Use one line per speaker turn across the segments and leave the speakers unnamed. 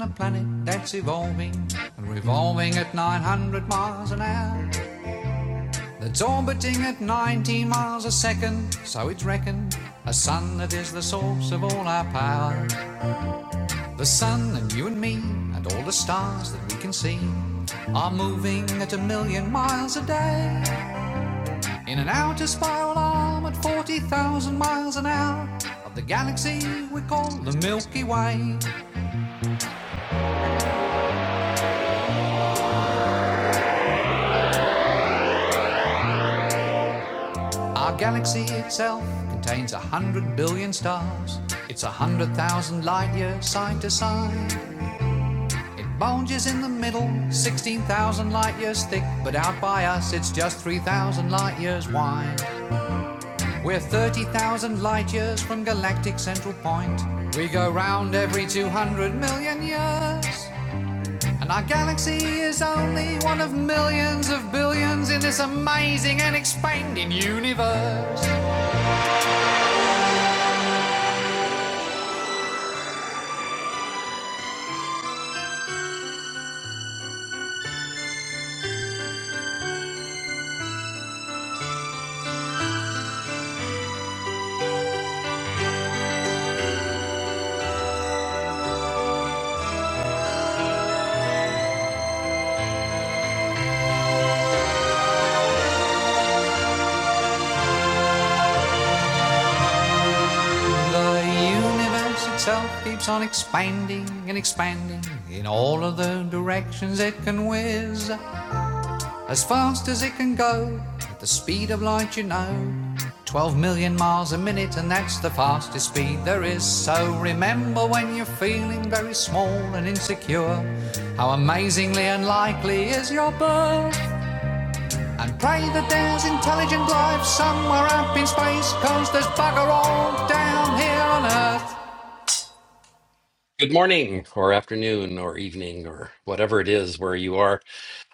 a planet that's evolving and revolving at 900 miles an hour. That's orbiting at 90 miles a second, so it's reckoned. A sun that is the source of all our power. The sun and you and me and all the stars that we can see are moving at a million miles a day in an outer spiral arm at 40,000 miles an hour of the galaxy we call the Milky Way. Our galaxy itself contains a hundred billion stars. It's a hundred thousand light years side to side. It bulges in the middle, 16,000 light years thick, but out by us it's just 3,000 light years wide. We're 30,000 light years from galactic central point. We go round every 200 million years. And our galaxy is only one of millions of billions in this amazing and expanding universe. The universe itself keeps on expanding and expanding in all of the directions it can whiz. As fast as it can go, at the speed of light, you know. 12 million miles a minute, and that's the fastest speed there is. So remember when you're feeling very small and insecure, how amazingly unlikely is your birth. And pray that there's intelligent life somewhere up in space, 'cause there's bugger all down here on Earth. Good morning, or afternoon, or evening, or whatever it is where you are.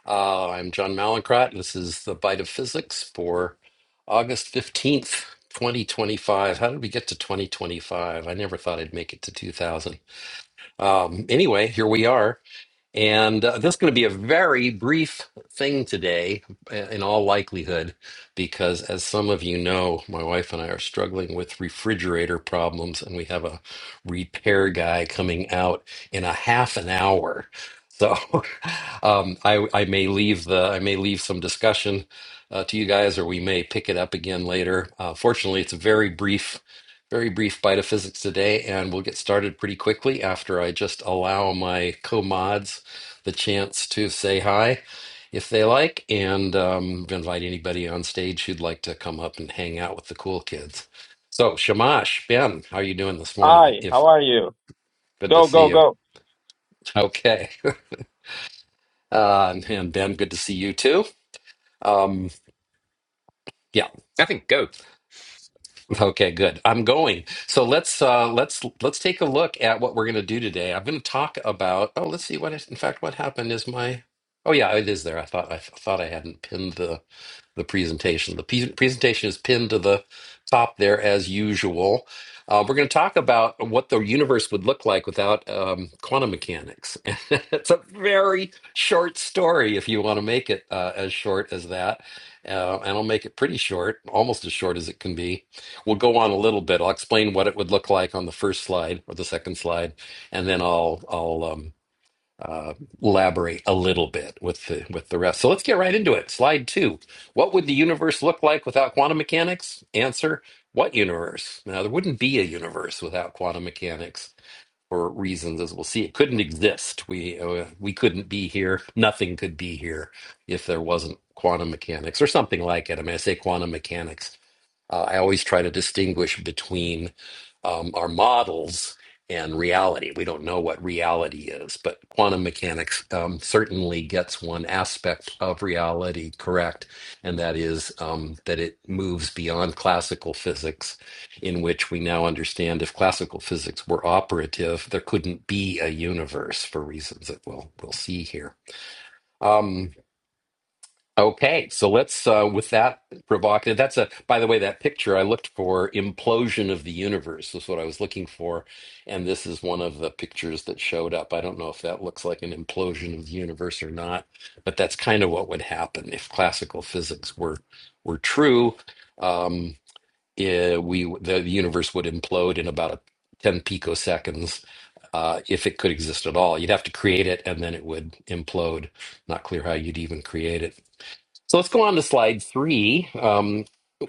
Uh, I'm John Mallinckrodt. This is the Bite of Physics for August 15th, 2025. How did we get to 2025? I never thought I'd make it to 2000. Um, anyway, here we are. And uh, this is going to be a very brief thing today, uh, in all likelihood, because as some of you know, my wife and I are struggling with refrigerator problems, and we have a repair guy coming out in a half an hour. So um, I, I may leave the I may leave some discussion uh, to you guys, or we may pick it up again later. Uh, fortunately, it's a very brief very brief bite of physics today, and we'll get started pretty quickly after I just allow my co-mods the chance to say hi if they like, and um, invite anybody on stage who'd like to come up and hang out with the cool kids. So, Shamash, Ben, how are you doing this morning?
Hi,
If
how are you?
good to
Go,
see
go,
you.
go.
Okay, uh, and and Ben, good to see you too. Um, yeah.
I think go.
Okay. Good. I'm going. So let's uh, let's let's take a look at what we're going to do today. I'm going to talk about. Oh, let's see what. is- In fact, what happened is my. Oh yeah, it is there. I thought I thought I hadn't pinned the the presentation. The pe- presentation is pinned to the top there as usual. Uh, we're going to talk about what the universe would look like without um, quantum mechanics. it's a very short story if you want to make it uh, as short as that. Uh, and I'll make it pretty short, almost as short as it can be. We'll go on a little bit. I'll explain what it would look like on the first slide or the second slide, and then I'll I'll um, uh, elaborate a little bit with the with the rest. So let's get right into it. Slide two. What would the universe look like without quantum mechanics? Answer: What universe? Now there wouldn't be a universe without quantum mechanics for reasons as we'll see. It couldn't exist. We uh, we couldn't be here. Nothing could be here if there wasn't quantum mechanics or something like it. I mean, I say quantum mechanics. Uh, I always try to distinguish between um, our models and reality. We don't know what reality is, but quantum mechanics um, certainly gets one aspect of reality correct, and that is um, that it moves beyond classical physics, in which we now understand if classical physics were operative, there couldn't be a universe for reasons that we'll we'll see here. Um, Okay, so let's uh, with that provocative. That's a by the way, that picture I looked for implosion of the universe was what I was looking for, and this is one of the pictures that showed up. I don't know if that looks like an implosion of the universe or not, but that's kind of what would happen if classical physics were were true. Um, eh, we the, the universe would implode in about a, ten picoseconds. Uh, if it could exist at all, you'd have to create it and then it would implode. Not clear how you'd even create it. So let's go on to slide three um,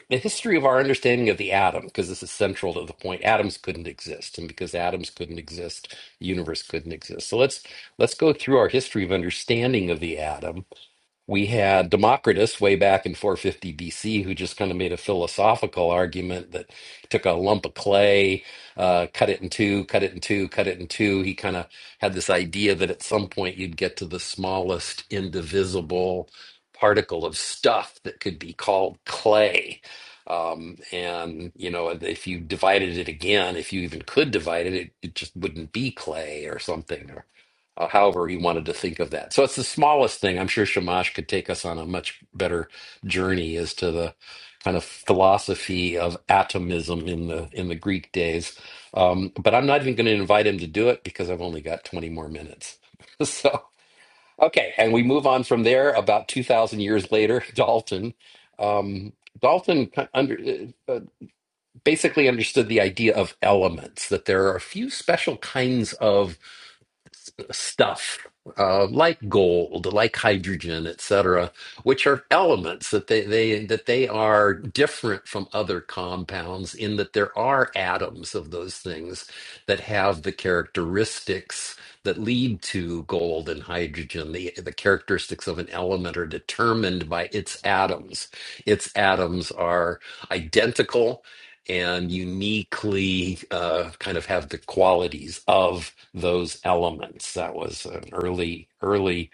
the history of our understanding of the atom, because this is central to the point. Atoms couldn't exist. And because atoms couldn't exist, the universe couldn't exist. So let's let's go through our history of understanding of the atom we had Democritus way back in 450 BC, who just kind of made a philosophical argument that took a lump of clay, uh, cut it in two, cut it in two, cut it in two. He kind of had this idea that at some point you'd get to the smallest indivisible particle of stuff that could be called clay. Um, and you know, if you divided it again, if you even could divide it, it, it just wouldn't be clay or something uh, however he wanted to think of that. So it's the smallest thing. I'm sure Shamash could take us on a much better journey as to the kind of philosophy of atomism in the in the Greek days. Um, but I'm not even going to invite him to do it because I've only got 20 more minutes. so okay, and we move on from there. About 2,000 years later, Dalton. Um, Dalton ki- under, uh, uh, basically understood the idea of elements, that there are a few special kinds of stuff uh, like gold, like hydrogen, etc., which are elements that they, they that they are different from other compounds in that there are atoms of those things that have the characteristics that lead to gold and hydrogen. The, the characteristics of an element are determined by its atoms. Its atoms are identical and uniquely uh, kind of have the qualities of those elements. That was an early, early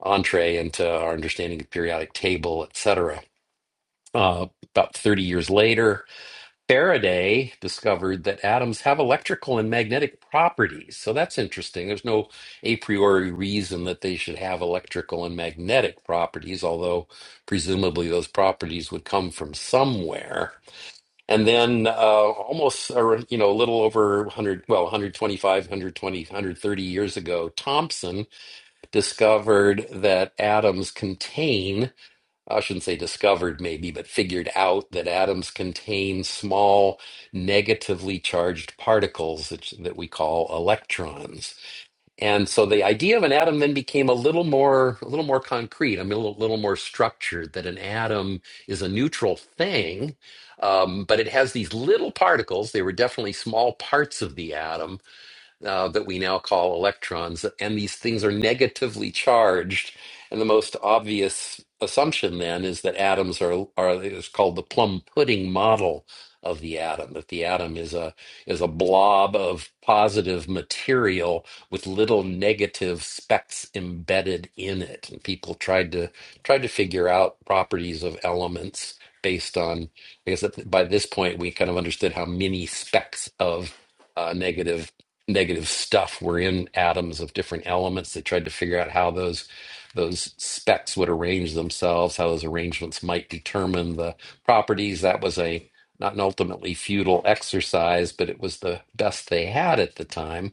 entree into our understanding of periodic table, etc. Uh, about 30 years later, Faraday discovered that atoms have electrical and magnetic properties. So that's interesting. There's no a priori reason that they should have electrical and magnetic properties, although presumably those properties would come from somewhere. And then uh, almost, or, you know, a little over 100, well, 125, 120, 130 years ago, Thompson discovered that atoms contain, I shouldn't say discovered maybe, but figured out that atoms contain small negatively charged particles that, that we call electrons. And so the idea of an atom then became a little more a little more concrete. I mean, a little, little more structured. That an atom is a neutral thing, um, but it has these little particles. They were definitely small parts of the atom uh, that we now call electrons. And these things are negatively charged. And the most obvious assumption then is that atoms are, are is called the plum pudding model of the atom, that the atom is a is a blob of positive material with little negative specks embedded in it. And people tried to tried to figure out properties of elements based on, I guess at- by this point we kind of understood how many specks of uh, negative negative stuff were in atoms of different elements. They tried to figure out how those those specs would arrange themselves, how those arrangements might determine the properties. That was a not an ultimately futile exercise, but it was the best they had at the time.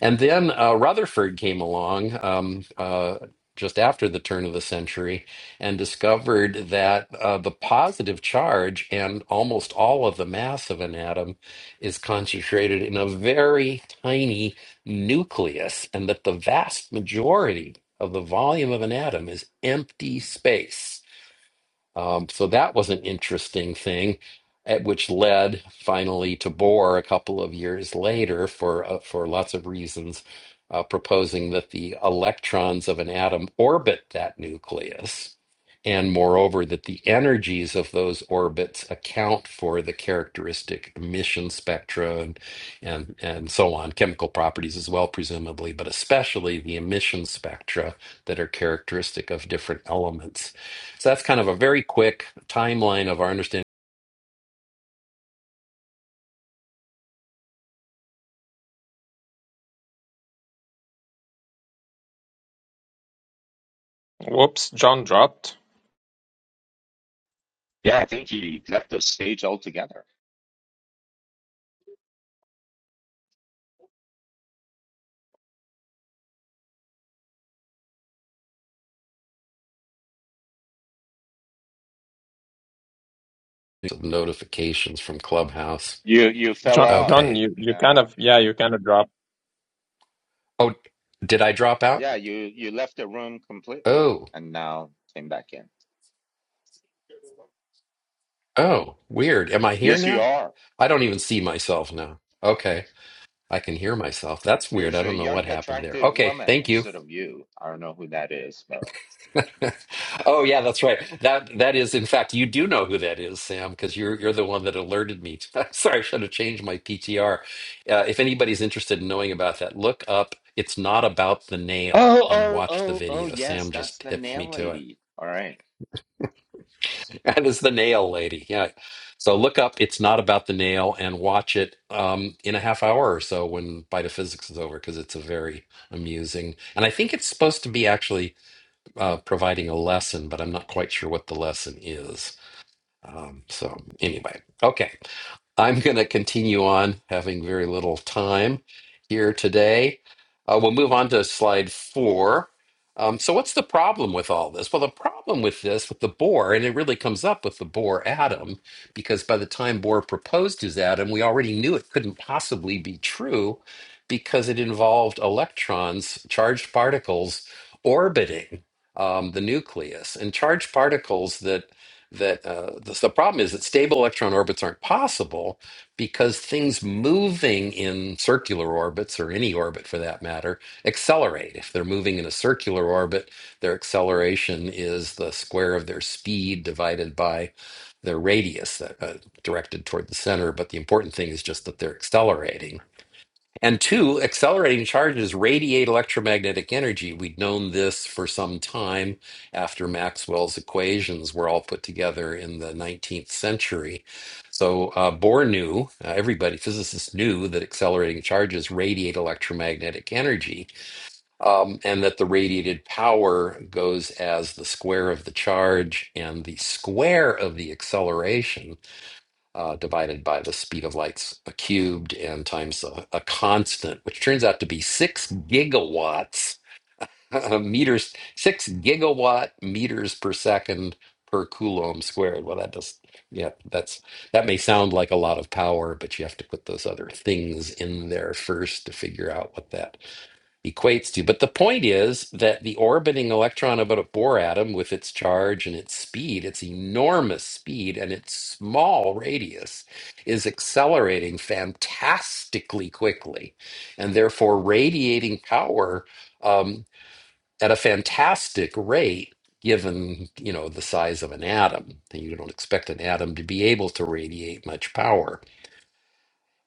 And then uh, Rutherford came along um, uh, just after the turn of the century and discovered that uh, the positive charge and almost all of the mass of an atom is concentrated in a very tiny nucleus, and that the vast majority of the volume of an atom is empty space. Um, so that was an interesting thing, at which led finally to Bohr a couple of years later for uh, for lots of reasons, uh, proposing that the electrons of an atom orbit that nucleus, and moreover that the energies of those orbits account for the characteristic emission spectra and and, and so on, chemical properties as well, presumably, but especially the emission spectra that are characteristic of different elements. So that's kind of a very quick timeline of our understanding
Whoops, John dropped.
Yeah, I think he left the stage altogether.
of notifications from Clubhouse.
You you fell
John,
off.
John,
Okay.
you, you kind
Yeah.
of, yeah, you kind of dropped.
Oh, did I drop out?
Yeah, you you left the room completely
Oh,
and now came back in.
oh, weird. Am I here
Yes, you
now?
are.
I don't even see myself now. Okay. I can hear myself. That's weird.
There's
I
a
don't know what
young,
happened there.
attractive
Okay.
woman
Thank you.
instead of you. I don't know who that is, but
Oh yeah, that's right. That that is, in fact, you do know who that is, Sam, because you're you're the one that alerted me. Sorry, I should have changed my PTR. Uh, if anybody's interested in knowing about that, look up "It's Not About the Nail"
oh,
and
oh,
watch the
oh, oh,
video.
yes,
Sam
that's
just
the
hipped me
nail
to it.
lady. All right.
That is the nail lady. Yeah. So look up "It's Not About the Nail" and watch it um, in a half hour or so when Physics is over, because it's a very amusing. And I think it's supposed to be actually uh, providing a lesson, but I'm not quite sure what the lesson is. Um, so, anyway, okay. I'm going to continue on having very little time here today. Uh, we'll move on to slide four. Um, so, what's the problem with all this? Well, the problem with this, with the Bohr, and it really comes up with the Bohr atom, because by the time Bohr proposed his atom, we already knew it couldn't possibly be true because it involved electrons, charged particles, orbiting um, the nucleus. And charged particles that that uh, the, the problem is that stable electron orbits aren't possible because things moving in circular orbits or any orbit for that matter accelerate if they're moving in a circular orbit their acceleration is the square of their speed divided by their radius that, uh, directed toward the center but the important thing is just that they're accelerating and two, accelerating charges radiate electromagnetic energy. We'd known this for some time after Maxwell's equations were all put together in the 19th century. So uh, Bohr knew, uh, everybody, physicists knew that accelerating charges radiate electromagnetic energy um, and that the radiated power goes as the square of the charge and the square of the acceleration uh, divided by the speed of light cubed and times a, a constant, which turns out to be six gigawatts meters, six gigawatt meters per second per coulomb squared. Well, that does, yeah, that's that may sound like a lot of power, but you have to put those other things in there first to figure out what that equates to. But the point is that the orbiting electron of a Bohr atom, with its charge and its speed, its enormous speed and its small radius, is accelerating fantastically quickly and therefore radiating power um, at a fantastic rate. Given you know the size of an atom, and you don't expect an atom to be able to radiate much power,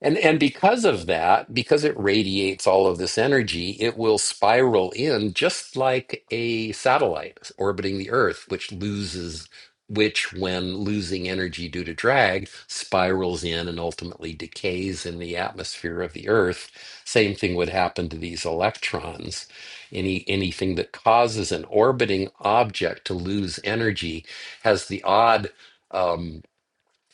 and and because of that, because it radiates all of this energy, it will spiral in just like a satellite orbiting the Earth, which loses which when losing energy due to drag spirals in and ultimately decays in the atmosphere of the earth same thing would happen to these electrons any anything that causes an orbiting object to lose energy has the odd um,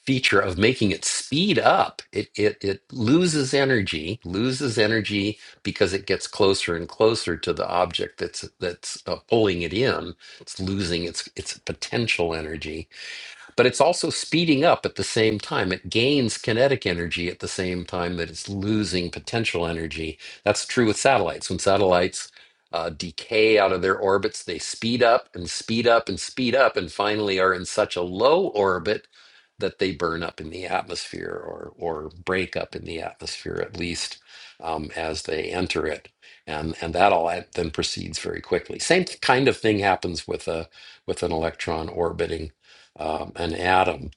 feature of making it speed up. It, it it loses energy, loses energy because it gets closer and closer to the object that's that's uh, pulling it in. It's losing its its potential energy, but it's also speeding up at the same time. It gains kinetic energy at the same time that it's losing potential energy. That's true with satellites. When satellites uh, decay out of their orbits, they speed up and speed up and speed up, and finally are in such a low orbit that they burn up in the atmosphere or or break up in the atmosphere at least um, as they enter it. And, and that all then proceeds very quickly. Same kind of thing happens with a with an electron orbiting um, an atom.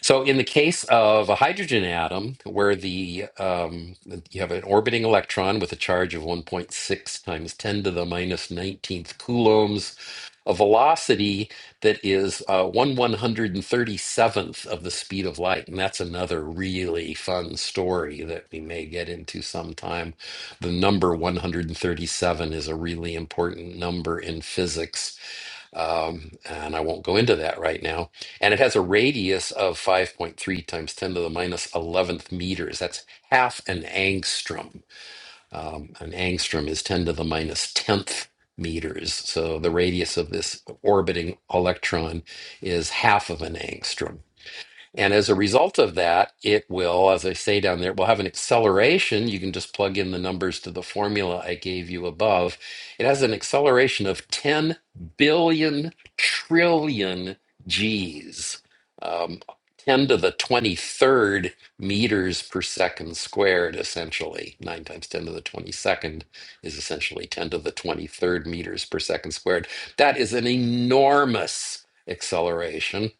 So, in the case of a hydrogen atom, where the um, you have an orbiting electron with a charge of 1.6 times 10 to the minus 19th coulombs, a velocity that is uh, 1 137th of the speed of light. And that's another really fun story that we may get into sometime. The number 137 is a really important number in physics um, and I won't go into that right now. And it has a radius of 5.3 times 10 to the minus 11th meters. That's half an angstrom. Um, an angstrom is 10 to the minus 10th meters. So the radius of this orbiting electron is half of an angstrom. And as a result of that, it will, as I say down there, it will have an acceleration. You can just plug in the numbers to the formula I gave you above. It has an acceleration of 10 billion trillion Gs, um, 10 to the 23rd meters per second squared, essentially. 9 times 10 to the 22nd is essentially 10 to the 23rd meters per second squared. That is an enormous acceleration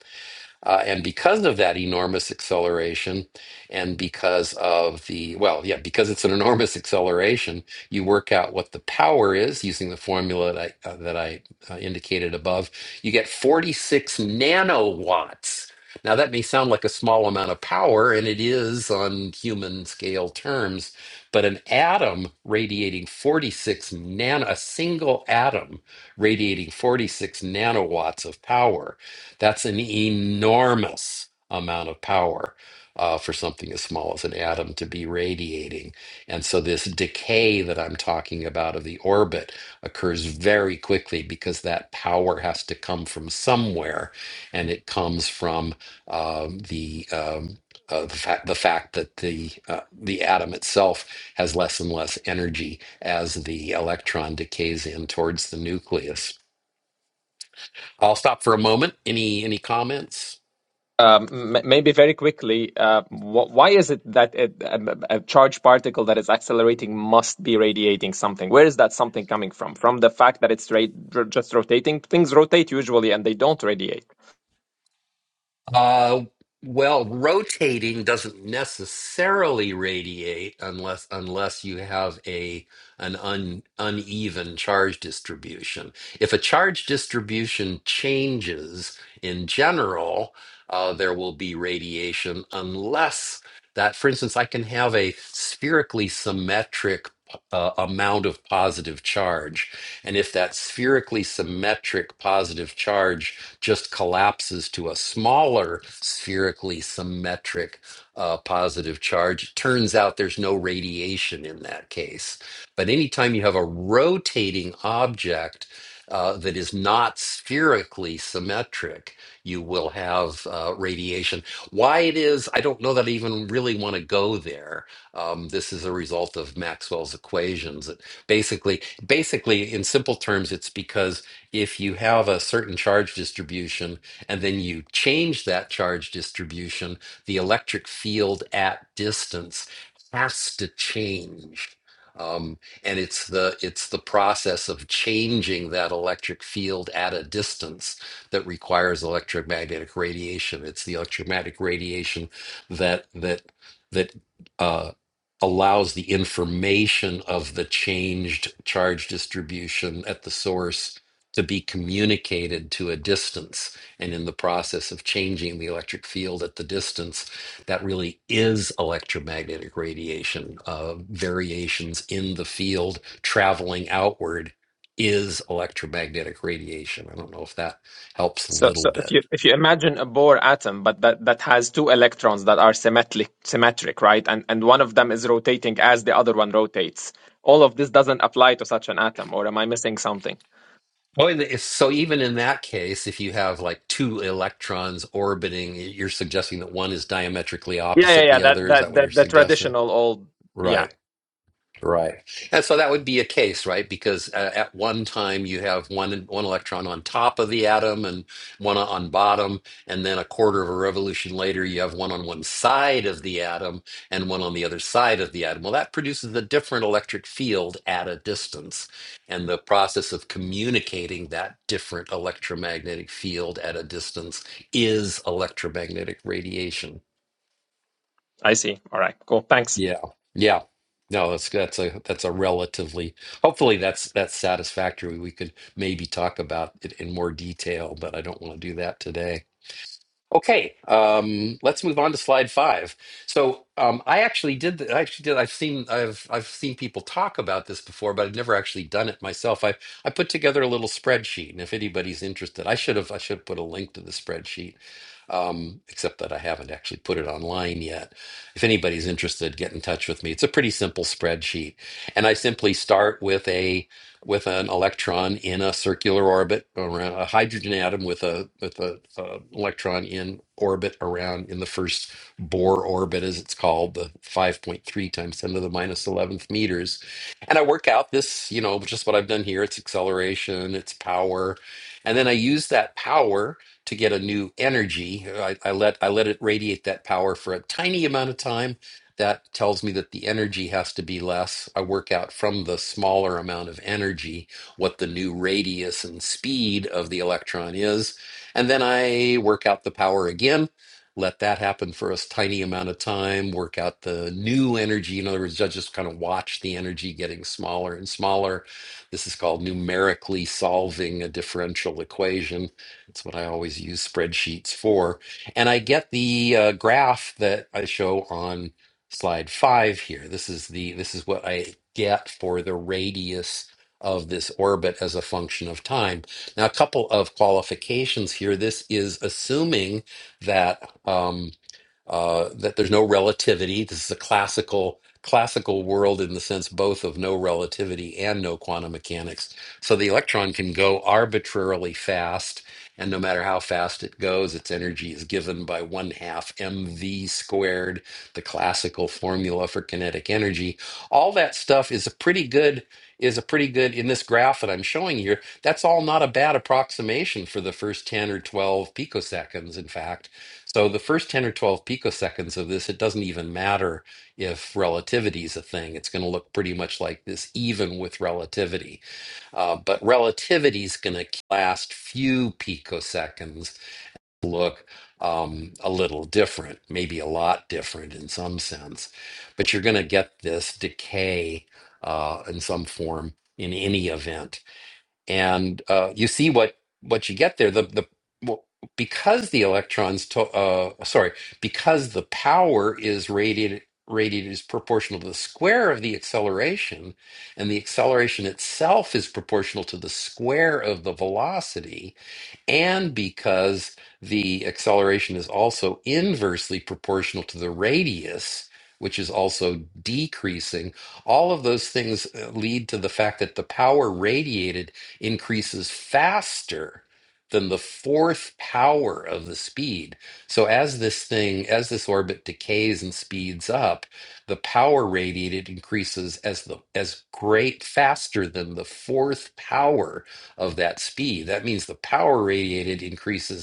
uh, and because of that enormous acceleration, and because of the, well, yeah, because it's an enormous acceleration, you work out what the power is using the formula that I, uh, that I uh, indicated above. You get 46 nanowatts. Now, that may sound like a small amount of power, and it is on human scale terms, but an atom radiating 46 nano, a single atom radiating 46 nanowatts of power that's an enormous amount of power uh, for something as small as an atom to be radiating. And so, this decay that I'm talking about of the orbit occurs very quickly because that power has to come from somewhere, and it comes from um, the um, uh, the, fact, the fact that the uh, the atom itself has less and less energy as the electron decays in towards the nucleus. I'll stop for a moment. Any any comments?
Um, m- maybe very quickly, uh, wh why is it that it, a, a charged particle that is accelerating must be radiating something? Where is that something coming from? From the fact that it's ra just rotating? Things rotate usually and they don't radiate.
Uh, well, rotating doesn't necessarily radiate unless unless you have a an un, uneven charge distribution. If a charge distribution changes in general, uh, there will be radiation unless that for instance i can have a spherically symmetric uh, amount of positive charge and if that spherically symmetric positive charge just collapses to a smaller spherically symmetric uh, positive charge it turns out there's no radiation in that case but anytime you have a rotating object uh, that is not spherically symmetric you will have uh, radiation why it is, I don't know that I even really want to go there. Um, this is a result of Maxwell's equations. It basically, basically, in simple terms, it's because if you have a certain charge distribution and then you change that charge distribution, the electric field at distance has to change. Um, and it's the it's the process of changing that electric field at a distance that requires electromagnetic radiation. It's the electromagnetic radiation that that that uh, allows the information of the changed charge distribution at the source to be communicated to a distance. And in the process of changing the electric field at the distance, that really is electromagnetic radiation. Uh, variations in the field traveling outward is electromagnetic radiation. I don't know if that helps a
So,
little
so if
bit.
you if you imagine a Bohr atom, but that, that has two electrons that are symmetric, symmetric, right? And and one of them is rotating as the other one rotates. All of this doesn't apply to such an atom, or am I missing something?
Oh, and if, so even in that case, if you have like two electrons orbiting, you're suggesting that one is diametrically
Yeah, yeah,
opposite
yeah.
the other.
That
Is that
that
what
that
you're
the
suggesting?
traditional old. Yeah,
Right. Right. And so that would be a case, right? Because uh, at one time you have one one electron on top of the atom and one on bottom, and then a quarter of a revolution later you have one on one side of the atom and one on the other side of the atom. Well, that produces a different electric field at a distance. And the process of communicating that different electromagnetic field at a distance is electromagnetic radiation.
I see. All right, cool. Thanks.
Yeah. Yeah. No, that's that's a that's a relatively hopefully that's that's satisfactory. We could maybe talk about it in more detail, but I don't want to do that today. Okay, um, let's move on to slide five. So um, I actually did. th- I actually did. I've seen. I've I've seen people talk about this before, but I've never actually done it myself. I I put together a little spreadsheet, and if anybody's interested, I should have. I should have put a link to the spreadsheet. Um, except that I haven't actually put it online yet. If anybody's interested, get in touch with me. It's a pretty simple spreadsheet, and I simply start with a with an electron in a circular orbit around a hydrogen atom with a with a, uh electron in orbit around in the first Bohr orbit, as it's called, the 5.3 times 10 to the minus 11th meters. And I work out this, you know, just what I've done here. It's acceleration, it's power, and then I use that power to get a new energy. I, I let I let it radiate that power for a tiny amount of time that tells me that the energy has to be less. I work out from the smaller amount of energy what the new radius and speed of the electron is. And then I work out the power again. Let that happen for a tiny amount of time, work out the new energy. In other words, I just kind of watch the energy getting smaller and smaller. This is called numerically solving a differential equation. It's what I always use spreadsheets for and I get the uh, graph that I show on slide five here. This is the this is what I get for the radius of this orbit as a function of time. Now, a couple of qualifications here. This is assuming that um, uh, that there's no relativity. This is a classical classical world in the sense both of no relativity and no quantum mechanics. So the electron can go arbitrarily fast, and no matter how fast it goes, its energy is given by one half mv squared, the classical formula for kinetic energy. All that stuff is a pretty good is a pretty good in this graph that I'm showing here. That's all not a bad approximation for the first 10 or 12 picoseconds, in fact. So the first 10 or 12 picoseconds of this, it doesn't even matter if relativity is a thing. It's going to look pretty much like this, even with relativity uh, but relativity is going to last few picoseconds, look um, a little different, maybe a lot different in some sense. But you're going to get this decay uh, in some form in any event and uh, you see what what you get there. The the well, because the electrons, to, uh, sorry, because the power is radiated radiated is proportional to the square of the acceleration, and the acceleration itself is proportional to the square of the velocity, and because the acceleration is also inversely proportional to the radius which is also decreasing. All of those things uh, lead to the fact that the power radiated increases faster than the fourth power of the speed. So as this thing, as this orbit decays and speeds up, the power radiated increases as the as great faster than the fourth power of that speed. That means the power radiated increases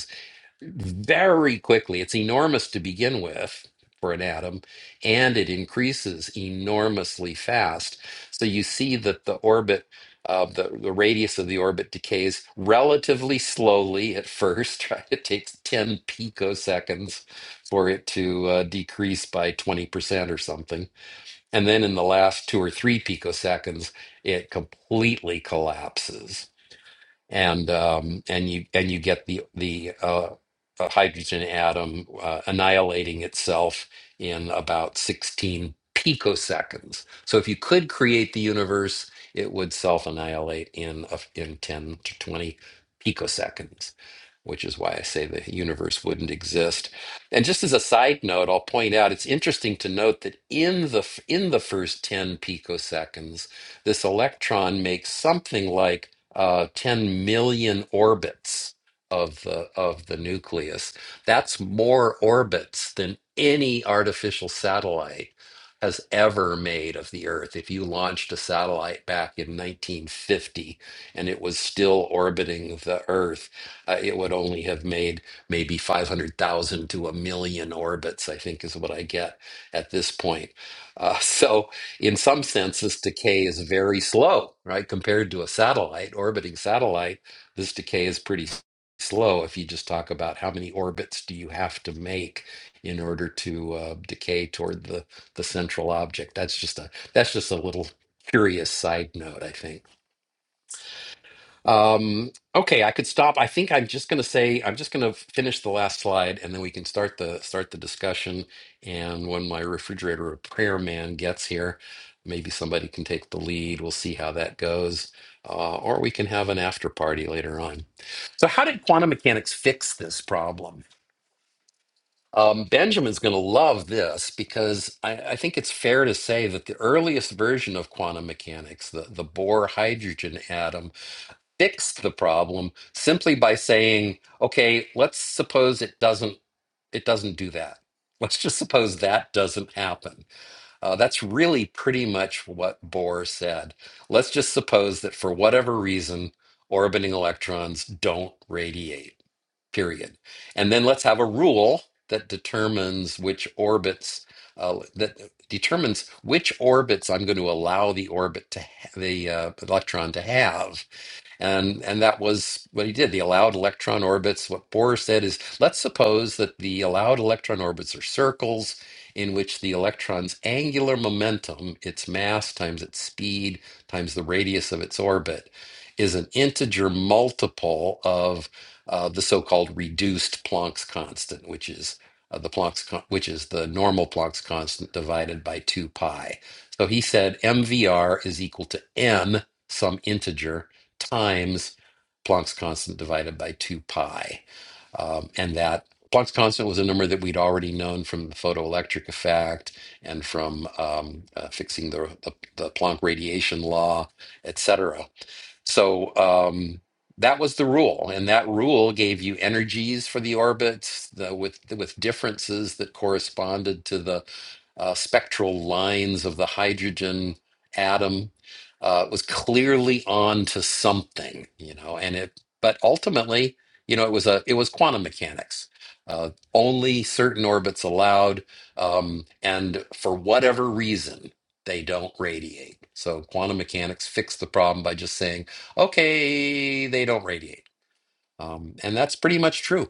very quickly. It's enormous to begin with for an atom, and it increases enormously fast. So you see that the orbit of the, the radius of the orbit decays relatively slowly at first, right? It takes 10 picoseconds for it to uh, decrease by 20% or something. And then in the last two or three picoseconds, it completely collapses and um, and you and you get the the uh, uh, hydrogen atom uh, annihilating itself in about 16 picoseconds. So if you could create the universe, it would self-annihilate in a, in 10 to 20 picoseconds, which is why I say the universe wouldn't exist. And just as a side note, I'll point out it's interesting to note that in the f- in the first 10 picoseconds, this electron makes something like uh, 10 million orbits of the of the nucleus. That's more orbits than any artificial satellite has ever made of the Earth. If you launched a satellite back in 1950 and it was still orbiting the Earth, uh, it would only have made maybe 500,000 to a million orbits, I think is what I get at this point. Uh, so in some sense, this decay is very slow, right? Compared to a satellite, orbiting satellite, this decay is pretty s- slow if you just talk about how many orbits do you have to make in order to uh, decay toward the, the central object. That's just a that's just a little curious side note, I think. Um, okay, I could stop. I think I'm just going to say I'm just going to finish the last slide, and then we can start the start the discussion. And when my refrigerator repair man gets here, maybe somebody can take the lead. We'll see how that goes, uh, or we can have an after party later on. So, how did quantum mechanics fix this problem? Um, Benjamin's going to love this because I, I think it's fair to say that the earliest version of quantum mechanics, the, the Bohr hydrogen atom, fix the problem simply by saying, okay, let's suppose it doesn't it doesn't do that. Let's just suppose that doesn't happen. Uh, that's really pretty much what Bohr said. Let's just suppose that for whatever reason, orbiting electrons don't radiate, period. And then let's have a rule that determines which orbits uh, that determines which orbits I'm going to allow the orbit to ha- the uh, electron to have and and that was what he did. He allowed electron orbits. What Bohr said is, let's suppose that the allowed electron orbits are circles in which the electron's angular momentum, its mass times its speed times the radius of its orbit, is an integer multiple of uh, the so-called reduced Planck's constant, which is uh, the Planck's con- which is the normal Planck's constant divided by two pi. So he said MVR is equal to n some integer times Planck's constant divided by 2 pi. Um, and that Planck's constant was a number that we'd already known from the photoelectric effect and from um, uh, fixing the, the, the Planck radiation law, etc. So um, that was the rule, and that rule gave you energies for the orbits the, with with differences that corresponded to the uh, spectral lines of the hydrogen atom. Uh, it was clearly on to something, you know, and it. But ultimately, you know, it was a it was quantum mechanics. Uh, only certain orbits allowed, um, and for whatever reason, they don't radiate. So quantum mechanics fixed the problem by just saying okay, they don't radiate. Um, and that's pretty much true.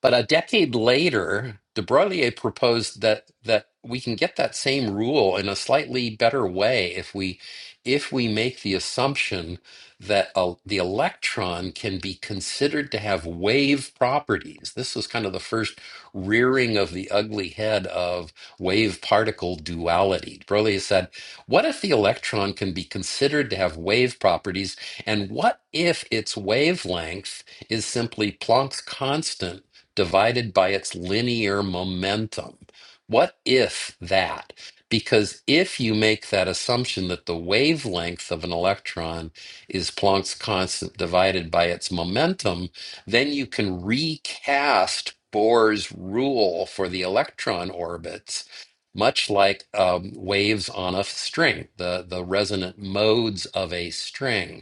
But a decade later, de Broglie proposed that that we can get that same rule in a slightly better way if we if we make the assumption that uh, the electron can be considered to have wave properties. This was kind of the first rearing of the ugly head of wave particle duality. De Broglie said, "What if the electron can be considered to have wave properties, and what if its wavelength is simply Planck's constant?" divided by its linear momentum. What if that? Because if you make that assumption that the wavelength of an electron is Planck's constant divided by its momentum, then you can recast Bohr's rule for the electron orbits, much like um, waves on a string, the, the resonant modes of a string.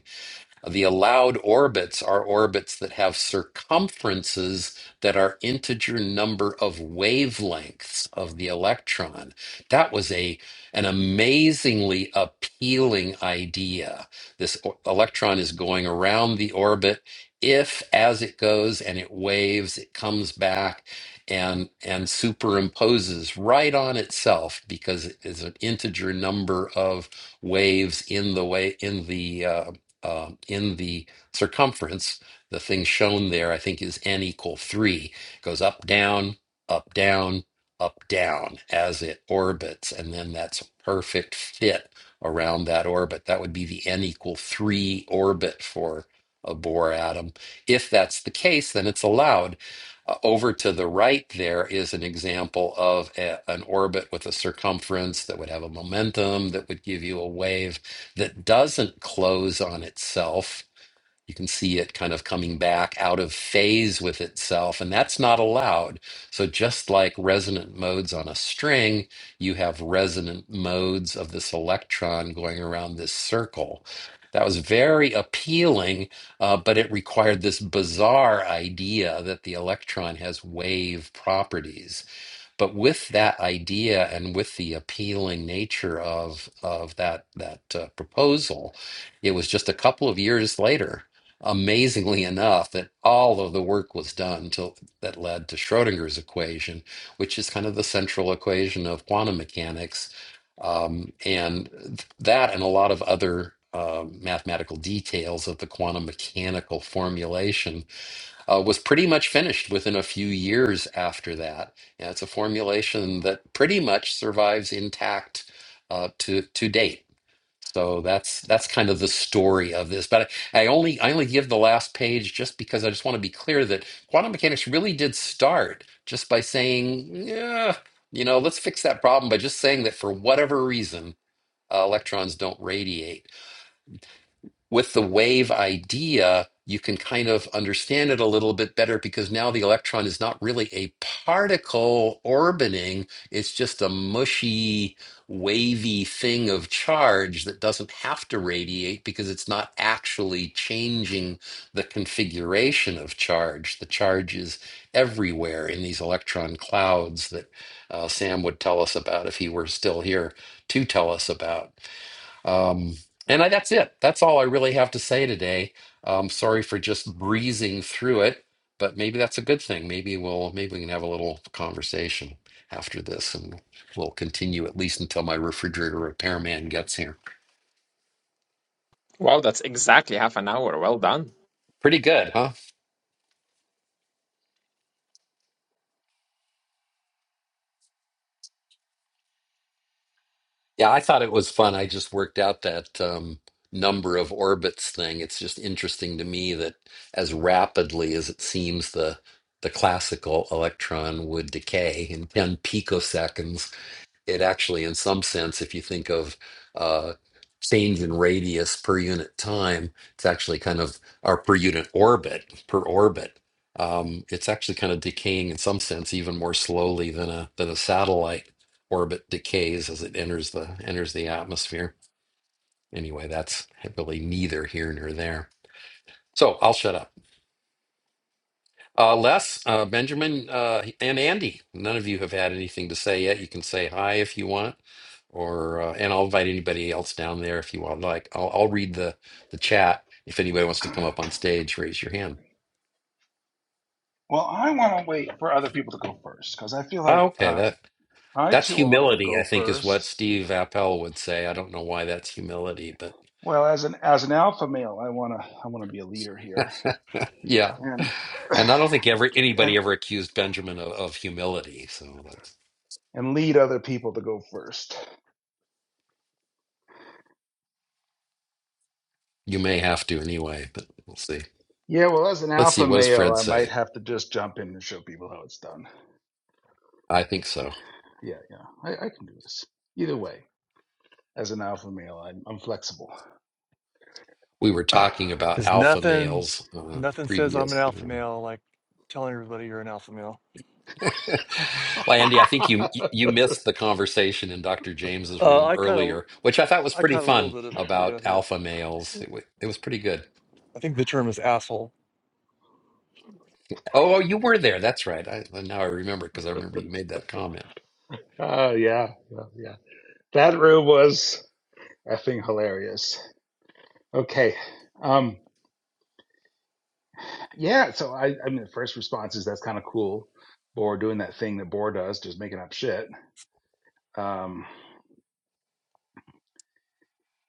The allowed orbits are orbits that have circumferences that are integer number of wavelengths of the electron. That was a an amazingly appealing idea. This o- electron is going around the orbit. If as it goes and it waves, it comes back and and superimposes right on itself because it is an integer number of waves in the way in the uh, uh, in the circumference, the thing shown there, I think, is n equal three. It Goes up, down, up, down, up, down as it orbits, and then that's a perfect fit around that orbit. That would be the n equal three orbit for a Bohr atom. If that's the case, then it's allowed. Uh, over to the right, there is an example of a- an orbit with a circumference that would have a momentum that would give you a wave that doesn't close on itself. You can see it kind of coming back out of phase with itself, and that's not allowed. So, just like resonant modes on a string, you have resonant modes of this electron going around this circle. That was very appealing, uh, but it required this bizarre idea that the electron has wave properties. But with that idea and with the appealing nature of of that that uh, proposal, it was just a couple of years later, amazingly enough, that all of the work was done to, that led to Schrodinger's equation, which is kind of the central equation of quantum mechanics. Um, and th- that and a lot of other uh, mathematical details of the quantum mechanical formulation uh, was pretty much finished within a few years after that. And it's a formulation that pretty much survives intact uh, to to date. So that's that's kind of the story of this. But I, I only I only give the last page just because I just want to be clear that quantum mechanics really did start just by saying, yeah, you know, let's fix that problem by just saying that for whatever reason uh, electrons don't radiate with the wave idea, you can kind of understand it a little bit better because now the electron is not really a particle orbiting, it's just a mushy, wavy thing of charge that doesn't have to radiate because it's not actually changing the configuration of charge. The charge is everywhere in these electron clouds that uh, Sam would tell us about if he were still here to tell us about. Um, and I, that's it. That's all I really have to say today. Um, sorry for just breezing through it, but maybe that's a good thing. Maybe we'll maybe we can have a little conversation after this, and we'll continue at least until my refrigerator repairman gets here.
Wow, that's exactly half an hour. Well done.
Pretty good, huh? Yeah, I thought it was fun. I just worked out that um, number of orbits thing. It's just interesting to me that as rapidly as it seems the the classical electron would decay in 10 picoseconds it actually, in some sense, if you think of uh, change in radius per unit time, it's actually kind of our per unit orbit per orbit. Um, it's actually kind of decaying in some sense even more slowly than a than a satellite orbit decays as it enters the enters the atmosphere. Anyway, that's really neither here nor there. So I'll shut up. Uh, Les, uh, Benjamin, uh, and Andy. None of you have had anything to say yet. You can say hi if you want. or uh, and I'll invite anybody else down there if you want. Like, I'll I'll read the the chat. If anybody wants to come up on stage, raise your hand.
Well, I want to wait for other people to go first because I feel like
Oh, okay,
uh,
that
I
that's
too often
humility, I
go
think, is what
first.
Steve Appel would say. I don't know why that's humility, but
Well, as an as an alpha male, I want to I want to be a leader here
yeah.
and
And I don't think ever anybody
and
ever accused Benjamin of, of humility. So that's,
and lead other people to go first.
you may have to anyway, but we'll see.
Yeah, well, as an
Let's see.
alpha
What does
male,
Fred
I might
say?
have to just jump in and show people how it's done.
I think so.
Yeah, yeah, I, I can do this. Either way, as an alpha male, I'm, I'm flexible.
We were talking about
There's
alpha
nothing,
males uh,
nothing says I'm an
previous.
alpha male like telling everybody you're an alpha male.
Well, Andy, I think you you missed the conversation in Dr. James's
Uh,
room
I kind of,
earlier, which I thought was
I
pretty
caught a little
fun
bit of it, but yeah,
about
yeah.
alpha males. It was, it was pretty good.
I think the term is asshole
Oh, oh, you were there. That's right. I, now I remember because I remember you made that comment.
oh yeah, yeah, yeah. That room was effing hilarious. Okay. Um, yeah. So I, I mean, the first response is that's kind of cool. Bohr doing that thing that Bohr does, just making up shit. Um,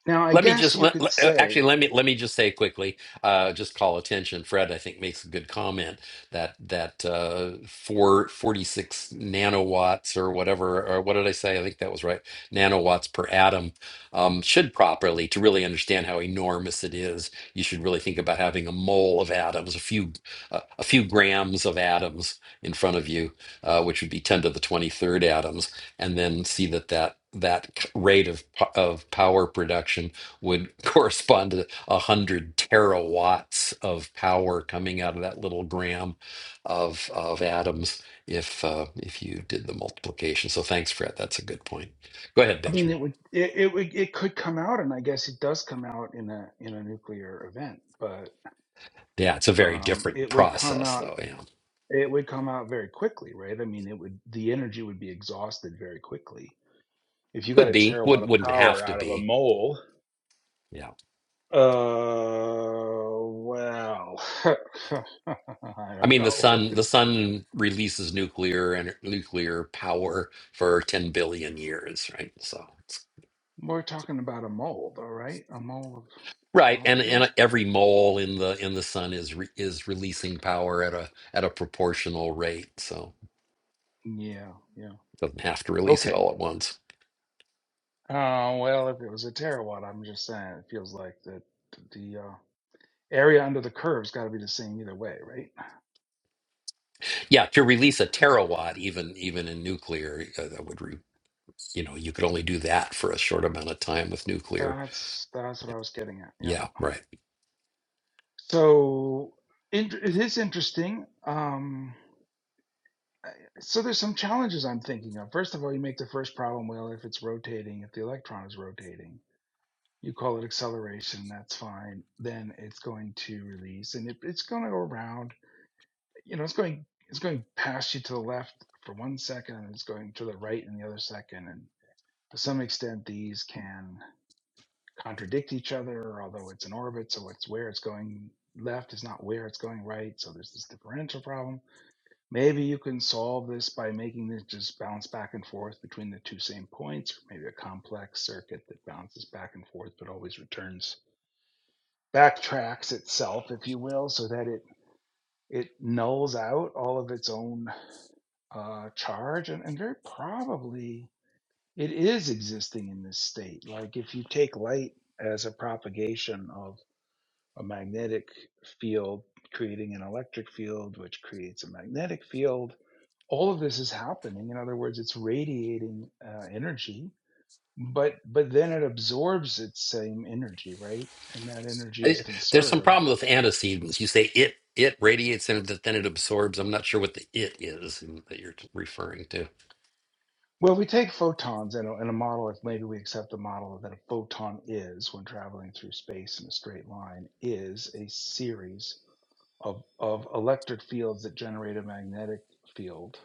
now I
Let me just
guess you
let,
could
let- uh,
say,
actually let me let me just say quickly, uh, just call attention. Fred, I think makes a good comment that that uh, four, forty-six nanowatts or whatever, or what did I say? I think that was right. Nanowatts per atom um, should properly to really understand how enormous it is you should really think about having a mole of atoms, a few uh, a few grams of atoms in front of you, uh, which would be 10 to the 23rd atoms, and then see that that that rate of po- of power production would correspond to 100 terawatts of power coming out of that little gram of of atoms if uh, if you did the multiplication. So thanks, Fred. That's a good point. Go ahead,
I mean,
Benjamin.
it would, it, it would, it could come out, and I guess it does come out in a in a nuclear event, but
Yeah, it's a very
um,
different
it would come
process,
out,
though. Yeah.
it would come out very quickly, right? I mean, it would, the energy would be exhausted very quickly. if you got
Could
a
be.
terawatt
Would
of
wouldn't have
power
to
out of a
be.
mole,
Yeah.
uh, well, I
I
don't
mean the
know.
sun the sun releases nuclear and nuclear power for 10 billion years, right? So
We're talking about a mole, though, right? A mole of
Right, and
molecules?
and every mole in the in the sun is re, is releasing power at a at a proportional rate, so
Yeah, yeah.
it doesn't have to release it
Okay.
all at once.
Uh, well, if it was a terawatt, I'm just saying it feels like that the uh, area under the curve's got to be the same either way, right?
Yeah, to release a terawatt, even even in nuclear, uh, that would re, you know you could only do that for a short amount of time with nuclear.
That's that's what I was getting at. Yeah.
Yeah, right.
So in, it is interesting. Um, So there's some challenges I'm thinking of. First of all, you make the first problem well if it's rotating, if the electron is rotating. You call it acceleration, that's fine. Then it's going to release and it, it's going to go around. You know, it's going it's going past you to the left for one second and it's going to the right in the other second and to some extent these can contradict each other although it's in orbit so it's where it's going left is not where it's going right so there's this differential problem Maybe you can solve this by making this just bounce back and forth between the two same points, or maybe a complex circuit that bounces back and forth but always returns backtracks itself, if you will, so that it it nulls out all of its own uh, charge, and, and very probably it is existing in this state. Like if you take light as a propagation of a magnetic field, creating an electric field, which creates a magnetic field all of this is happening in other words it's radiating uh, energy but but then it absorbs its same energy right and that energy is
I- There's some
conserved
problem with antecedents. You say it it radiates and then it absorbs. I'm not sure what the it is that you're referring to.
well we take photons in a, in a model if maybe we accept the model that a photon is when traveling through space in a straight line is a series of of electric fields that generate a magnetic field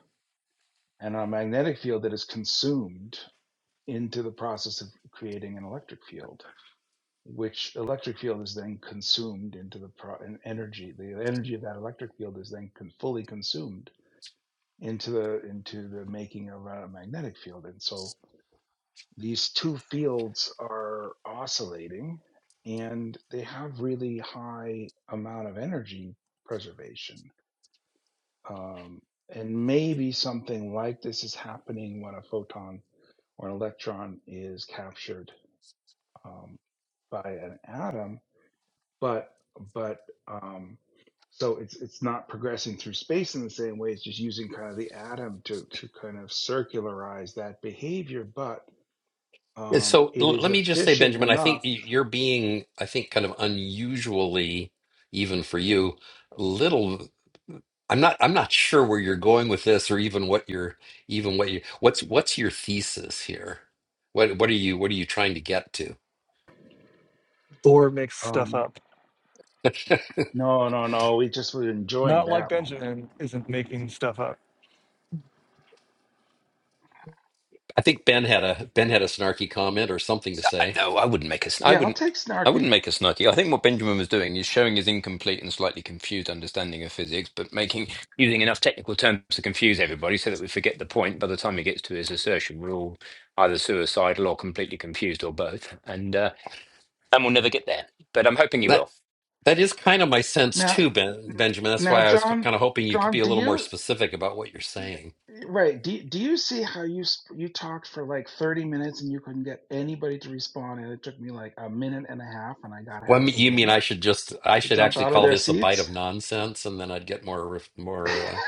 and a magnetic field that is consumed into the process of creating an electric field which electric field is then consumed into the pro- and energy. The energy of that electric field is then con- fully consumed into the into the making of a magnetic field. And so these two fields are oscillating, and they have really high amount of energy preservation. Um, and maybe something like this is happening when a photon or an electron is captured um, by an atom but but um so it's it's not progressing through space in the same way it's just using kind of the atom to to kind of circularize that behavior but
And
um
so
it
l-
is
let me just say,
efficient
Benjamin, I think
enough
y- you're being, I think, kind of unusually, even for you, a little. I'm not. I'm not sure where you're going with this, or even what you're, even what you. What's what's your thesis here? What what are you what are you trying to get to?
Thor makes stuff
um
up.
no no no we just were enjoying
Not like
that moment
Benjamin isn't making stuff up.
I think Ben had a Ben had a snarky comment or something to
I,
say.
no, I wouldn't make us. I
yeah i'll
wouldn't.
take
I wouldn't
snarky
make us snarky. I think what Benjamin was doing is showing his incomplete and slightly confused understanding of physics, but making using enough technical terms to confuse everybody so that we forget the point. By the time he gets to his assertion, we're all either suicidal or completely confused or both, and uh, and we'll never get there. But I'm hoping he will.
That is kind of my sense
now
too, ben, Benjamin. That's
now
why I was
john
kind of hoping you could
john
be a
do
little more
you
specific about what you're
Yeah,
saying.
Right. Do, do you see how you sp- you talked for like 30 minutes and you couldn't get anybody to respond and it took me like a minute and a half and I got
Well, I
half
mean-
the
you mean
room
I should just I
to
should
jump
actually
out of
call
their
this a bite of
seats?
nonsense, and then I'd get more ref- more uh,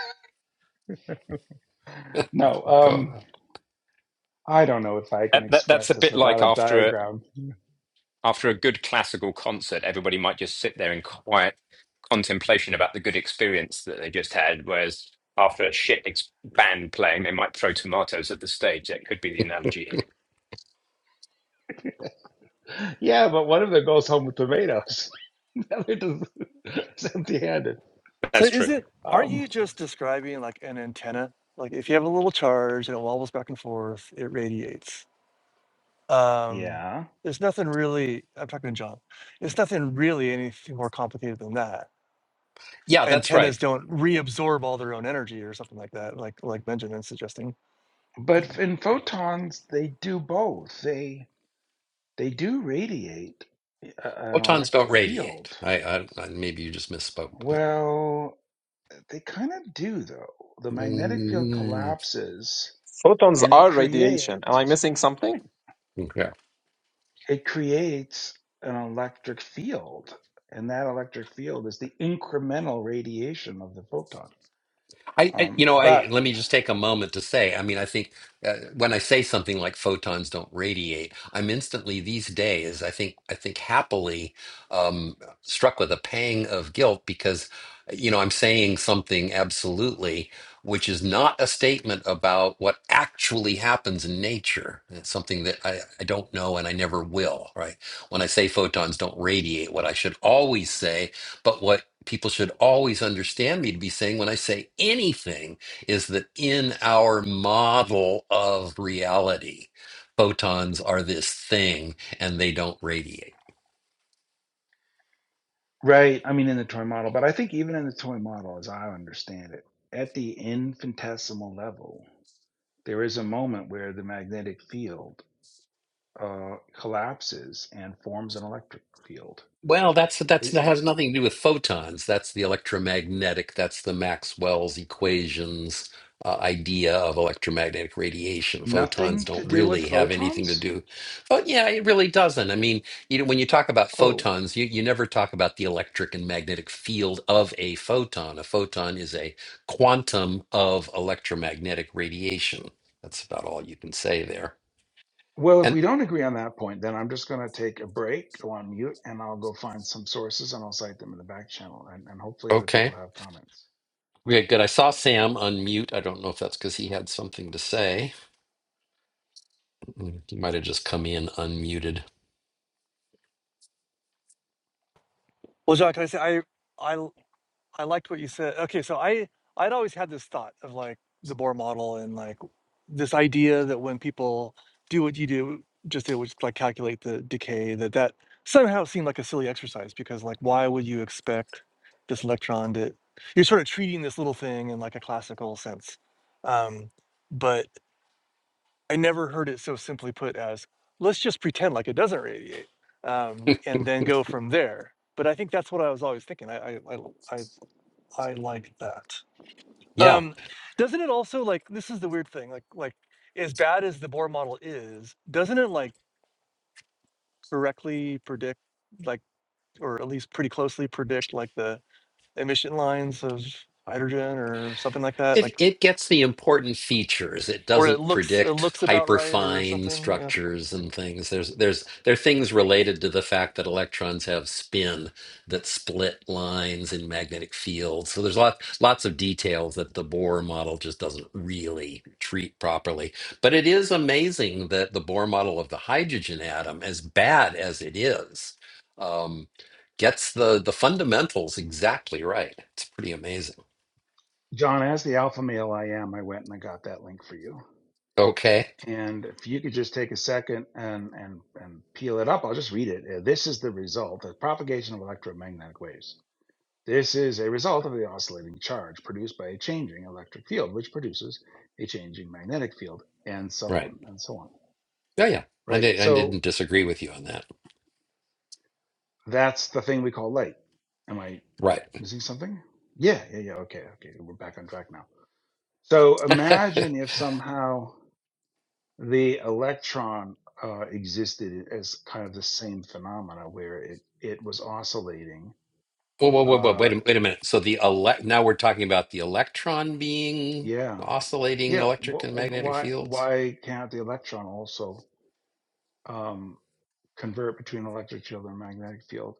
no.
go. uh,
Um I don't know if I can
That, that, that's
express
a
this
bit
without
like
a
after
diagram.
After a good classical concert, everybody might just sit there in quiet contemplation about the good experience that they just had. Whereas after a shit ex- band playing, they might throw tomatoes at the stage. That could be the analogy here.
Yeah, but one of them goes home with tomatoes. the other does- is empty-handed.
But
So
that's
is
true.
it aren't
Um
you just describing like an antenna? Like if you have a little charge and it wobbles back and forth, it radiates. Um
yeah.
there's nothing really I'm talking to John. It's nothing really anything more complicated than that.
Yeah, that's
Antennas
right.
don't reabsorb all their own energy or something like that, like like Benjamin's suggesting.
But in photons, they do both. They they do radiate a- an
Photons don't
electric
radiate.
field.
I, I, I maybe you just misspoke, but
Well, they kind of do though. The magnetic field
Mm,
collapses
Photons
and it
are radiation. Am I
creates
missing something?
okay.
it creates an electric field, and that electric field is the incremental radiation of the photon.
I, I,
Um,
you know, I
but
let me just take a moment to say. I mean, I think uh, when I say something like photons don't radiate, I'm instantly these days, I think, I think happily um, struck with a pang of guilt because, you know, I'm saying something absolutely which is not a statement about what actually happens in nature. It's something that I, I don't know and I never will. Right? When I say photons don't radiate, what I should always say, but what people should always understand me to be saying when I say anything is that in our model of reality, photons are this thing and they don't radiate.
Right. I mean, in the toy model, but I think even in the toy model, as I understand it, at the infinitesimal level. There is a moment where the magnetic field uh, collapses and forms an electric field.
Well, that's that's
It,
that
it-
has nothing to do with photons. That's the electromagnetic. That's the Maxwell's equations uh, idea of electromagnetic radiation. Photons
nothing to
don't
do with
really have anything to
photons?
do. Oh, yeah, it really doesn't. I mean, you know, when you talk about
Oh,
photons, you you never talk about the electric and magnetic field of a photon. A photon is a quantum of electromagnetic radiation. That's about all you can say there.
well, if
And
we don't agree on that point, then I'm just going to take a break, go on mute, and I'll go find some sources and I'll cite them in the back channel. And, and hopefully, other people
okay.
have comments.
Okay, good. I saw Sam unmute. I don't know if that's because he had something to say. He might have just come in unmuted.
Well John, can I say I I I liked what you said. Okay, so I I'd always had this thought of like the Bohr model and like this idea that when people do what you do, just it which like calculate the decay, that that somehow seemed like a silly exercise because like why would you expect this electron to? You're sort of treating this little thing in like a classical sense, um, but I never heard it so simply put as let's just pretend like it doesn't radiate um, and then go from there. But I think that's what I was always thinking. I I I, I I like that.
Yeah,
Um, doesn't it also like this is the weird thing, like like as bad as the Bohr model is, doesn't it like correctly predict like or at least pretty closely predict like the emission lines of hydrogen or something like that?
It
Like
it gets the important features. It
or it
doesn't
looks it
predict
looks about right or
hyperfine
something. Yeah.
structures and things. There's there's there are things related to the fact that electrons have spin that split lines in magnetic fields. So there's lots lots of details that the Bohr model just doesn't really treat properly. But it is amazing that the Bohr model of the hydrogen atom, as bad as it is, um, gets the the fundamentals exactly right. It's pretty amazing.
John, as the alpha male I am, I went and I got that link for you.
Okay.
And if you could just take a second and, and, and peel it up, I'll just read it. Uh, This is the result the propagation of electromagnetic waves. This is a result of the oscillating charge produced by a changing electric field, which produces a changing magnetic field, and so
Right.
on and so on.
Yeah, yeah. I
Right.
did, I
So
didn't disagree with you on that.
that's the thing we call light. Am I
Right.
missing something? Yeah, yeah, yeah. Okay, okay. We're back on track now. So imagine if somehow the electron uh, existed as kind of the same phenomena where it, it was oscillating.
Whoa, whoa, whoa, whoa,
Uh,
wait a, wait a minute. So the elect now we're talking about the electron being
yeah,
oscillating
yeah. Wh-
electric and
wh-
magnetic
why
fields.
why can't the electron also? um, convert between electric field and magnetic field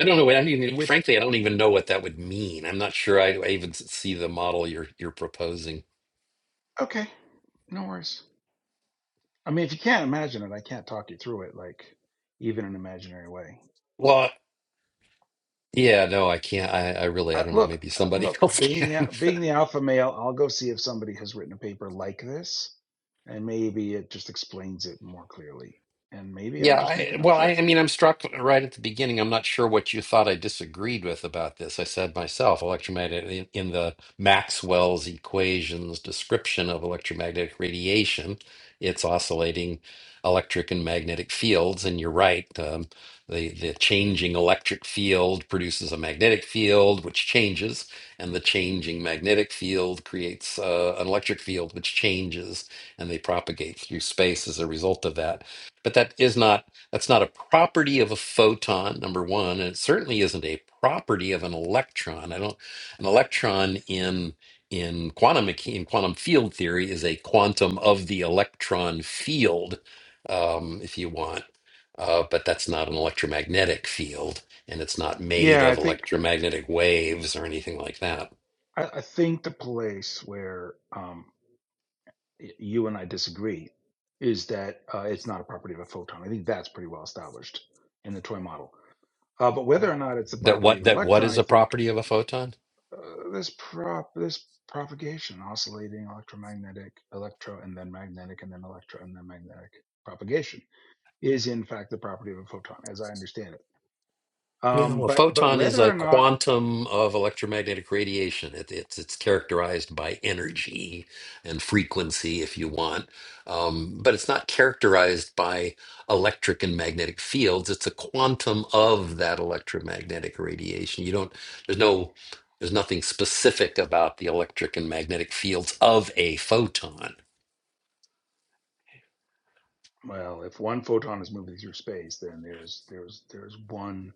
I don't know. I don't even,
with
frankly, I don't even know what that would mean. I'm not sure I, I even s- see the model you're you're proposing.
okay no worries i mean if you can't imagine it i can't talk you through it like even in an imaginary way
Well, yeah, no, I can't. I, I really, I
I,
don't know.
look
Maybe somebody
look
else
being the
can.
being the alpha male i'll go see if somebody has written a paper like this and maybe it just explains it more clearly and maybe i'm
Yeah,
just
I,
making up
well, I,
shit
I mean, I'm struck right at the beginning. I'm not sure what you thought I disagreed with about this. I said myself, electromagnetic in, in the Maxwell's equations description of electromagnetic radiation, it's oscillating electric and magnetic fields. And you're right, um, the the changing electric field produces a magnetic field, which changes, and the changing magnetic field creates uh, an electric field, which changes, and they propagate through space as a result of that. But that is not that's not a property of a photon, number one, and it certainly isn't a property of an electron. I don't an electron in in quantum mecha- in quantum field theory is a quantum of the electron field, um, if you want. Uh, but that's not an electromagnetic field, and it's not made
yeah
of
i think
electromagnetic waves or anything like that.
i, I think the place where um, y- you and I disagree is that uh, it's not a property of a photon. I think that's pretty well established in the toy model. Uh, but whether or not it's a
That
property
what
of an
that what
electron,
is
I
a
think
property of a photon?
uh, this prop this propagation, oscillating electromagnetic, electro, and then magnetic, and then electro, and then magnetic propagation is in fact the property of a photon, as I understand it.
Yeah,
Um,
well,
but but
photon is
whether
a
or not
quantum of electromagnetic radiation. It, it's it's characterized by energy and frequency, if you want, um, but it's not characterized by electric and magnetic fields. It's a quantum of that electromagnetic radiation. You don't. There's no. There's nothing specific about the electric and magnetic fields of a photon.
well, if one photon is moving through space, then there's there's there's one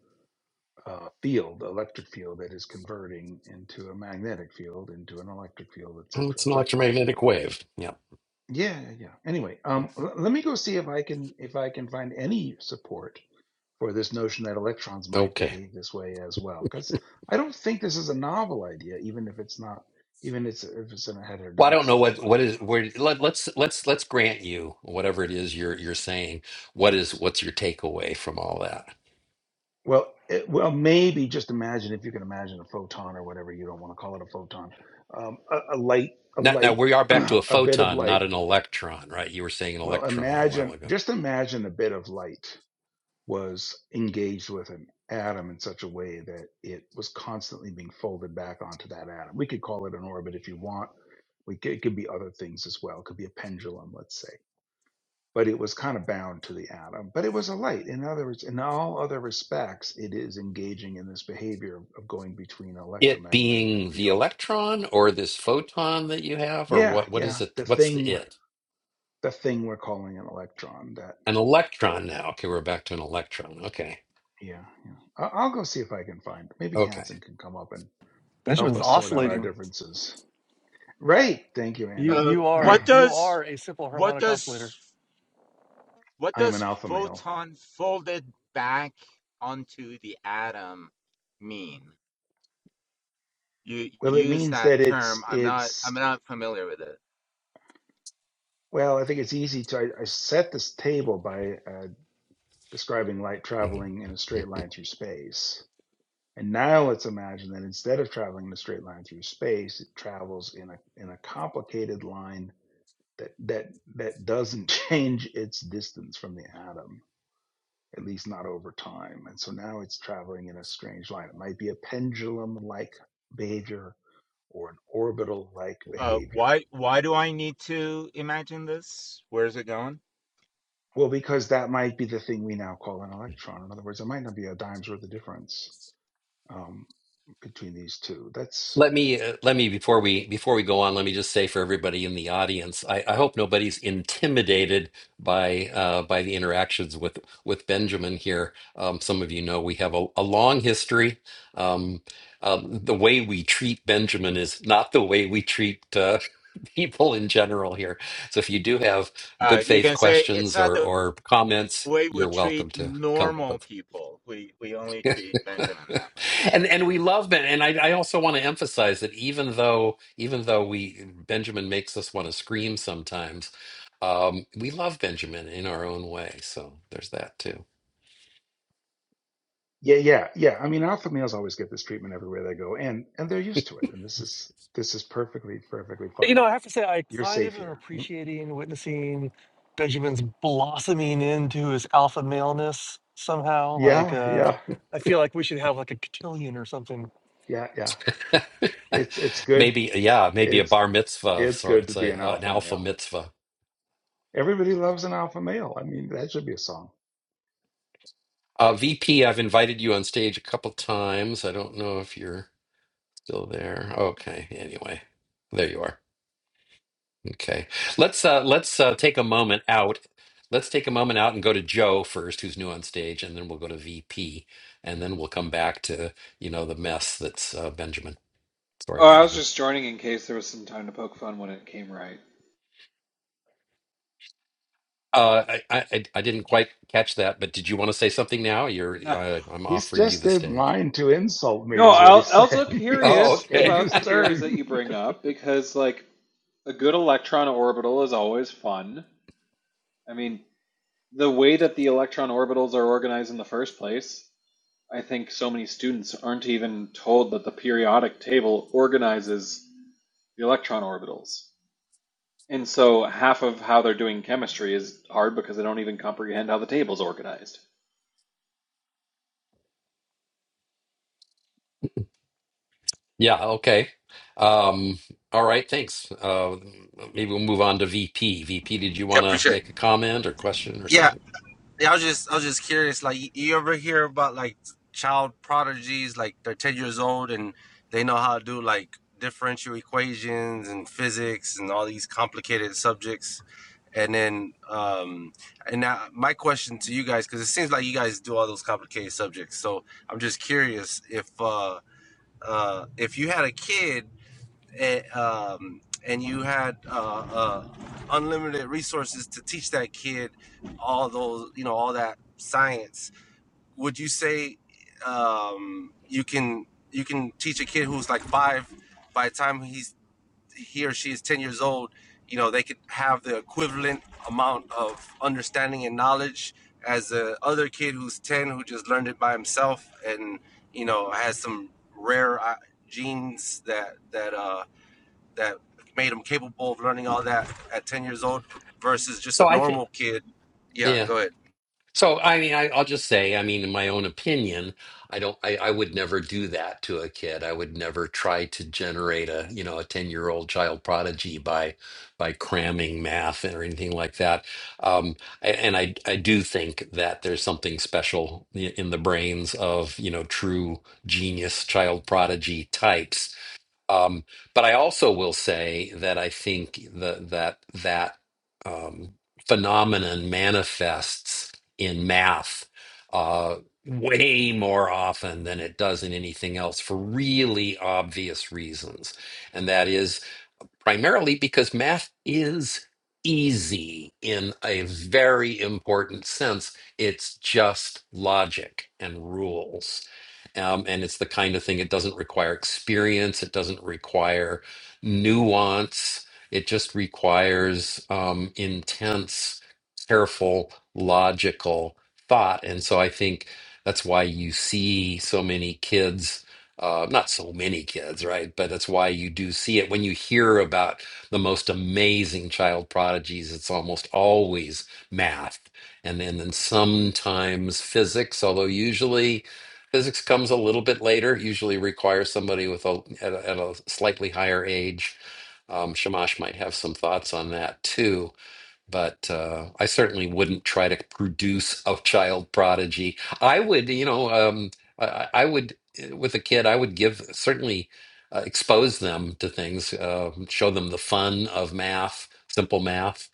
uh, field, electric field that is converting into a magnetic field, into an electric field, etc.
Well, It's an
But
electromagnetic wave. Yeah.
yeah, yeah. yeah. Anyway,
Yeah.
um, l- let me go see if I can if I can find any support for this notion that electrons might
Okay.
behave this way as well, because I don't think this is a novel idea, even if it's not, even it's if it's an
Well, I don't know what
heterodoxical
what
idea.
is where let, let's let's let's grant you whatever it is you're you're saying. What is what's your takeaway from all that?
Well, it, well, maybe just imagine if you can imagine a photon or whatever you don't want to call it a photon, um, a, a light, a
Now, now
light,
we are back to a
a bit of
photon,
light
not an electron, right? You were saying an
Well,
electron a while
imagine,
ago.
just imagine a bit of light was engaged with an atom in such a way that it was constantly being folded back onto that atom. We could call it an orbit if you want. We could, it could be other things as well. It could be a pendulum, let's say. But it was kind of bound to the atom. But it was a light. In other words, in all other respects, it is engaging in this behavior of going between
It
electromagnetic
being the
field.
electron or this photon that you have, or
Yeah,
what what is
yeah.
it?
The
What's the
thing,
it?
the thing we're calling an electron. that.
An electron now. Okay, we're back to an electron. Okay.
Yeah, yeah. I- I'll go see if I can find. Maybe
Okay.
Hanson can come up and help
Benjamin's
us sort out our
oscillating.
differences. Right. Thank you,
You
Andy.
Uh,
you
I
are
what
you
does
are a simple
what
harmonic oscillator.
does what
am
does
an alpha male.
photon folded back onto the atom mean? you
Well, it
you use
means
that
that it's
term. I'm not I'm
it's.
not familiar with it.
Well, I think it's easy to. I, I set this table by uh, describing light traveling in a straight line through space, and now let's imagine that instead of traveling in a straight line through space, it travels in a in a complicated line that that that doesn't change its distance from the atom at least not over time. And so now it's traveling in a strange line. It might be a pendulum like behavior or an orbital like
Uh,
behavior.
why why do I need to imagine this? Where is it going?
Well, because that might be the thing we now call an electron. In other words, it might not be a dime's worth of difference um, between these two. That's
Let me uh, let me before we before we go on, let me just say for everybody in the audience, I, I hope nobody's intimidated by uh, by the interactions with with Benjamin here. Um, some of you know we have a, a long history. Um, um, the way we treat Benjamin is not the way we treat uh, people in general here. So if you do have good
Uh, you
faith
can say it's
questions
not
or
the
or comments,
way
you're
we treat
welcome to come
normal
up.
people. We we only treat Benjamin that way.
and and we love Ben. And I, I also want to emphasize that even though even though we Benjamin makes us want to scream sometimes, um, we love Benjamin in our own way. So there's that too.
yeah, yeah, yeah. I mean, alpha males always get this treatment everywhere they go, and and they're used to it. And this is this is perfectly perfectly
You
fine.
know, I have to say, I
You're
kind of
safe
am
here. Mm.
appreciating witnessing Benjamin's blossoming into his alpha maleness somehow. Like,
Yeah,
uh,
yeah,
I feel like we should have like a cotillion or something.
yeah, yeah. It's it's good
Maybe yeah, maybe a
It's
bar mitzvah of
it's good to
sorts,
be an
a, uh, an
alpha
alpha
male.
mitzvah.
Everybody loves an alpha male. I mean, that should be a song.
Uh, VP, I've invited you on stage a couple times. I don't know if you're still there. Okay, anyway, there you are. Okay. Let's uh let's uh take a moment out. Let's take a moment out and go to Joe first, who's new on stage, and then we'll go to VP, and then we'll come back to, you know, the mess that's uh Benjamin. Sorry,
Oh, I was
Benjamin.
just joining in case there was some time to poke fun when it came right.
Uh I I I I didn't quite catch that, but did you want to say something now? You're
No,
I, I'm
He's
offering you
just
the
in
stage.
line to insult me,
no.
is what
I'll,
he
also
said. He's
Oh,
curious
just
okay.
waiting
about
his
the theories that
turn.
you bring up because, like, a good electron orbital is always fun. I mean, the way that the electron orbitals are organized in the first place, I think so many students aren't even told that the periodic table organizes the electron orbitals. And so half of how they're doing chemistry is hard because they don't even comprehend how the table's organized.
Yeah, okay. Um all right, thanks. Uh maybe we'll move on to VP. VP, did you
Yeah,
want to
appreciate it.
make a comment or question or
Yeah,
something?
yeah. I was just, I was just curious. Like, you you ever hear about like child prodigies? Like, they're ten years old and they know how to do like differential equations and physics and all these complicated subjects. And then, um, and now my question to you guys, because it seems like you guys do all those complicated subjects. So I'm just curious if, uh, uh, if you had a kid and, um, and you had uh, uh, unlimited resources to teach that kid all those, you know, all that science, would you say um, you can you can teach a kid who's like five by the time he's he or she is ten years old, you know, they could have the equivalent amount of understanding and knowledge as the other kid who's ten who just learned it by himself and you know has some rare uh, genes that that uh that made him capable of learning all that at 10 years old versus just a normal kid. Yeah,
Yeah.
go ahead.
So I mean, I, I'll just say, I mean, in my own opinion, I don't, I, I would never do that to a kid. I would never try to generate a, you know, a ten-year-old child prodigy by, by cramming math or anything like that. Um, a- and I, I do think that there's something special i- in the brains of, you know, true genius child prodigy types um, but I also will say that I think the, that that um, phenomenon manifests in math uh, way more often than it does in anything else for really obvious reasons, and that is primarily because math is easy in a very important sense. It's just logic and rules. Um, and it's the kind of thing it doesn't require experience, it doesn't require nuance, it just requires um, intense, careful, logical thought. And so I think that's why you see so many kids uh, not so many kids, right? But that's why you do see it. When you hear about the most amazing child prodigies, it's almost always math and then, then sometimes physics, although usually physics comes a little bit later, usually requires somebody with a, at a, at a slightly higher age. Um, Shamash might have some thoughts on that too but uh, I certainly wouldn't try to produce a child prodigy. I would, you know, um, I, I I would eh, with a kid, I would give certainly uh, expose them to things, uh, show them the fun of math, simple math,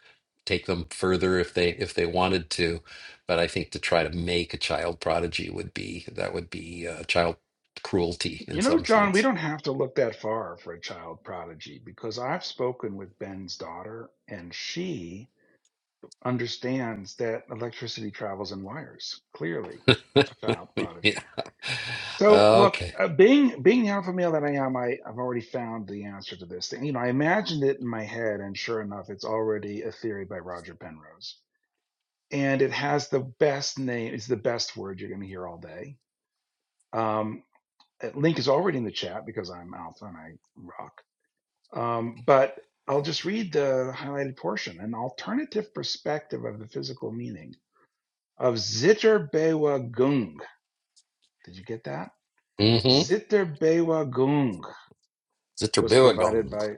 take them further if they if they wanted to. But I think to try to make a child prodigy would be that would be uh, child cruelty in
You know,
some
John, we
sense.
don't have to look that far for a child prodigy because I've spoken with Ben's daughter and she understands that electricity travels in wires. Clearly, a child
yeah.
prodigy. So look,
Okay.
uh, being being the alpha male that I am, I, I've already found the answer to this thing. You know, I imagined it in my head, and sure enough, it's already a theory by Roger Penrose, and it has the best name. It's the best word you're going to hear all day. Um, uh, link is already in the chat because I'm alpha and I rock. Um, but I'll just read the highlighted portion: an alternative perspective of the physical meaning of zitterbewegung. Did you get that?
Mm-hmm.
Zitterbewegung. was provided
Zitterbilligon.
by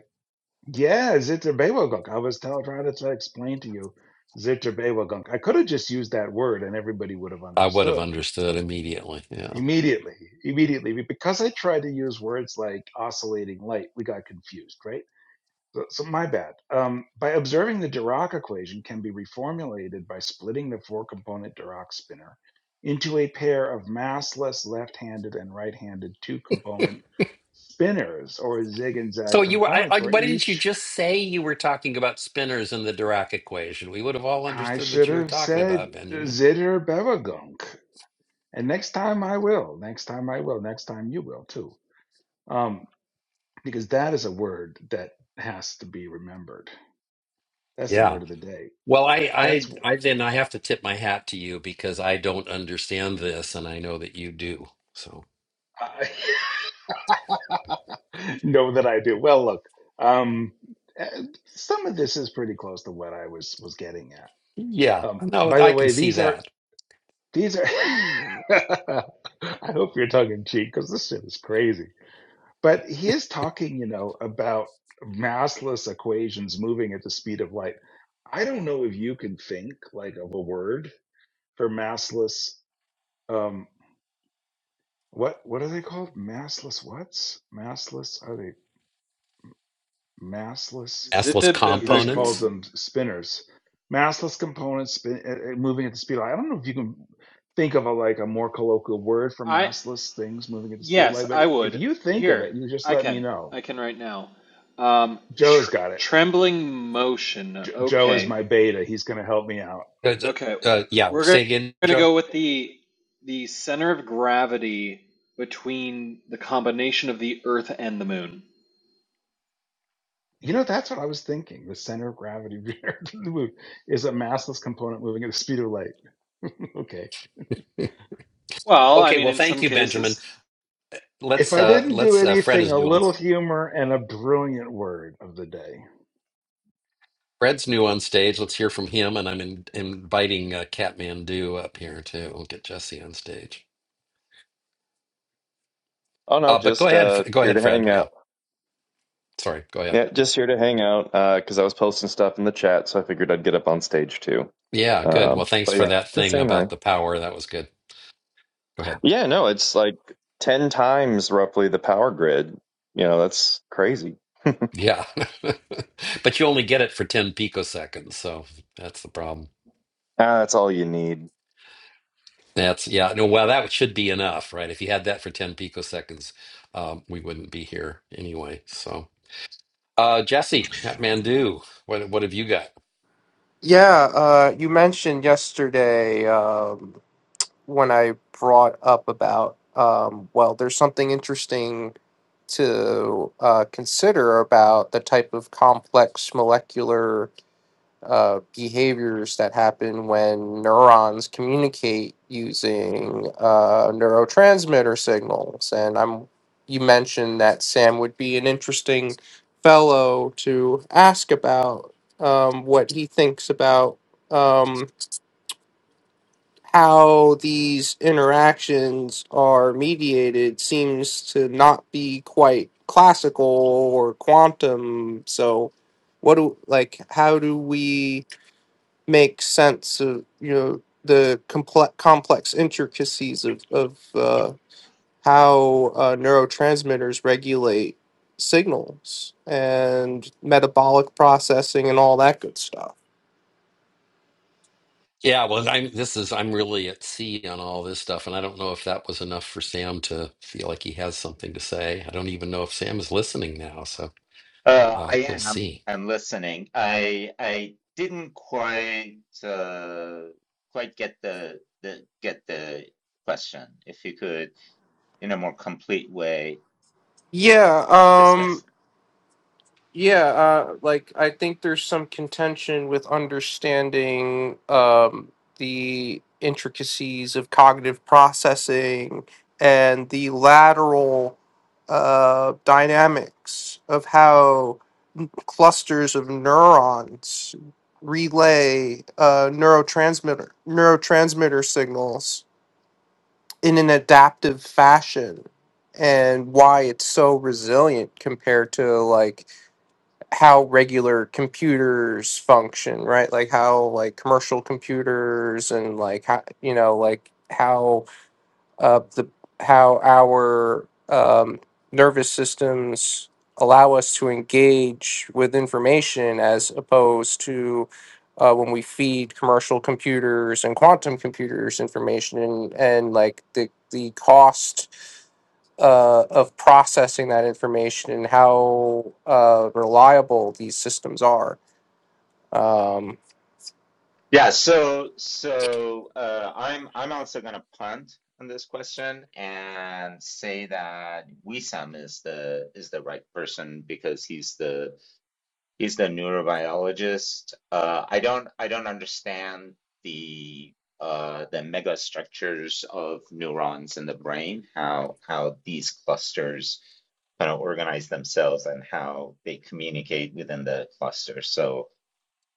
yeah Zitabewagunk. I was tell, trying to try to explain to you Zitabewagunk. I could have just used that word and everybody would have
I would have
understood
understood immediately. Yeah.
immediately, immediately. Because I tried to use words like oscillating light, we got confused, right? So, so my bad. Um, by observing the Dirac equation can be reformulated by splitting the four-component Dirac spinner into a pair of massless left-handed and right-handed two-component spinners or zig and zag
So you were. I, I,
components where
why didn't you
each
just say you were talking about spinners in the Dirac equation? We would have all
I
understood
should
what you were
have
talking
said
about, Benjamin.
zitter bevagunk. And next time I will. Next time I will. Next time you will too. Um, because that is a word that has to be remembered. That's the
Yeah.
word of the day.
Well, I,
That's
I, I then I have to tip my hat to you because I don't understand this, and I know that you do. So
wh- I know that I do. Well, look, um, eh, some of this is pretty close to what I was was getting at.
yeah,
Um,
no,
by
I
the
can
way,
see
these are
that.
these are. I hope you're tongue in cheek because this shit is crazy. But he is talking, you know, about massless equations moving at the speed of light. I don't know if you can think like of a word for massless. Um, what what are they called? Massless what's massless? Are they massless?
S-less
He just calls
components.
Zittabivigung.
them spinners. Massless components spin, uh, uh, moving at the speed of light. I don't know if you can think of a like a more colloquial word for
I
massless things moving at the speed of
yes,
light, but
I
if if
would.
you think of
Here,
it, you just
I
let me
can.
know.
I can right now. Um,
Joe's
tr-
got it.
trembling motion.
J- Joe is
Okay.
my beta. He's going to help me out.
Uh,
Okay.
uh, yeah.
We're go-
Say again,
gonna
Joe.
go with the the center of gravity between the combination of the Earth and the Moon.
You know, that's what I was thinking. The center of gravity of the moon is a massless component moving at the speed of light. Okay.
Well, I
Okay.
mean,
Well,
in
thank
some
you, Benjamin.
cases.
If
Let's.
I
Uh,
didn't do
let's. Uh, Fred
anything,
is
a
nuanced.
little humor and a brilliant word of the day.
Fred's new on stage. Let's hear from him. And I'm in, inviting uh, Catmandu up here too. We'll get Jesse on stage.
Oh no,
Uh, but go
just
ahead.
uh
F- Go
here
ahead,
to
Fred.
hang
Yeah.
out.
Sorry. Go ahead.
Yeah, just here to hang out uh, because I was posting stuff in the chat, so I figured I'd get up on stage too.
Yeah. Good. Well,
Um,
thanks
but
for
yeah,
that
just
thing
saying hi.
about the power. That was good. Go ahead.
Yeah, no, it's like 10 times roughly the power grid. You know, that's crazy.
Yeah. but you only get it for 10 picoseconds. So that's the problem.
Ah, that's all you need.
That's, yeah. No, well, that should be enough, right? If you had that for 10 picoseconds, um, we wouldn't be here anyway. So, uh, Jesse, Catmandu, what, what have you got?
Yeah, uh, you mentioned yesterday um, when I brought up about, um, well, there's something interesting to uh, consider about the type of complex molecular uh, behaviors that happen when neurons communicate using uh, neurotransmitter signals. And I'm you mentioned that Sam would be an interesting fellow to ask about um, what he thinks about um, how these interactions are mediated seems to not be quite classical or quantum. So, what do like? How do we? make sense of you know the complex complex intricacies of of uh, how uh, neurotransmitters regulate signals and metabolic processing and all that good stuff.
Yeah, well, I'm this is I'm really at sea on all this stuff, and I don't know if that was enough for Sam to feel like he has something to say. I don't even know if Sam is listening now, so
Uh, I
uh, we'll
am.
see.
I'm listening. I I didn't quite uh, quite get the the get the question. If you could, in a more complete way,
Yeah, um,
discuss
Yeah, uh, like I think there's some contention with understanding um, the intricacies of cognitive processing and the lateral uh, dynamics of how clusters of neurons relay uh, neurotransmitter neurotransmitter signals in an adaptive fashion, and why it's so resilient compared to like how regular computers function, right? Like how like commercial computers and like how you know like how uh the how our um nervous systems allow us to engage with information as opposed to uh, when we feed commercial computers and quantum computers information and, and like the the cost uh, of processing that information and how uh, reliable these systems are. Um,
Yeah, so so uh, I'm I'm also gonna punt on this question and say that Wissam is the is the right person because he's the he's the neurobiologist. Uh, I don't I don't understand the uh, the megastructures of neurons in the brain, how how these clusters kind of organize themselves and how they communicate within the cluster. So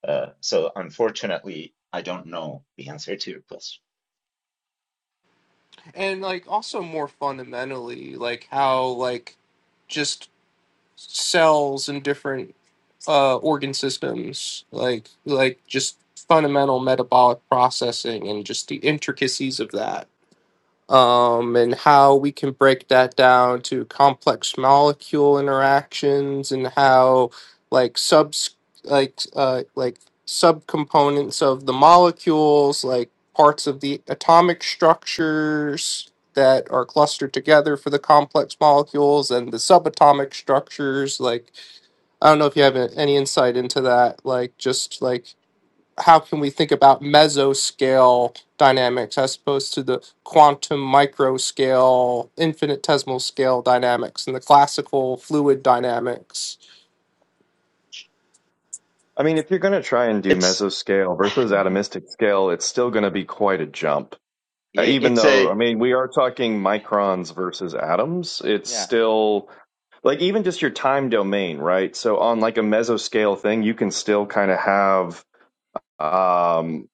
uh, so unfortunately, I don't know the answer to your question.
and like also more fundamentally, like how like just cells and different uh, organ systems, like like just fundamental metabolic processing and just the intricacies of that um, and how we can break that down to complex molecule interactions and how like subs like uh, like subcomponents of the molecules like parts of the atomic structures that are clustered together for the complex molecules and the subatomic structures like i don't know if you have a- any insight into that like just like how can we think about mesoscale dynamics as opposed to the quantum microscale, infinitesimal scale dynamics, and the classical fluid dynamics?
I mean, if you're going to try and do
It's
mesoscale versus atomistic scale, it's still going to be quite a jump. Uh, Even
it's
though,
a
I mean, we are talking microns versus atoms, it's
yeah.
still like even just your time domain, right? So on like a mesoscale thing, you can still kind of have um,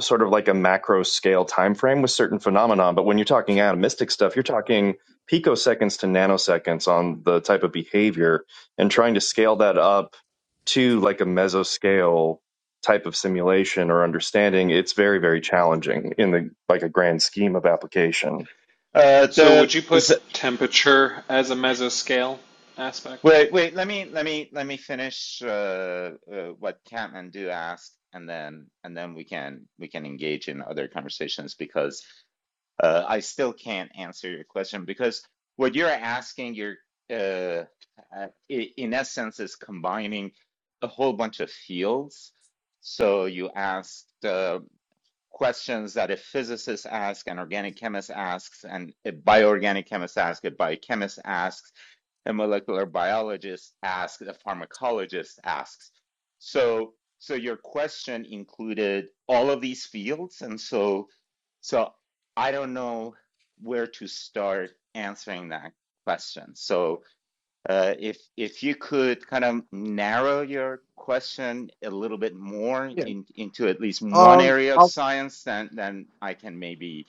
sort of like a macro scale time frame with certain phenomenon. But when you're talking atomistic stuff, you're talking picoseconds to nanoseconds on the type of behavior, and trying to scale that up to like a mesoscale type of simulation or understanding, it's very very challenging in the like a grand scheme of application.
Uh,
So, would
the
you put temperature as a mesoscale aspect?
wait wait let me let me let me finish uh, uh, what Kathmandu asked, and then and then we can we can engage in other conversations because uh, I still can't answer your question because what you're asking you're uh, uh, in essence is combining a whole bunch of fields. So you asked. Uh, questions that a physicist asks, an organic chemist asks, and a bioorganic chemist asks, a biochemist asks, a molecular biologist asks, a pharmacologist asks. So, so your question included all of these fields, and so, so I don't know where to start answering that question. So, uh, If if you could kind of narrow your question a little bit more
Yeah.
in- into at least one
Um.
area of
I'll,
science, then then I can maybe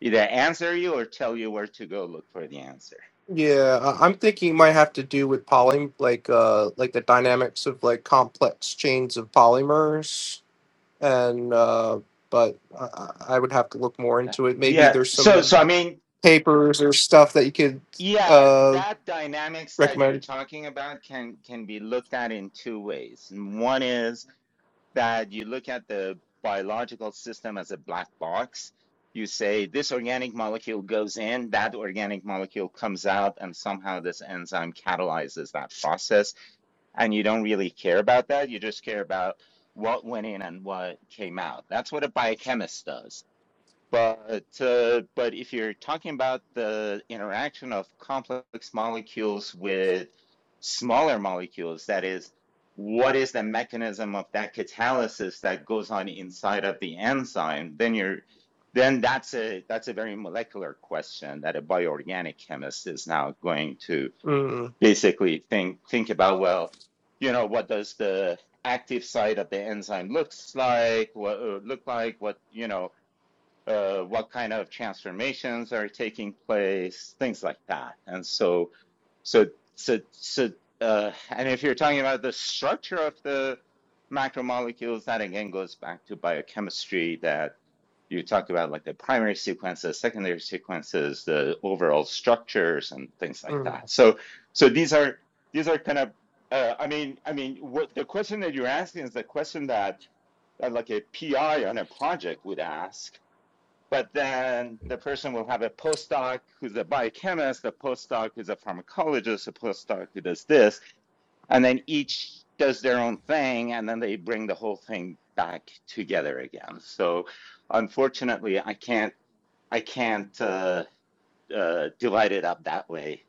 either answer you or tell you where to go look for the answer.
yeah, I- I'm thinking it might have to do with poly, like uh, like the dynamics of like complex chains of polymers, and uh, but I, I I would have to look more into it. Maybe
Yeah.
there's
So
some
so I mean,
papers or stuff that you could
yeah,
uh
that dynamics that you're
recommend.
talking about can can be looked at in two ways. And One is that you look at the biological system as a black box. You say this organic molecule goes in, that organic molecule comes out, and somehow this enzyme catalyzes that process. And you don't really care about that. You just care about what went in and what came out. That's what a biochemist does but uh, but if you're talking about the interaction of complex molecules with smaller molecules, that is, what is the mechanism of that catalysis that goes on inside of the enzyme? Then you're then that's a that's a very molecular question that a bioorganic chemist is now going to
Mm,
basically think think about. Well, you know, what does the active side of the enzyme looks like? What uh, look like? What you know? uh, what kind of transformations are taking place, things like that. And so, so, so, so, uh, and if you're talking about the structure of the macromolecules, that again goes back to biochemistry that you talked about, like the primary sequences, secondary sequences, the overall structures, and things like
mm.
that. So, so these are these are kind of, uh, I mean, I mean, what the question that you're asking is the question that, that like a PI on a project would ask but then the person will have a postdoc who's a biochemist, a postdoc who's a pharmacologist, a postdoc who does this, and then each does their own thing, and then they bring the whole thing back together again. So unfortunately, I can't I can't uh, uh, divide it up that way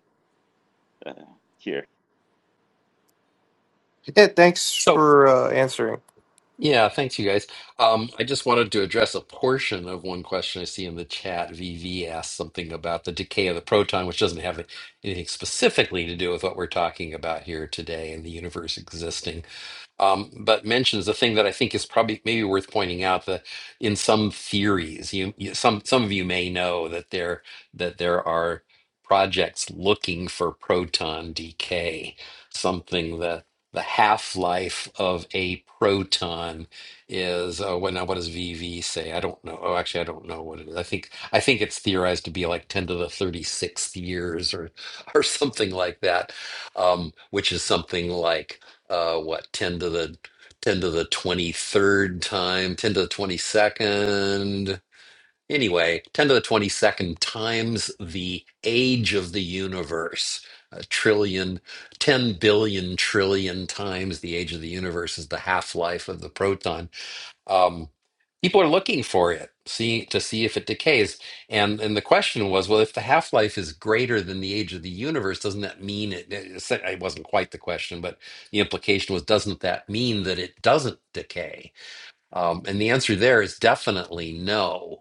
uh, here.
Yeah, thanks
So,
for uh, answering.
yeah, thanks you guys. Um, I just wanted to address a portion of one question I see in the chat. VV asked something about the decay of the proton, which doesn't have anything specifically to do with what we're talking about here today and the universe existing. um, but mentions a thing that I think is probably maybe worth pointing out that in some theories, you, you some some of you may know that there that there are projects looking for proton decay, something that the half-life of a proton is uh, what now what does VV say? I don't know. Oh, actually, I don't know what it is. I think I think it's theorized to be like 10 to the 36th years or or something like that, um, which is something like uh what 10 to the 10 to the 23rd time 10 to the 22nd anyway 10 to the 22nd times the age of the universe a trillion, ten billion trillion times the age of the universe is the half-life of the proton um, people are looking for it, see to see if it decays. And and the question was, well, if the half life is greater than the age of the universe, doesn't that mean it? It it wasn't quite the question, but the implication was, doesn't that mean that it doesn't decay? Um, and the answer there is definitely no.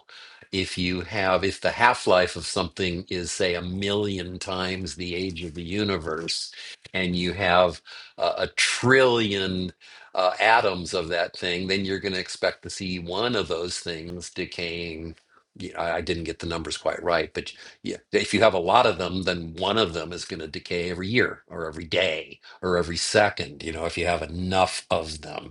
If you have, if the half life of something is, say, a million times the age of the universe, and you have uh, a trillion uh, atoms of that thing, then you're going to expect to see one of those things decaying. Yeah, I I didn't get the numbers quite right, but yeah, if you have a lot of them, then one of them is going to decay every year or every day or every second, you know, if you have enough of them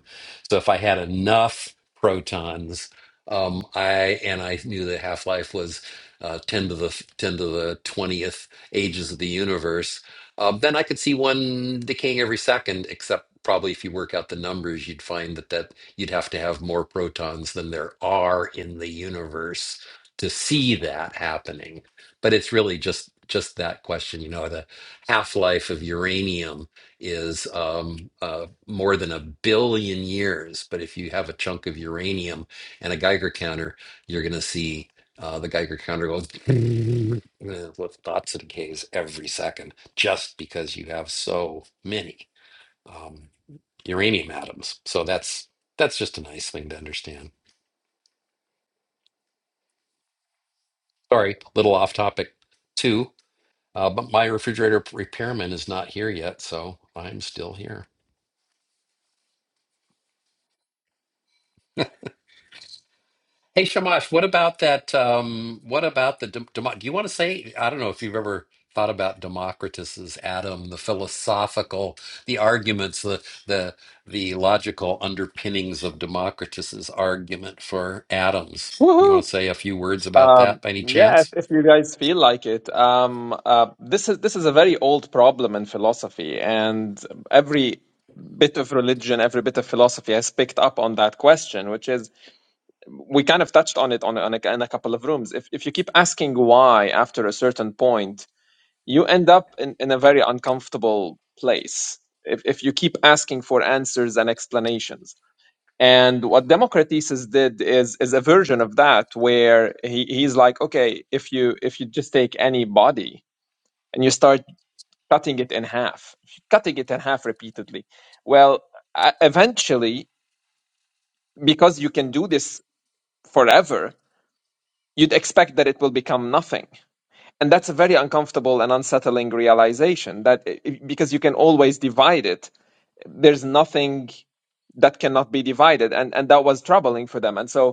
so if I had enough protons, um, I and I knew the half life was uh, ten to the ten to the twentieth ages of the universe. Um, then I could see one decaying every second, except probably if you work out the numbers, you'd find that that you'd have to have more protons than there are in the universe to see that happening. But it's really just just that question, you know, the half life of uranium is um, uh, more than a billion years. But if you have a chunk of uranium and a Geiger counter, you're going to see uh, the Geiger counter goes with dots and Ks every second, just because you have so many um, uranium atoms. So that's that's just a nice thing to understand. Sorry, little off topic too. Uh, but my refrigerator repairman is not here yet, so I'm still here. Hey, Shamash, what about that? Um, what about the dem- demo- do you want to say? I don't know if you've ever thought about Democritus's atom, the philosophical, the arguments, the the the logical underpinnings of Democritus's argument for atoms. You want
Woohoo!
to say a few words about
Um,
that by any
yeah, if,
chance?
if you guys feel like it, um, uh, this is this is a very old problem in philosophy, and every bit of religion, every bit of philosophy has picked up on that question, which is we kind of touched on it on, a- on a, in a couple of rooms. If if you keep asking why after a certain point, you end up in, in a very uncomfortable place. If if you keep asking for answers and explanations and what Democritus did is is a version of that where he, he's like, okay, if you if you just take any body and you start cutting it in half, cutting it in half repeatedly, well, uh, eventually, because you can do this forever, you'd expect that it will become nothing. And that's a very uncomfortable and unsettling realization that i- because you can always divide it, there's nothing that cannot be divided. And, and that was troubling for them. And so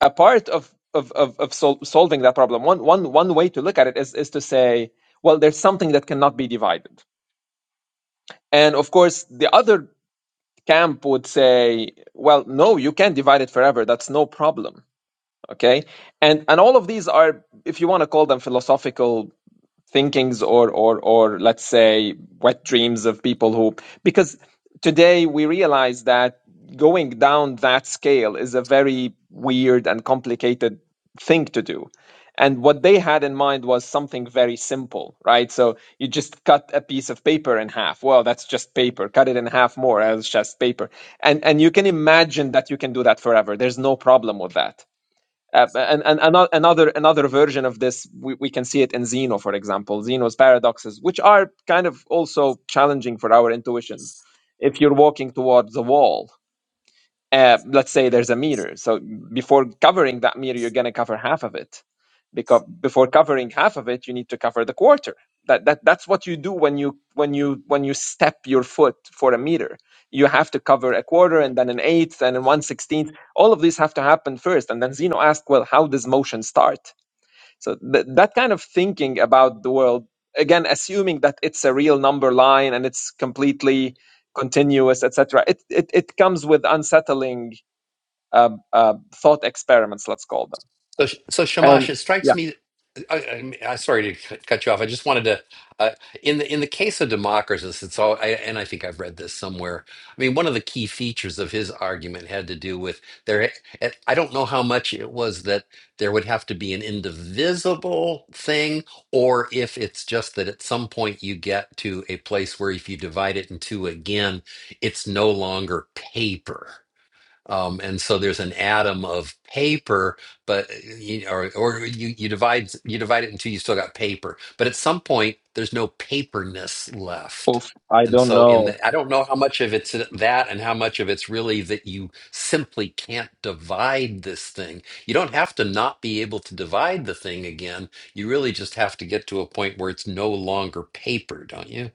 a part of of of, of sol- solving that problem one one one way to look at it is is to say well there's something that cannot be divided and of course the other camp would say well no you can divide it forever that's no problem okay and and all of these are if you want to call them philosophical thinkings or or or let's say wet dreams of people who because today we realize that going down that scale is a very weird and complicated thing to do and what they had in mind was something very simple right so you just cut a piece of paper in half well that's just paper cut it in half more that's just paper and and you can imagine that you can do that forever there's no problem with that uh, and and another another version of this, we, we can see it in Zeno, for example, Zeno's paradoxes, which are kind of also challenging for our intuitions. If you're walking towards a wall, uh, let's say there's a meter. So before covering that meter, you're going to cover half of it. Because before covering half of it, you need to cover the quarter. That, that that's what you do when you when you when you step your foot for a meter. You have to cover a quarter and then an eighth and then one sixteenth. All of these have to happen first. And then Zeno asked, well, how does motion start? So th- that kind of thinking about the world, again, assuming that it's a real number line and it's completely continuous, etc. It, it it comes with unsettling uh, uh, thought experiments, let's call them.
So, so Shamash,
And
it strikes
yeah,
me. I, I, I sorry to cut cut you off. I just wanted to, uh, in the in the case of Democritus, it's all. I, and I think I've read this somewhere. I mean, one of the key features of his argument had to do with there. and I don't know how much it was that there would have to be an indivisible thing, or if it's just that at some point you get to a place where if you divide it in two again, it's no longer paper. Um, and so there's an atom of paper, but uh, you, or or you you divide you divide it into you still got paper, but at some point there's no paperness left.
Oof. I
And
don't
so in
know.
the, I don't know how much of it's uh, that and how much of it's really that you simply can't divide this thing. You don't have to not be able to divide the thing again. You really just have to get to a point where it's no longer paper, don't you?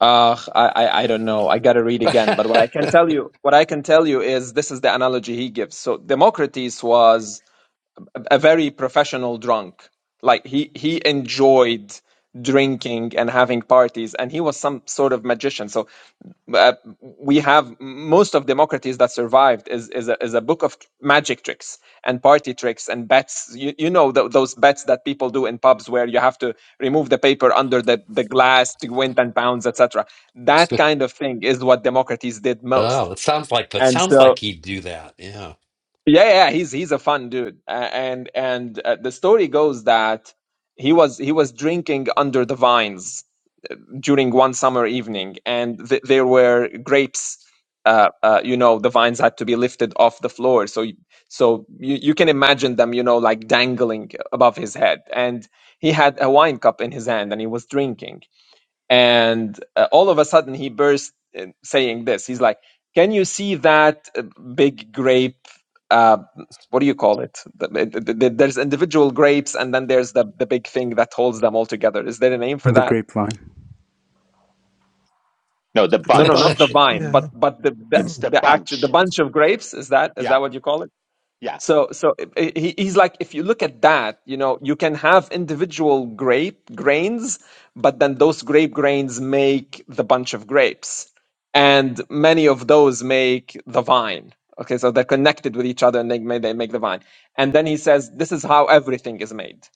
Uh, I, I I don't know. I gotta read again. But what I can tell you, what I can tell you is this is the analogy he gives. So Democritus was a very professional drunk. Like he he enjoyed drinking and having parties, and he was some sort of magician. So uh, we have most of democracies that survived is is a, is a book of magic tricks and party tricks and bets. You, you know tho- those bets that people do in pubs where you have to remove the paper under the, the glass to win ten pounds, etc. That kind of thing is what democracies did most.
oh, it sounds like that
And
sounds
so
like he'd do that. Yeah.
yeah, yeah, he's he's a fun dude, A- and and uh, the story goes that he was he was drinking under the vines during one summer evening, and th- there were grapes. Uh, uh, you know, the vines had to be lifted off the floor, so y- so you, you can imagine them, you know, like dangling above his head, and he had a wine cup in his hand, and he was drinking and uh, all of a sudden he burst in saying this he's like can you see that uh, big grape uh, what do you call it The- the- the- the- there's individual grapes and then there's the, the big thing that holds them all together is there a name for
The
that
grapevine.
No, the
It's
no
a
no not
bunch.
the
bunch.
vine
Yeah. yeah.
but but the the,
It's the
the actual the
bunch.
bunch of grapes is that is
Yeah,
that what you call it
yeah.
So, so i- i- he, he's like, if you look at that, you know, you can have individual grape grains, but then those grape grains make the bunch of grapes, and many of those make the vine. Okay, so they're connected with each other, and they make they make the vine. And then he says, this is how everything is made.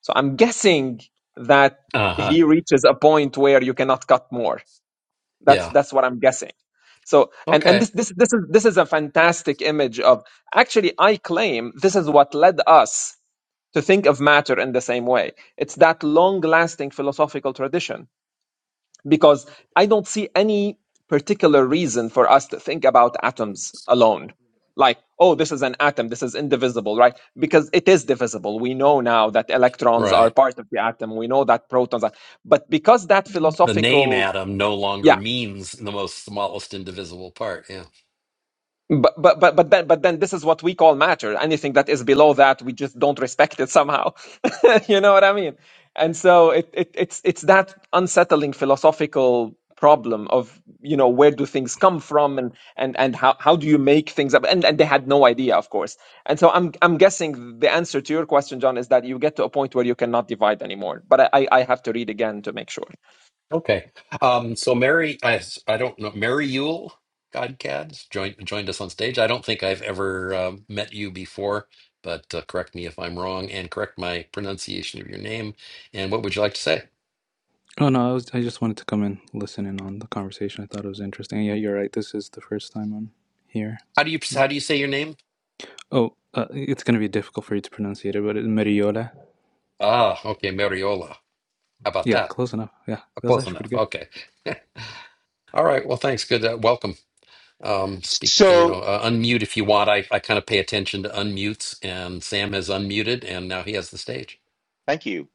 So I'm guessing that
Uh huh.
he reaches a point where you cannot cut more that's
Yeah.
that's what I'm guessing. So and and
Okay.
this this this is this is a fantastic image of actually I claim this is what led us to think of matter in the same way. It's that long-lasting philosophical tradition because I don't see any particular reason for us to think about atoms alone. Like, oh, this is an atom, this is indivisible, right? Because it is divisible. We know now that electrons are
Right.
part of the atom. We know that protons are, but because that
The name
philosophical,
atom no
yeah,
longer means the most smallest indivisible part. Yeah.
But but but but then but then this is what we call matter. Anything that is below that, we just don't respect it somehow. you know what I mean? And so it, it it's it's that unsettling philosophical problem of you know where do things come from and and and how how do you make things up and and they had no idea of course and so i'm i'm guessing the answer to your question john is that you get to a point where you cannot divide anymore but i i I have to read again to make sure
Okay. Um, so Mary, I, I don't know, Mary Yule, Godcads, joined, joined us on stage. I don't think I've ever um met you before, but uh, correct me if I'm wrong and correct my pronunciation of your name. And what would you like to say?
Oh no, I was I just wanted to come and listen in on the conversation. I thought it was interesting. And Yeah, you're right. This is the first time I'm here.
How do you,
So,
how do you say your name?
oh, uh, it's gonna be difficult for you to pronounce it, but it's Meriola.
Ah, okay. Mariola. How about
Yeah,
that?
close enough. Yeah, that was
Close
actually pretty
enough.
good.
Okay. All right. Well, thanks. Good. Uh, welcome. Um, speak, you know,
So
uh, unmute if you want. I, I kind of pay attention to unmutes, and Sam has unmuted, and now he has the stage.
Thank you.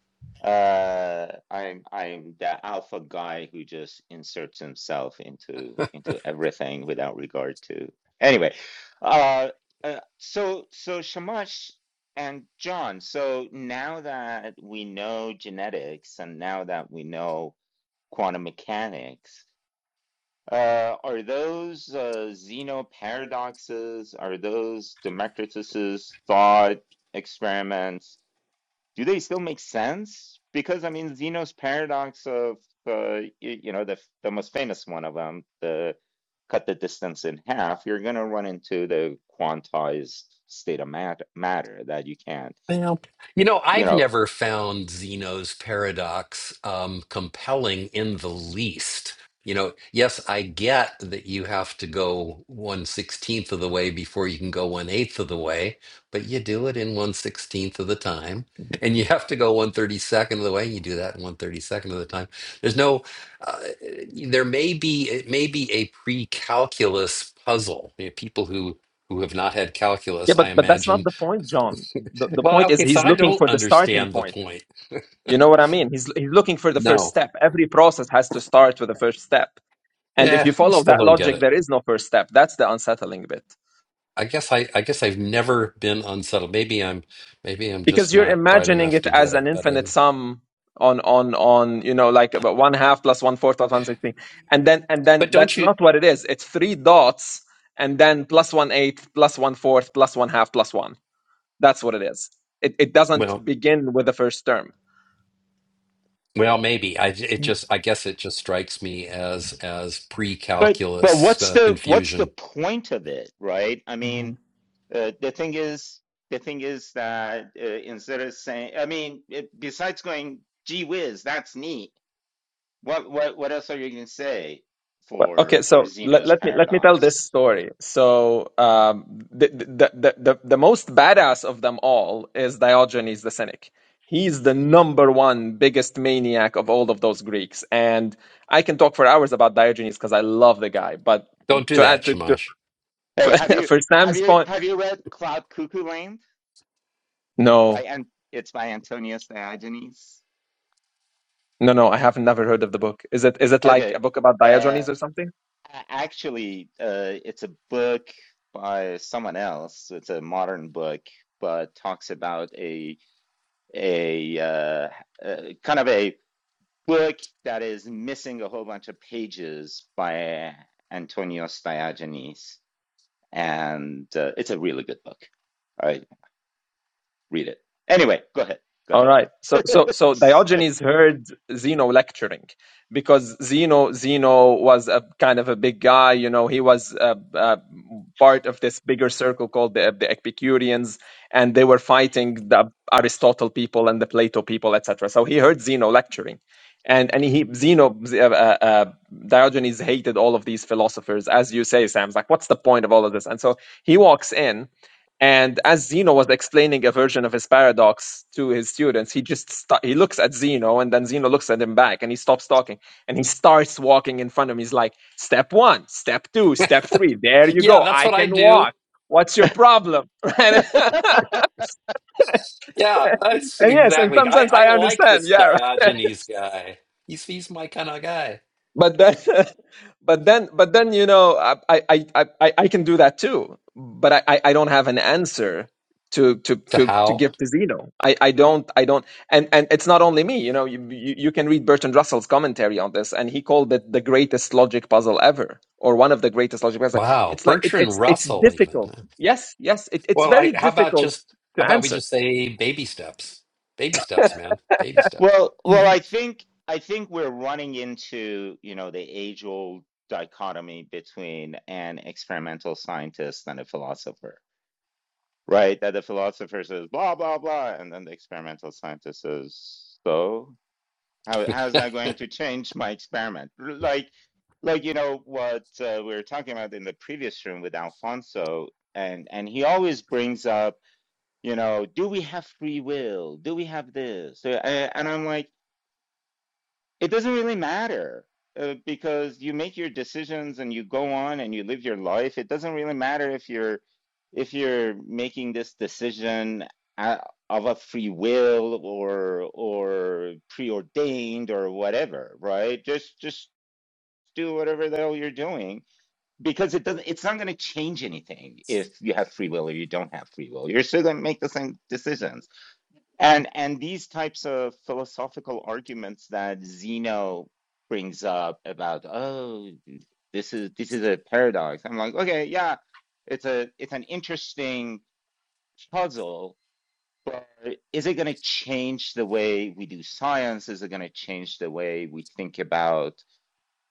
Uh, I'm I'm the alpha guy who just inserts himself into into everything without regard to. Anyway, uh, uh, so so Shamash and John. So now that we know genetics and now that we know quantum mechanics, uh, are those uh, Zeno paradoxes? Are those Democritus's thought experiments? do they still make sense? Because I mean, Zeno's paradox of uh, y- you know the the most famous one of them, the cut the distance in half, you're going to run into the quantized state of mat matter that you can't,
Well, you know,
you
I've
know.
never found Zeno's paradox um, compelling in the least. You know, yes, I get that you have to go one sixteenth of the way before you can go one eighth of the way, but you do it in one sixteenth of the time, and you have to go one thirty second of the way, and you do that in one thirty second of the time. There's no, uh, there may be it may be a pre-calculus puzzle. You know, people who who have not had
yeah
calculus,
but
I
but that's not
imagine
the point john the, the
Well,
point is
okay, so
he's
I
looking
don't
for the starting
understand the
point
point.
You know what I mean? He's he's looking for the first
No.
step. Every process has to start with the first step. And if
Yeah,
you
I
follow
still
that
don't get
logic,
it.
there is no first step. That's the unsettling bit.
I guess I, I guess I've never been unsettled. Maybe I'm maybe I'm just
Because you're
not bright
imagining
enough
it
to get
as an
it, but
infinite
um,
sum on on on you know like about one half plus one fourth plus one sixteenth. And then and then
but don't
that's
you
not what it is. It's three dots and then plus one eighth, plus one fourth, plus one half, plus one. That's what it is. It it doesn't
well,
begin with the first term.
well maybe. I it
Mm,
just I guess it just strikes me as as
But but
pre-calculus
what's
uh,
the what's the
confusion.
point of it, right? I mean,
Um,
uh, the thing is the thing is that uh, instead of saying, I mean, it, besides going, gee whiz, that's neat What what what else are you going to say
Well,
for
okay,
for
so let,
Zeno's
let me let me tell this
paradox?
story. So um, the, the the the the most badass of them all is Diogenes the Cynic. He's the number one biggest maniac of all of those Greeks, and I can talk for hours about Diogenes because I love the guy. But
Don't do
to
that,
add to, to
Shamash.
Hey,
for,
have you
for
have
Sam's
you
point,
have you read Cloud Cuckoo Land by
no,
and it's by Antonius Diogenes?
no, no, I have never heard of the book. Is it is it like
Okay.
a book about
Uh
Diogenes or something?
actually uh it's a book by someone else. It's a modern book, but talks about a a uh, uh kind of a book that is missing a whole bunch of pages by Antonius Diogenes. and uh, it's a really good book. All right, read it. Anyway, go ahead. Go
All right. So
ahead.
so so Diogenes heard Zeno lecturing because Zeno Zeno was a kind of a big guy, you know, he was uh uh part of this bigger circle called the, the Epicureans and they were fighting the Aristotle people and the Plato people, etc. So he heard Zeno lecturing. And and he Zeno uh, uh, uh, Diogenes hated all of these philosophers as you say Sam. It's like what's the point of all of this? And so he walks in and as Zeno was explaining a version of his paradox to his students, he just sta he looks at Zeno, and then Zeno looks at him back, and he stops talking, and he starts walking in front of him. He's like, "Step one, step two, step three. There you
Yeah,
go.
that's
I
what I
can
do.
walk. What's your problem?" Right?
Yeah, that's
and yes, in
exactly.
some
I
sense,
I
I
like
understand.
this
Yeah. Right.
Diogenes guy. He's he's my kind of guy.
but then but then but then you know i i i, I I- I can do that too but I, I I don't have an answer to to
To
to to
how?
give to zeno i i don't i don't and and it's not only me you know you you, you can read bertrand russell's commentary on this and he called it the greatest logic puzzle ever or one of the greatest logic puzzles
Wow,
it's like it, it's
Bertrand
it's
Russell, even.
difficult
huh?
yes yes it, it's
Well, I
very
how about
difficult
just how
to
about we
answer
just say baby steps, baby steps, man, baby steps.
well,
well,
well, I think I think we're running into you know the age-old dichotomy between an experimental scientist and a philosopher, right? That the philosopher says blah blah blah, and then the experimental scientist says so. How how's that going to change my experiment? Like, like you know what uh, we were talking about in the previous room with Alfonso, and and he always brings up, you know, do we have free will? Do we have this? So, a- and I'm like it doesn't really matter uh, because you make your decisions and you go on and you live your life. It doesn't really matter if you're if you're making this decision uh, of a free will or or preordained or whatever, right? Just just do whatever the hell you're doing because it doesn't it's not going to change anything if you have free will or you don't have free will. You're still going to make the same decisions and and these types of philosophical arguments that Zeno brings up about, oh, this is this is a paradox. I'm like, okay, yeah, it's a it's an interesting puzzle, but is it going to change the way we do science? Is it going to change the way we think about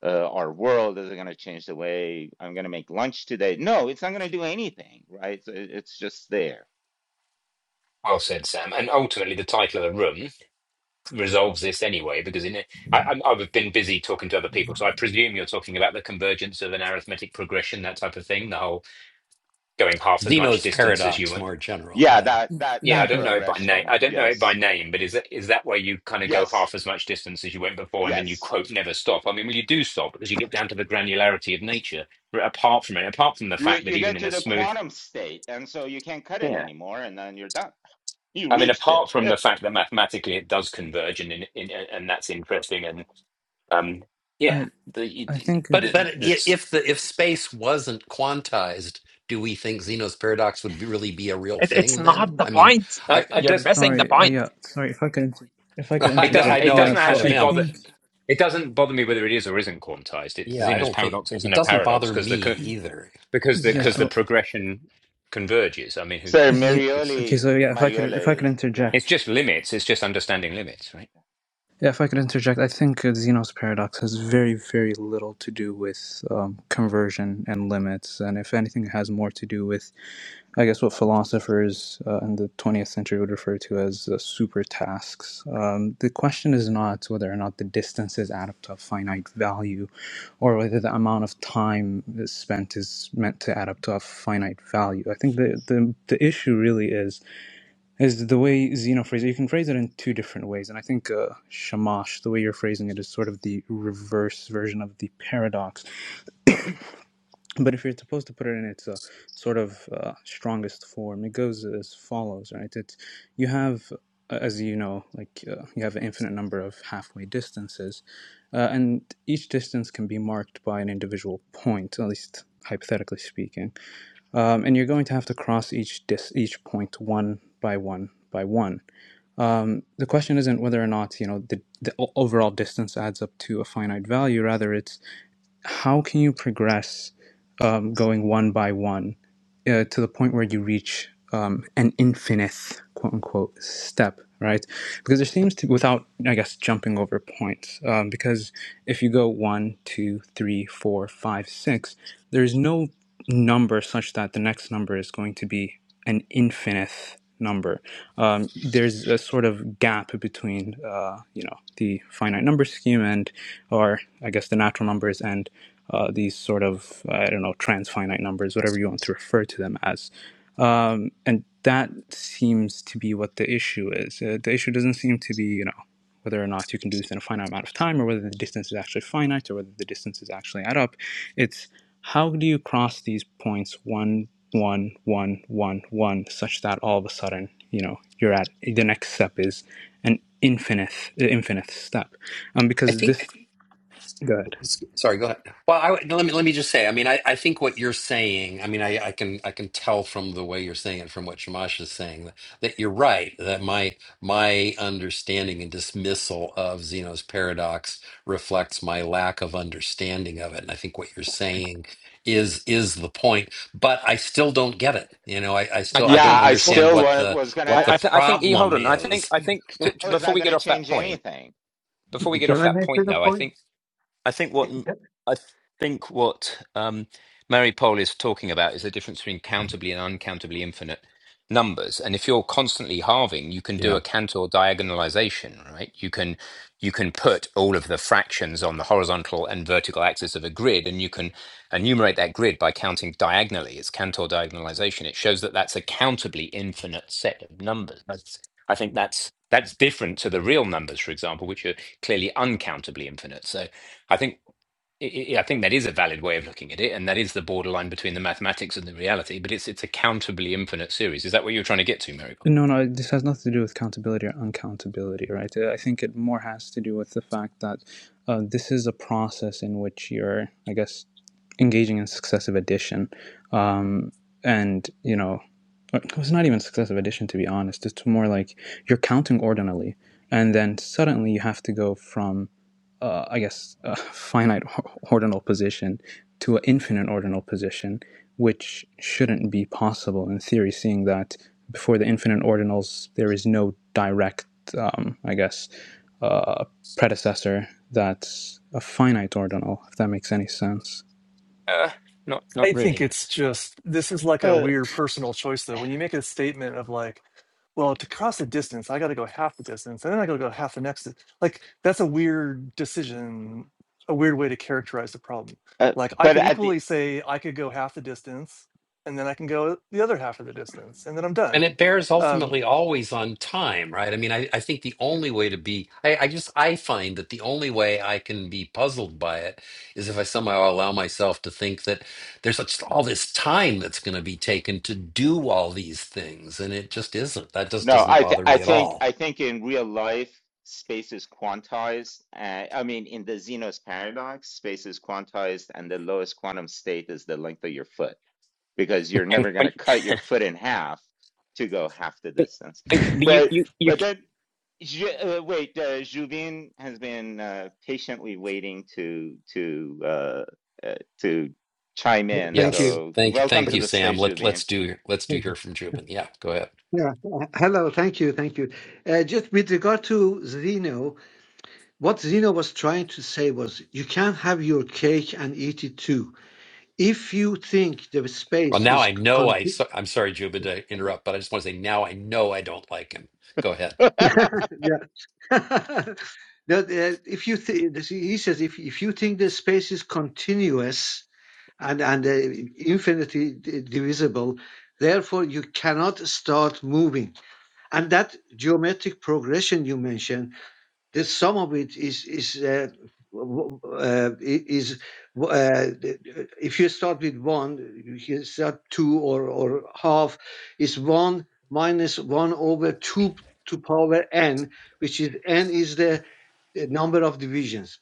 uh, our world? Is it going to change the way I'm going to make lunch today? No, it's not going to do anything, right? So it- it's just there.
Well said, Sam. And ultimately, the title of the room. resolves this anyway because in it, I, I'm- I've been busy talking to other people, so I presume you're talking about the convergence of an arithmetic progression, that type of thing, the whole going half as much
Zeno's
distance as you
paradox,
went.
more generally,
Yeah,
yeah.
that that
yeah,
Yeah, I
that
don't
but
know it by name.
progression.
I don't know it by
Yes.
name, but is that is that where you kind of go
Yes.
half as much distance as you went before, and then you
Yes.
quote never stop? I mean, well, you do stop because you get down to the granularity of nature. But apart from it, apart from the
You
fact that
you get
even in
to
a
the
smooth,
quantum state, and so you can't cut it
yeah,
anymore, and then you're done. You
I mean,
reached it.
apart from the fact that mathematically it does converge, and in, in, and that's interesting, and. Um, yeah,
I
the,
I think
But
it's
but
the,
i-
that's
if the if space wasn't quantized, do we think Zeno's paradox would be, really be a real
it, it's
thing then?
not the
I mean,
point
I,
I
I
you're
does
missing the
sorry. Uh,
point
yeah, sorry if I could inter- if I could
I
it
know
doesn't
I
interject.
it
know I
Yeah,
doesn't
kind
so
of
I
actually
am.
bother
think
it doesn't bother me whether it is or isn't quantized. It's
Yeah, I
Zeno's
don't think
paradox isn't
it
a
doesn't
paradox
bother
because
me
the co-
either.
because the
Yeah,
yeah,
because the
I,
so
progression converges. I mean, who
So
cares?
yeah.
It's
Okay,
Marioli,
so yeah, if I could if I
Marioli
could
is yeah.
interject.
it's just limits. It's just understanding limits, right?
Yeah, if I could interject, I think uh, Zeno's paradox has very, very little to do with um, conversion and limits, and if anything, it has more to do with, I guess, what philosophers uh, in the 20th century would refer to as uh, super tasks. Um, the question is not whether or not the distances add up to a finite value, or whether the amount of time that's spent is meant to add up to a finite value. I think the the, the issue really is is the way Zeno phrased it. You can phrase it in two different ways, and I think uh, shamash, the way you're phrasing it, is sort of the reverse version of the paradox. But if you're supposed to put it in its uh, sort of uh, strongest form, it goes as follows, right? It's you have, uh, as you know, like uh, you have an infinite number of halfway distances, uh, and each distance can be marked by an individual point, at least hypothetically speaking. Um, and you're going to have to cross each dis- each point one by one by one the question isn't whether or not you know the, the overall distance adds up to a finite value rather it's how can you progress um, going one by one uh, to the point where you reach um, an infinite quote unquote step right because there seems to without i guess jumping over points um, because if you go one two three four five six there's no number such that the next number is going to be an infinite number um, there's a sort of gap between uh, you know the finite number scheme and or i guess the natural numbers and uh, these sort of I don't know transfinite numbers, whatever you want to refer to them as, um, and that seems to be what the issue is. Uh, the issue doesn't seem to be you know whether or not you can do this in a finite amount of time, or whether the distance is actually finite, or whether the distances actually add up. It's how do you cross these points one one one one one such that all of a sudden you know you're at the next step is an infinite infinite step, um,
I
because
think.
this good.
S- Sorry, go ahead. Well, I, let me let me just say. I mean, I, I think what you're saying. I mean, I, I can I can tell from the way you're saying it, from what Shamash is saying, that, that you're right. That my my understanding and dismissal of Zeno's paradox reflects my lack of understanding of it. And I think what you're
I,
saying is is the point. But I still don't get it. You know, I, I
I,
still I don't
Yeah,
can
I
Well,
understand
still
what
wa
the
was gonna
what
I
the
I,
ask,
th- I think E. hold
problem
on. I think
is.
I think t- t-
how is
before
that
we get
gonna
off that
change
point.
anything?
Before we get
Can
off
I
that
make it
point,
a
though, I
point?
think I think what I think what um, Mary Pohl is talking about is the difference between countably and uncountably infinite numbers. And if you're constantly halving, you can do
Yeah.
a Cantor diagonalization, right? You can you can put all of the fractions on the horizontal and vertical axis of a grid, and you can enumerate that grid by counting diagonally. It's Cantor diagonalization. It shows that that's a countably infinite set of numbers. That's, I think that's that's different to the real numbers, for example, which are clearly uncountably infinite. So I think I I- think that is a valid way of looking at it, and that is the borderline between the mathematics and the reality. But it's it's a countably infinite series. Is that what you're trying to get to, Miracle?
No, no, this has nothing to do with countability or uncountability, right? Uh, I think it more has to do with the fact that uh, this is a process in which you're, I guess, engaging in successive addition. Um, and, you know, uh, it's not even successive addition, to be honest. It's more like you're counting ordinally. And then suddenly you have to go from uh, I guess, a finite ordinal position to an infinite ordinal position, which shouldn't be possible in theory, seeing that before the infinite ordinals, there is no direct, um, I guess, uh, predecessor that's a finite ordinal, if that makes any sense.
Uh, not
I
not
think
really.
it's just this is like a
Uh,
weird personal choice though. When you make a statement of like, well, to cross the distance, I got to go half the distance, and then I got to go half the next. di- Like that's a weird decision, a weird way to characterize the problem.
uh,
Like I
but
could
at the
equally say I could go half the distance, and then I can go the other half of the distance, and then I'm
And
done.
it bears
Um,
ultimately always on time, right? I mean, I, I think the
yeah,
only way to be, I, I just, I find that the only way I can be puzzled by it is if I somehow allow myself to think that there's such, all this time that's going to be taken to do all these things. And it just isn't. That just
no,
doesn't
I th
bother
I
me at
think
all.
I think in real life space is quantized. Uh, I mean, in the Zeno's paradox, space is quantized, and the lowest quantum state is the length of your foot. because you're never going
But
to cut your foot in half to go half the
but
distance.
but, but you
But
you you.
but then uh, wait, uh, Juvin has been uh, patiently waiting to to uh, uh, to chime in.
Thank
Yes.
you.
So
Thank
welcome
Thank
to
you,
the
Sam.
stage,
Let,
Juvin.
let's do, let's do hear from Jubin. Yeah, go ahead.
Yeah. Hello. Thank you. Thank you. Uh, just with regard to Zeno, what Zeno was trying to say was you can't have your cake and eat it too. If you think the
Well,
space
now
is
I know
con-
I, so, I'm sorry, Jubin, to interrupt, but I just want to say now I know I don't like him. Go ahead.
yeah. That, uh, if you thi- this- he says if if you think the space is continuous and and uh, infinitely d- divisible, therefore you cannot start moving and that geometric progression you mentioned, that some of it is is uh, w- w- uh, i- is uh, if you start with one, you can start two or or half is one minus one over two to power n, which is n is the, the number of divisions.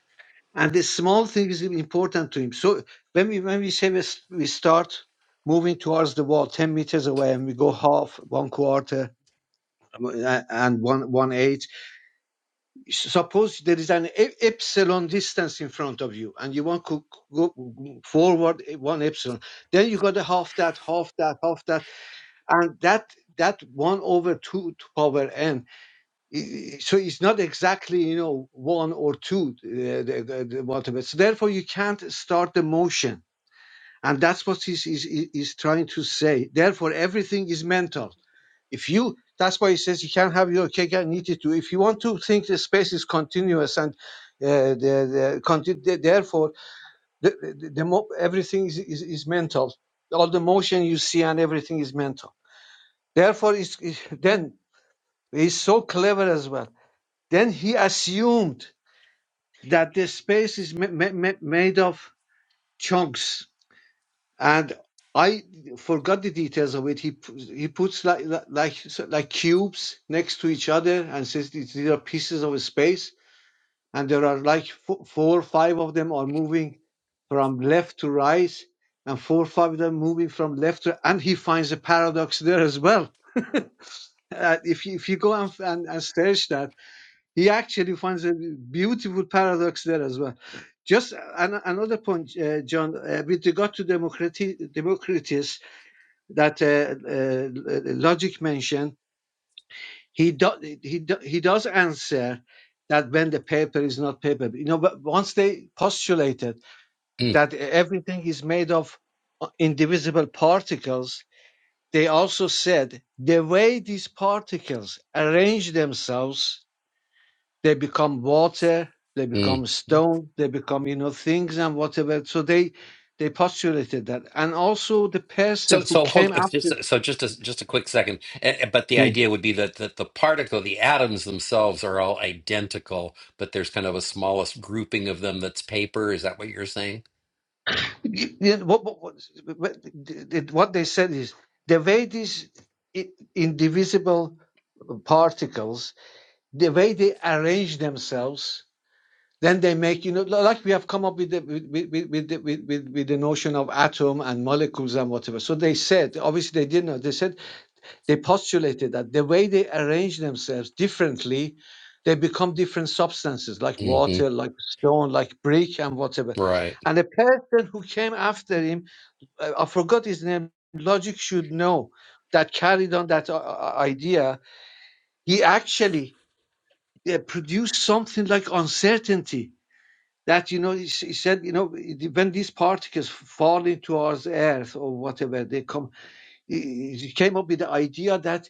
And the small thing is important to him. So when we when we say we, s- we start moving towards the wall 10 meters away and we go half one quarter and one one eight. Suppose there is an e- epsilon distance in front of you, and you want to go forward one epsilon. Then you got a half that, half that, half that, and that that one over two to power n. So it's not exactly you know one or two uh, the, the, the whatever. So therefore, you can't start the motion. And that's what he's, he's, he's trying to say. Therefore, everything is mental if you, that's why he says you can't have your cake and eat it too. If you want to think the space is continuous and uh, the, the, therefore the, the, the mo- everything is, is, is mental. All the motion you see and everything is mental. Therefore, it's, it, then he's so clever as well. Then he assumed that the space is ma- ma- made of chunks and I forgot the details of it. He he puts like like like cubes next to each other and says these these are pieces of space, and there are like fo- four or five of them are moving from left to right, and four or five of them moving from left to. And he finds a paradox there as well. Uh, if you, if you go and, and and search that, he actually finds a beautiful paradox there as well. Just an, another point, uh, John, uh, with regard to Democritus, Democritus that uh, uh, Logic mentioned, he do, he do, he does answer that when the paper is not paper, you know, but once they postulated
Mm,
that everything is made of uh, indivisible particles, they also said the way these particles arrange themselves, they become water, they
mm,
become stone, they become you know things and whatever. So they they postulated that, and also the
So,
person who
so hold
came
uh,
after.
just so just a, just a quick second. Eh, eh, But the idea would be that, that the particle, the atoms themselves, are all identical, but there's kind of a smallest grouping of them that's paper. Is that what you're saying?
You- you know, what, what, what what what they said is the way these i- indivisible particles, the way they arrange themselves, then they make you know like we have come up with the with with, with, the, with, with with the notion of atom and molecules and whatever. So they said obviously they didn't know. They said they postulated that the way they arrange themselves differently. They become different substances like
hmm
water, like stone, like brick, and whatever.
Right.
And the person who came after him I I forgot his name. Logic should know that carried on that uh, uh, idea. He actually uh, produced something like uncertainty. That you know, he s- he said, you know, when these particles fall into our Earth or whatever, they come. He he came up with the idea that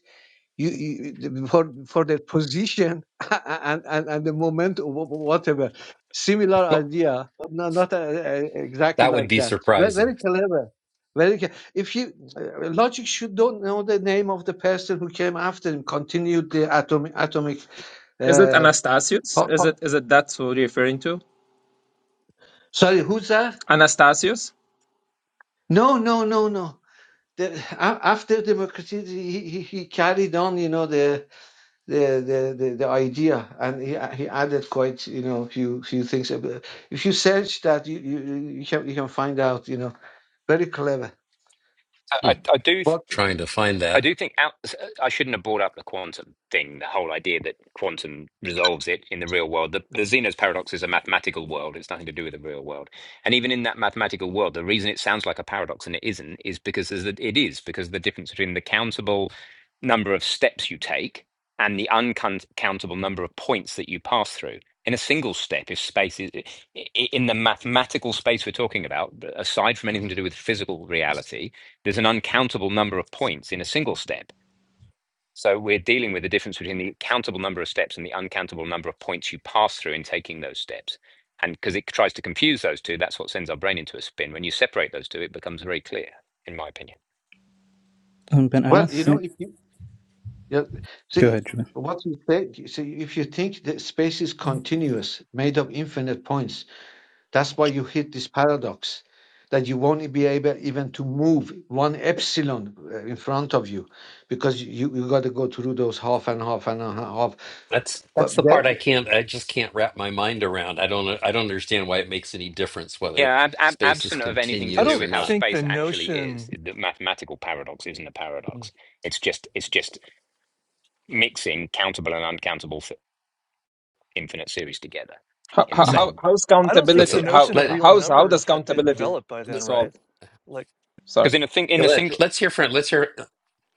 you, you for for their position and, and and the moment or wh- whatever similar
Well,
idea but no, not uh, uh, exactly
that would
like
be
that very,
surprising.
very clever very ca- if you uh, logic should don't know the name of the person who came after him continued the atomic atomic
Is it
uh,
Anastasius?
po-
Is
po-
it is it that's what you're referring to?
sorry who's that
Anastasius,
no no no no the, a- after democracy he, he, he carried on you know the. the the the, the idea, and he he added quite you know few few things. If you search that, you you, you you can you can find out. You know, very clever.
Hmm,
I, I I do.
But
Trying to find
I
that.
do think out, I shouldn't have brought up the quantum thing, the whole idea that quantum resolves it in the real world. The, the Zeno's paradox is a mathematical world, it's nothing to do with the real world. And even in that mathematical world, the reason it sounds like a paradox and it isn't is because there's the, it is, because of the difference between the countable number of steps you take and the uncountable number of points that you pass through. In a single step, if space is i- i- in the mathematical space we're talking about, aside from anything to do with physical reality, there's an uncountable number of points in a single step. So we're dealing with the difference between the countable number of steps and the uncountable number of points you pass through in taking those steps. And because it tries to confuse those two, that's what sends our brain into a spin. When you separate those two, it becomes very clear, in my opinion.
Um, ben, I don't
well, you know,
think.
if you yeah,
Go
see
ahead, Julian.
what you think. See, if you think that space is continuous, made of infinite points, that's why you hit this paradox that you won't be able even to move one epsilon uh, in front of you because you you got to go through those half and half and a half.
That's that's the
But that.
part I can't. I just can't wrap my mind around. I don't. I don't understand why it makes any difference
Yeah,
whether
ab- ab-
space is
absent of anything to
I
do
continuous or
don't
with how
not.
think the
space actually is,
notion,
the mathematical paradox isn't a paradox.
I
It's just it's just mixing countable and uncountable f- infinite series together
how
in the
how
Yeah.
Yeah.
same
how's
don't think
Let's
the
uh,
countability?
little
How
notion
puzzle.
of
let
real
how's how does
numbers had been
countability
developed by then, right?
solve?
Like.
Sorry.
Because in a thing in a
let
single
let's hear from let's hear.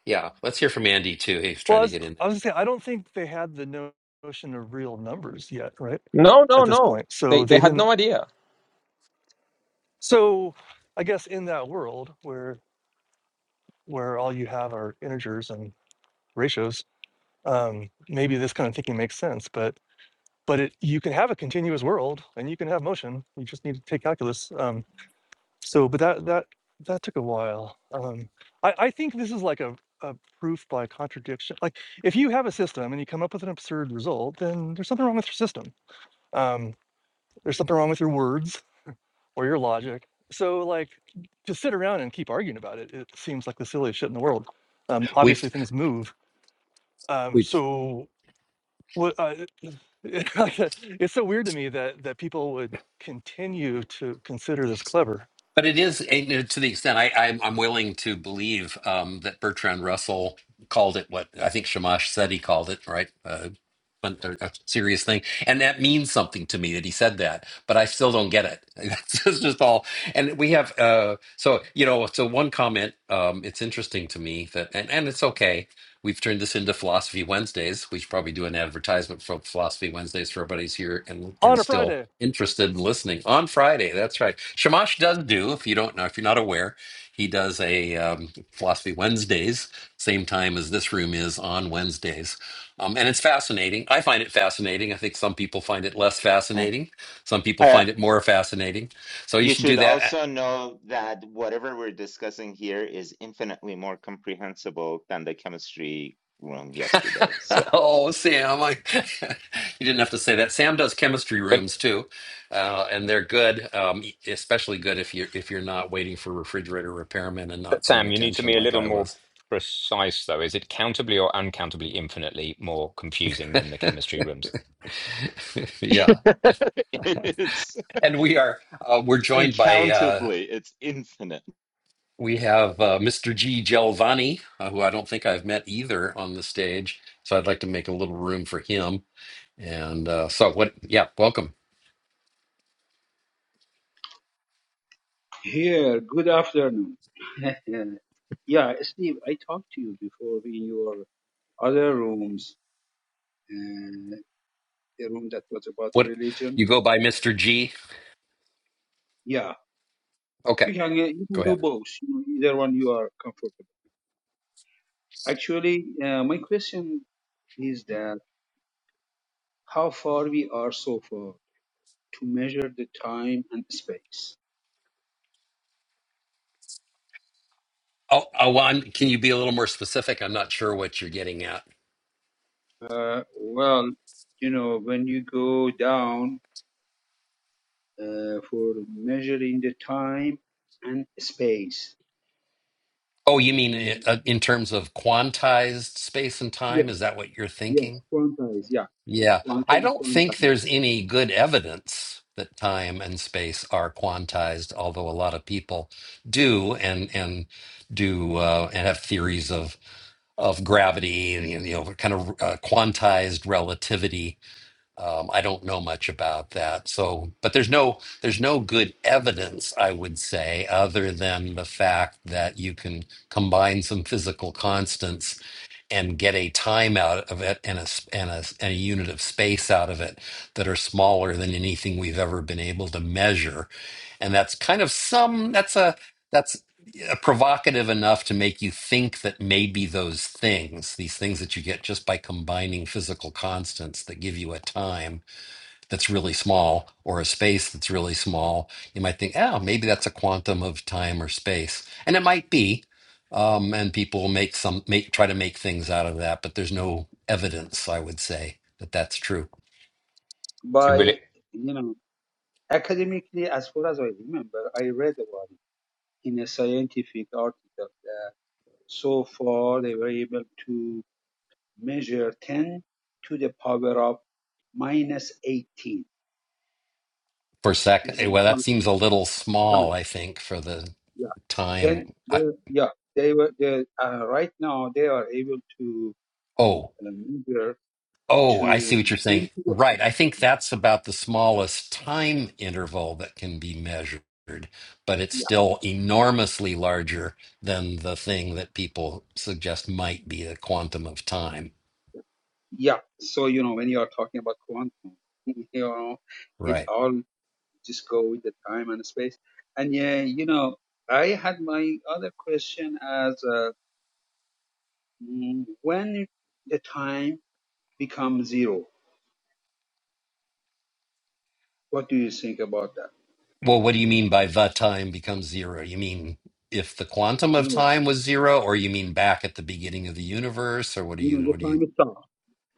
Yeah, let's hear from Andy too. He's
Well, I
trying to
was,
get in.
I was
there.
gonna say, I don't think they had the no- notion of real numbers yet, right?
No,
At
no,
this
no.
point, so
They they
they
had
didn't.
no idea.
So I guess in that world where where all you have are integers and ratios, um, maybe this kind of thinking makes sense. But but it, you can have a continuous world and you can have motion. You just need to take calculus. Um, so, but that that that took a while. Um, I, I think this is like a, a proof by contradiction. Like if you have a system and you come up with an absurd result, then there's something wrong with your system Um, there's something wrong with your words or your logic. So, like, to sit around and keep arguing about it, it seems like the silliest shit in the world. Um,
We've
obviously, things move. Um,
we've,
so, what? Uh, it's so weird to me that that people would continue to consider this clever
but it is you know, to the extent I I'm, I'm willing to believe um, that Bertrand Russell called it what I think Shamash said he called it right Uh, but a, a serious thing and that means something to me that he said that but i still don't get it it's just just all and we have uh so you know so one comment um it's interesting to me that and, and it's okay we've turned this into philosophy wednesdays we should probably do an advertisement for philosophy wednesdays for everybody's here and and
on a
still
Friday.
interested in listening on friday that's right shamash does do if you don't know if you're not aware he does a um, philosophy wednesdays same time as this room is on wednesdays um, and it's fascinating. I find it fascinating. I think some people find it less
Yeah.
fascinating. Some people
Uh,
find it more fascinating. So you
you
should do
should
that.
also know that whatever we're discussing here is infinitely more comprehensible than the chemistry room yesterday. So
oh, Sam, I, you didn't have to say that. Sam does chemistry
but
rooms too, uh, and they're good, um, e, especially good if you're if you're not waiting for refrigerator repairmen and not
But
paying
Sam, you need to
attention
be a
like
little
I
more
was.
precise, though. Is it countably or uncountably infinitely more confusing than the chemistry rooms?
yeah,
it's
and we are uh, we're joined by. uh,
Uncountably, it's infinite.
We have uh, Mr. G. Gelvani, uh, who I don't think I've met either on the stage. So I'd like to make a little room for him. And uh, so, what, yeah, welcome.
Here, good afternoon. yeah, Steve, I talked to you before in your other rooms, uh, the room that was about
What,
religion.
you go by Mr. G?
Yeah,
Okay,
you can uh, you
go
can do
ahead.
both, you know, either one you are comfortable. Actually, uh, my question is that how far we are so far to measure the time and space.
Oh, Awan, can you be a little more specific? I'm not sure what you're getting at.
Uh, well, you know, when you go down uh, for measuring the time and space,
Oh, you mean
Mm,
i- uh, in terms of quantized space and
Yes,
time? Is that what you're thinking?
yes, quantized, yeah,
Yeah, I
quantum
don't think
quantized.
there's any good evidence that time and space are quantized, although a lot of people do and and do uh, and have theories of of gravity and you know kind of uh, quantized relativity. Um, I don't know much about that. So, but there's no there's no good evidence, I would say, other than the fact that you can combine some physical constants and get a time out of it and a s- and a, and a unit of space out of it that are smaller than anything we've ever been able to measure. And that's kind of some that's a that's provocative enough to make you think that maybe those things, these things that you get just by combining physical constants that give you a time that's really small or a space that's really small, you might think, oh, maybe that's a quantum of time or space. And it might be. Um, and people will make some make try to make things out of that, but there's no evidence, I would say, that that's true.
You really
By, you know, academically, as far as I remember, I read about it in a scientific article. That so far, they were able to measure 10 to the power of minus 18
For
in
second, eh,
terms
well,
of
that seems a little small,
time.
I think, for the
Yeah, 10,
time.
they,
I,
yeah, they were, they, uh, right now, they are able to
oh.
uh, measure
Oh, I see
to
what you're
10
saying.
to the power.
Right. I think
yeah.
that's about the smallest time interval that can be measured, but it's still enormously larger than the thing that people suggest might be a quantum of time.
yeah so you know when you are talking about quantum you know it
Right.
all just go with the time and space and yeah you know i had my other question as uh, mm, when the time becomes zero what do you think about that
Well, what do you mean by the time becomes zero? You mean if the quantum
you
of
know
time was zero, or you mean back at the beginning of the universe, or what do
you know
you,
the
what do you,
time stops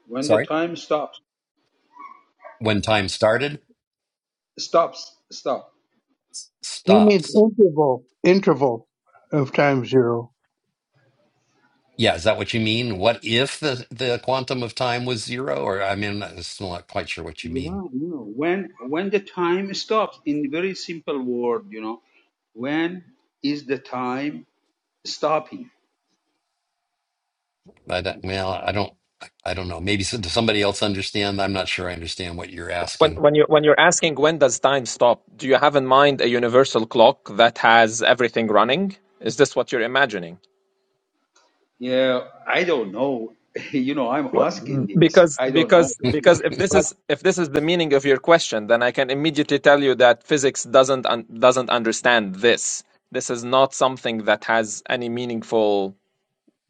when the
sorry,
time stops
when time started?
stops stop
He means
Stops.
interval, interval of time zero.
Yeah, is that what you mean? What if the the quantum of time was zero? Or I mean, I'm still not quite sure what you mean.
yeah you know when when the time stops in very simple word you know when is the time stopping
I don't, well, I don't, I don't know. Maybe s- does somebody else understand? I'm not sure I understand what you're
When
asking.
when you when you're asking when does time stop, do you have in mind a universal clock that has everything running? Is this what you're imagining?
Yeah, I don't know. You know, I'm
Well,
asking this.
Because
I don't know
because
what is.
because if this
But
is if this is the meaning of your question, then I can immediately tell you that physics doesn't un, doesn't understand this. This is not something that has any meaningful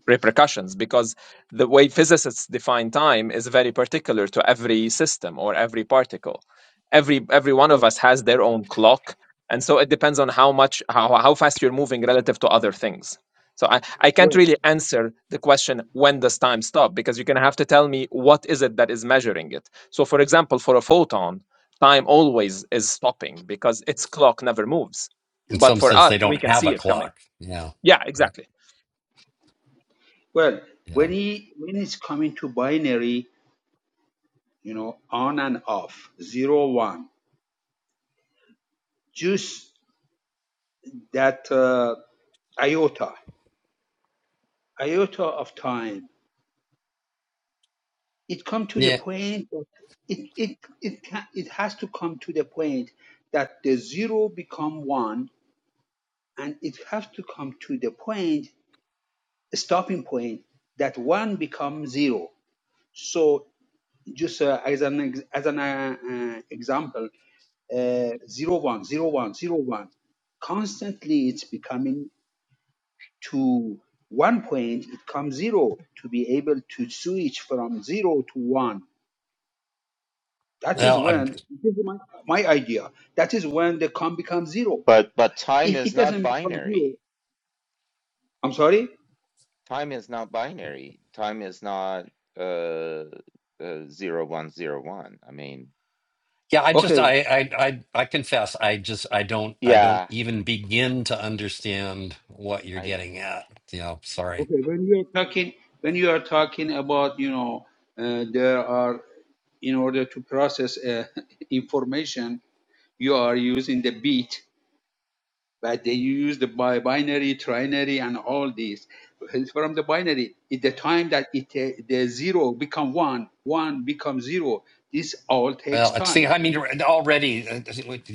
repercussions because the way physicists define time is very particular to every system or every particle every every one of
well,
us has their own clock and so it depends on how much how, how fast you're moving relative to other things so I, I can't
well,
really answer the question when does time stop because you're going to have to tell me what is it that is measuring it so for example for a photon time always is stopping because its clock never moves
In
but
some
for
sense,
us
they
we
don't
can
have a
see it coming
clock. Yeah,
yeah
right.
exactly
well,
Yeah,
when he when it's coming to binary, you know, on and off, zero one, just that uh, iota, iota of time. It come to the
yeah.
point. that It it it can, it has to come to the point that the zero become one, and it has to come to the point, stopping point that one becomes zero So just uh, as an ex- as an uh, uh, example, uh, zero one zero one zero one, constantly it's becoming to one point it comes zero to be able to switch from zero to one. That is
Well, I'm,
when this is my, my idea. That is when the com becomes zero.
But but time
If it
is not
doesn't become zero,
binary.
I'm sorry.
Time is not binary. Time is not uh, uh zero one zero one. I mean,
yeah. I just,
Okay,
I, I, I, I confess, I just, I don't, I don't
yeah,
even begin to understand what you're
I
getting at. Yeah, sorry.
Okay, when you are talking, when you are talking about, you know, uh, there are, in order to process uh, information, you are using the bit, but then you use the bi- binary, trinary, and all these. From the binary, at the time that it uh, the zero become one, one become zero, this all takes
Well, I think
time.
I mean already uh,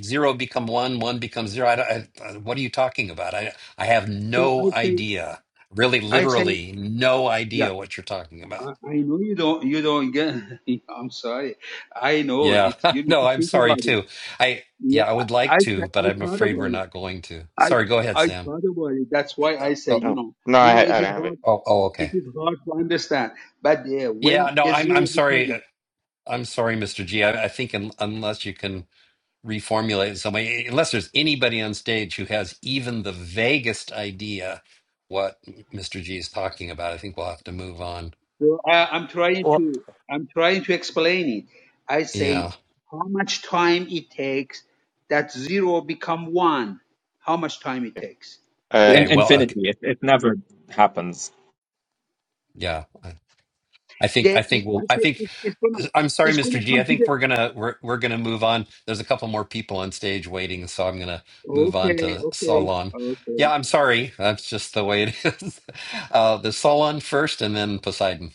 zero become one, one becomes zero. I, don't- I, uh, what are you talking about? I I have
So
no
I say,
idea. Really,
I say,
literally, no
yeah.
idea what you're talking about.
I I know you don't. You don't get. I'm sorry. I know
Yeah,
it. You need
no,
to
I'm
think
sorry
about it
too. I
Yeah,
yeah, I would
I
like to,
th- I
but I'm
thought
afraid
about
we're
it.
not going to.
I
Sorry, go ahead,
I
Sam.
thought about it. That's why
Uh,
I say,
oh,
you
no
know,
no
I
I
know it
I
is
don't have it.
hard.
oh, oh,
It
okay.
is hard to understand. But uh, when
Yeah, no,
the
I'm
zero
I'm
become
sorry. Uh,
one,
I'm sorry, Mr. G. I, I think un, unless you can. reformulate somebody unless there's anybody on stage who has even the vaguest idea what Mr. G is talking about. I think we'll have to move on.
so I, I'm trying
Well,
to I'm trying to explain it. I say
Yeah.
how much time it takes that zero become one. How much time it takes?
Uh,
Okay.
In,
Well. Okay.
infinity. It, it never happens.
Yeah. I I think. I
That
think
it, I
we'll. I
say
think.
it, it's gonna
I'm sorry,
it's gonna
Mr. G. I
come to
think
the
we're gonna we're we're gonna move on. There's a couple more people on stage waiting, so I'm gonna move on
okay
to
okay
Solon.
okay
Yeah, I'm sorry. That's just the way it is. Uh, the Solon first, and then Poseidon.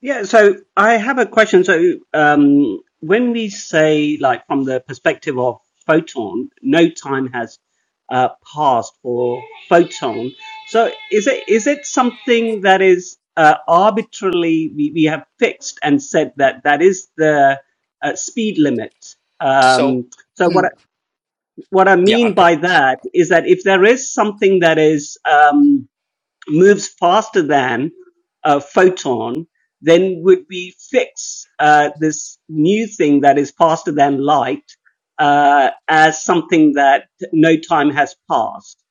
Yeah, so I have a question. So, um, when we say, like, from the perspective of photon, no time has uh, passed for photon. So, is it is it something that is uh, arbitrarily we, we have fixed and said that that is the uh, speed limit?
So
Um, so, what I, what I
yeah,
mean by that is that if there is something that is um, moves faster than a photon, then would we fix uh, this new thing that is faster than light uh, as something that no time has passed?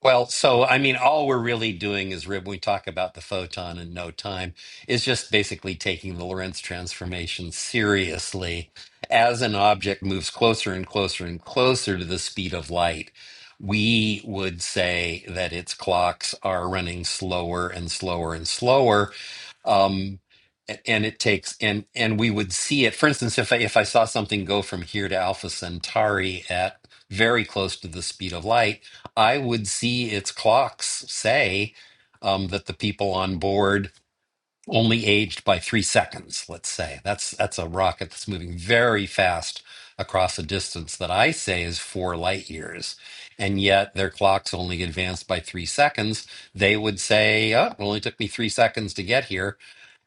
Well, so I mean, all we're really doing is rib. we talk about the photon in no time, is just basically taking the Lorentz transformation seriously. As an object moves closer and closer and closer to the speed of light, we would say that its clocks are running slower and slower and slower um, a- and it takes and and we would see it. For instance, if I, if I saw something go from here to Alpha Centauri at very close to the speed of light, I would see its clocks say um, that the people on board only aged by three seconds, let's say. That's that's a rocket that's moving very fast across a distance that I say is four light years. And yet their clocks only advanced by three seconds. They would say, oh, it only took me three seconds to get here.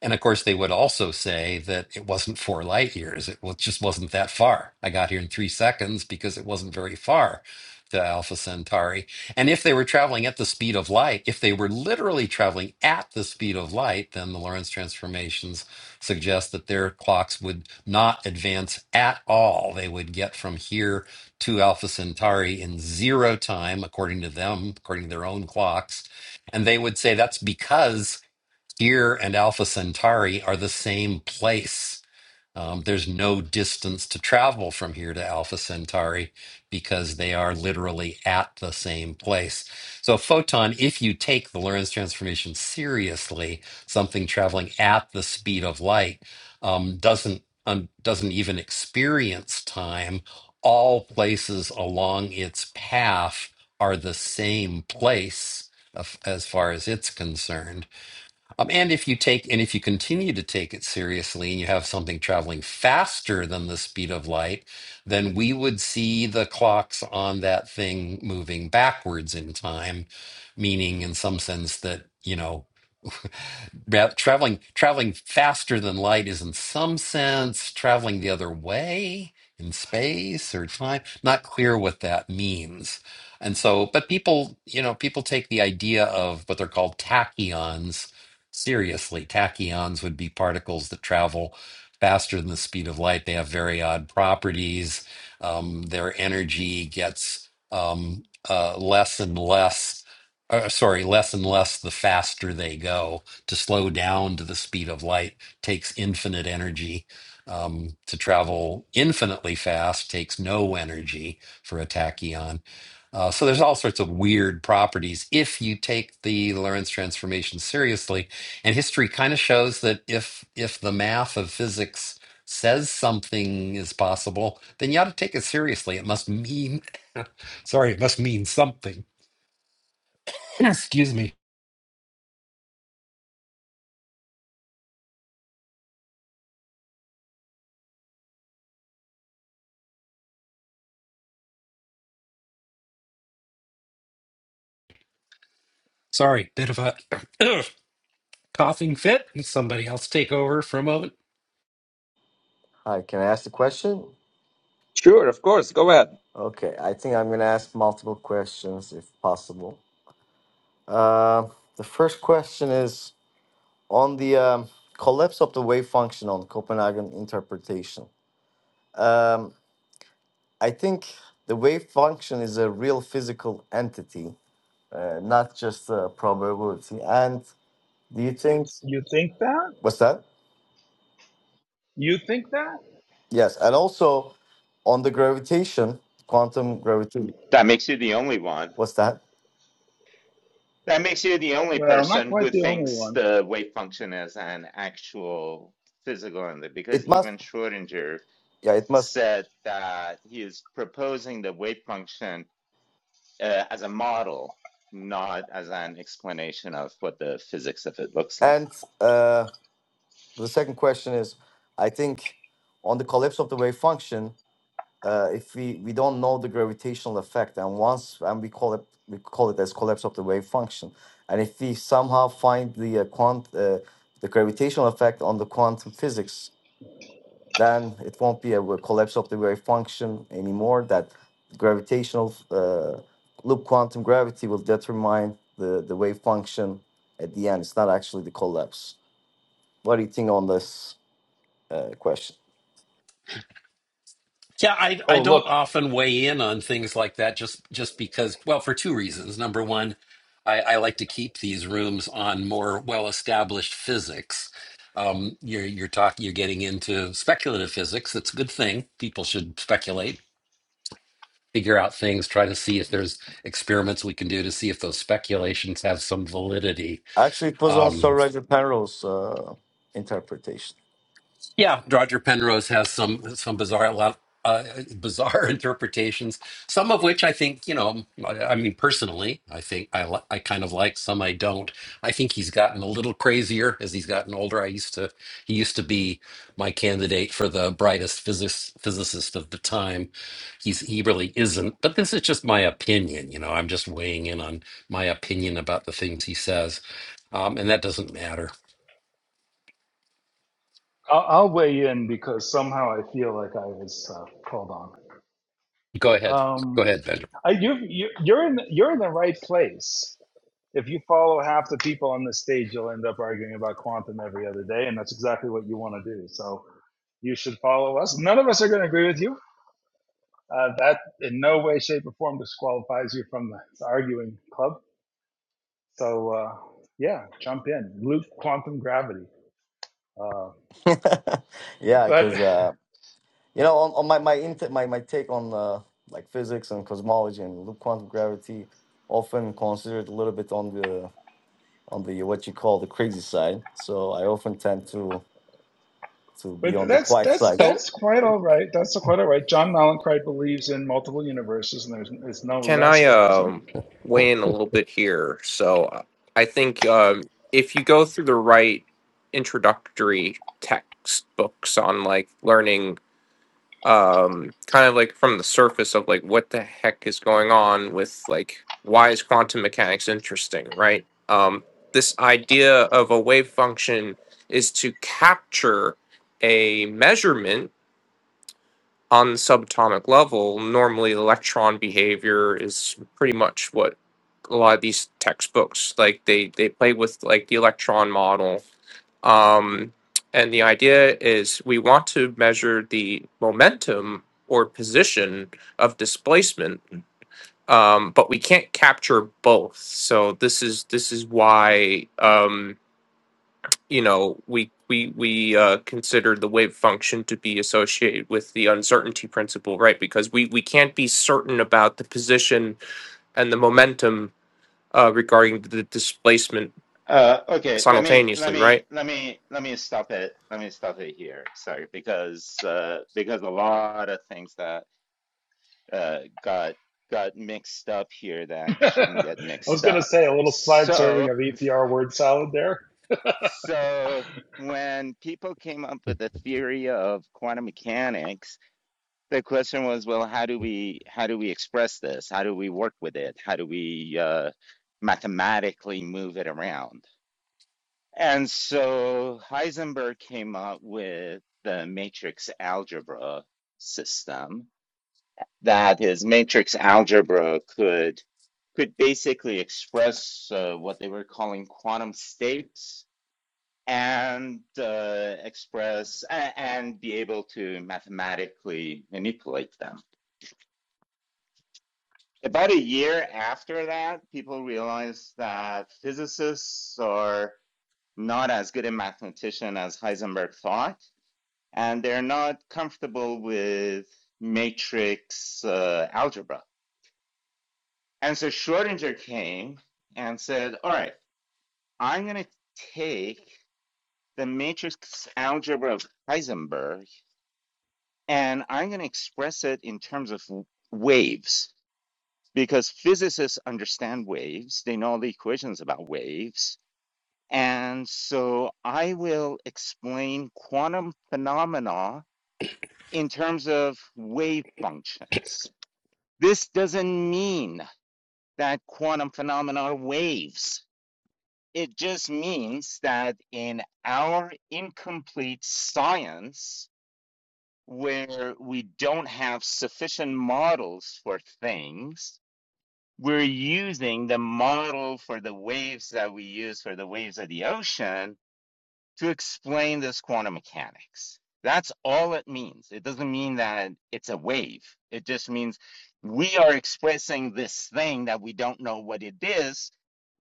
And of course, they would also say that it wasn't four light years. It was, just wasn't that far. I got here in three seconds because it wasn't very far to Alpha Centauri. And if they were traveling at the speed of light, if they were literally traveling at the speed of light, then the Lorentz transformations suggest that their clocks would not advance at all. They would get from here to Alpha Centauri in zero time, according to them, according to their own clocks. And they would say that's because here and Alpha Centauri are the same place. Um, there's no distance to travel from here to Alpha Centauri because they are literally at the same place. So, a photon, if you take the Lorentz transformation seriously, something traveling at the speed of light um, doesn't um, doesn't even experience time. All places along its path are the same place of- as far as it's concerned. Um, and if you take and if you continue to take it seriously and you have something traveling faster than the speed of light, then we would see the clocks on that thing moving backwards in time, meaning in some sense that, you know, Ra- traveling traveling faster than light is in some sense traveling the other way in space or time not clear what that means and so but people you know people take the idea of what they're called tachyons seriously tachyons would be particles that travel faster than the speed of light they have very odd properties um, their energy gets um, uh, less and less uh, sorry less and less the faster they go to slow down to the speed of light takes infinite energy. Um, to travel infinitely fast takes no energy for a tachyon. Uh, so there's all sorts of weird properties if you take the Lorentz transformation seriously. And history kind of shows that if if the math of physics says something is possible, then you ought to take it seriously. It must mean sorry, it must mean something. Excuse me. Sorry, bit of a coughing fit and somebody else take over for a moment.
Hi, can I ask the question?
Sure, of course. Go ahead.
Okay, I think I'm going to ask multiple questions if possible. Uh, the first question is on the um, collapse of the wave function on Copenhagen interpretation. Um, I think the wave function is a real physical entity, uh, not just a probability. And do you think what's that? Yes, and also on the gravitation, quantum gravity.
that makes you the only one.
What's that?
That makes you the only person who thinks
Oh,
the wave function is an actual physical entity because
It must.
even Schrodinger
Yeah, it must.
said that he is proposing the wave function uh, as a model, not as an explanation of what the physics of it looks like.
And. uh. the second question is i think on the collapse of the wave function uh, if we we don't know the gravitational effect and once and we call it we call it as collapse of the wave function and if we somehow find the uh, quant uh, the gravitational effect on the quantum physics then it won't be a collapse of the wave function anymore that gravitational uh, loop quantum gravity will determine the, the wave function at the end it's not actually the collapse what do you think on this uh, question
Yeah, I I
look,
don't often weigh in on things like that just just because well for two reasons. Number one, I, I like to keep these rooms on more well established physics. Um, you're you're talking you're getting into speculative physics. That's a good thing. People should speculate, figure out things, try to see if there's experiments we can do to see if those speculations have some validity.
Actually, it was on
Um,
Sir Roger Penrose's uh, interpretation.
Yeah, Roger Penrose has some some bizarre a lot uh, bizarre interpretations. Some of which I think you know. I, I mean, personally, I think I li- I kind of like. Some I don't. I think he's gotten a little crazier as he's gotten older. I used to he used to be my candidate for the brightest physics, physicist of the time. He's he really isn't. But this is just my opinion. You know, I'm just weighing in on my opinion about the things he says, um, and that doesn't matter.
I'll, I'll weigh in because somehow I feel like I was uh, called on.
Go ahead. Go
Um,
ahead, Benjamin.
I, you, you, you're in, you're in the right place. if you follow half the people on this stage, you'll end up arguing about quantum every other day, and that's exactly what you want to do. So you should follow us. None of us are going to agree with you. Uh, that in no way, shape, or form disqualifies you from the arguing club. So uh, yeah, jump in, Luke quantum gravity. Uh,
yeah,
but
because uh, you know, on, on my my, int- my my take on uh, like physics and cosmology and loop quantum gravity, often considered a little bit on the on the what you call the crazy side. So I often tend to to
but
be on the
that's
quiet
that's
side.
So
that's quite all right. That's quite all right. John Malenkright believes in multiple universes, and there's it's no
Can
less
I
crazy.
um, weigh in a little bit here? So uh, I think um, if you go through the right introductory textbooks on like learning, um, kind of like from the surface of like what the heck is going on with like why is quantum mechanics interesting, right? Um, this idea of a wave function is to capture a measurement on the subatomic level, normally electron behavior is pretty much what a lot of these textbooks like they they play with like the electron model. Um, and the idea is we want to measure the momentum or position of displacement, um, but we can't capture both. So this is this is why. Um, you know we we we uh, consider the wave function to be associated with the uncertainty principle, right? Because we we can't be certain about the position and the momentum uh, regarding the displacement
Uh, okay, let me let
simultaneously, right?
me let me let me stop it. Let me stop it here. Sorry, because uh, because a lot of things that uh, got got mixed up here that shouldn't
I
get
was
mixed
going to
up.
say a little side serving
So
of EPR word salad there.
so when people came up with the theory of quantum mechanics the question was, well, how do we how do we express this? How do we work with it? How do we uh, mathematically move it around? And so Heisenberg came up with the matrix algebra system. That is, matrix algebra could could basically express uh, what they were calling quantum states and uh, express a- and be able to mathematically manipulate them. About a year after that, people realized that physicists are not as good a mathematician as Heisenberg thought, and they're not comfortable with matrix uh, algebra. And so Schrodinger came and said, All right, I'm going to take the matrix algebra of Heisenberg and I'm going to express it in terms of waves because physicists understand waves, they know all the equations about waves And so I will explain quantum phenomena in terms of wave functions. This doesn't mean that quantum phenomena are waves. It just means that in our incomplete science, where we don't have sufficient models for things, we're using the model for the waves that we use for the waves of the ocean to explain this quantum mechanics. That's all it means. It doesn't mean that it's a wave. It just means we are expressing this thing that we don't know what it is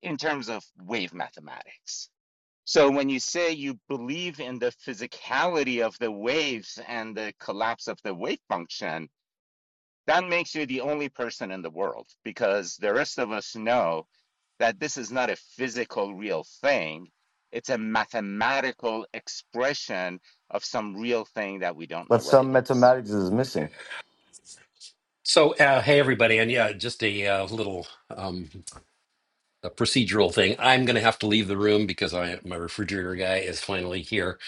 in terms of wave mathematics. So when you say you believe in the physicality of the waves and the collapse of the wave function, that makes you the only person in the world because the rest of us know that this is not a physical real thing it's a mathematical expression of some real thing that we don't know
But
what it
some
is
mathematics is missing.
So, uh, hey everybody, and yeah, just a uh, little um, a procedural thing. I'm going to have to leave the room because I, my refrigerator guy is finally here.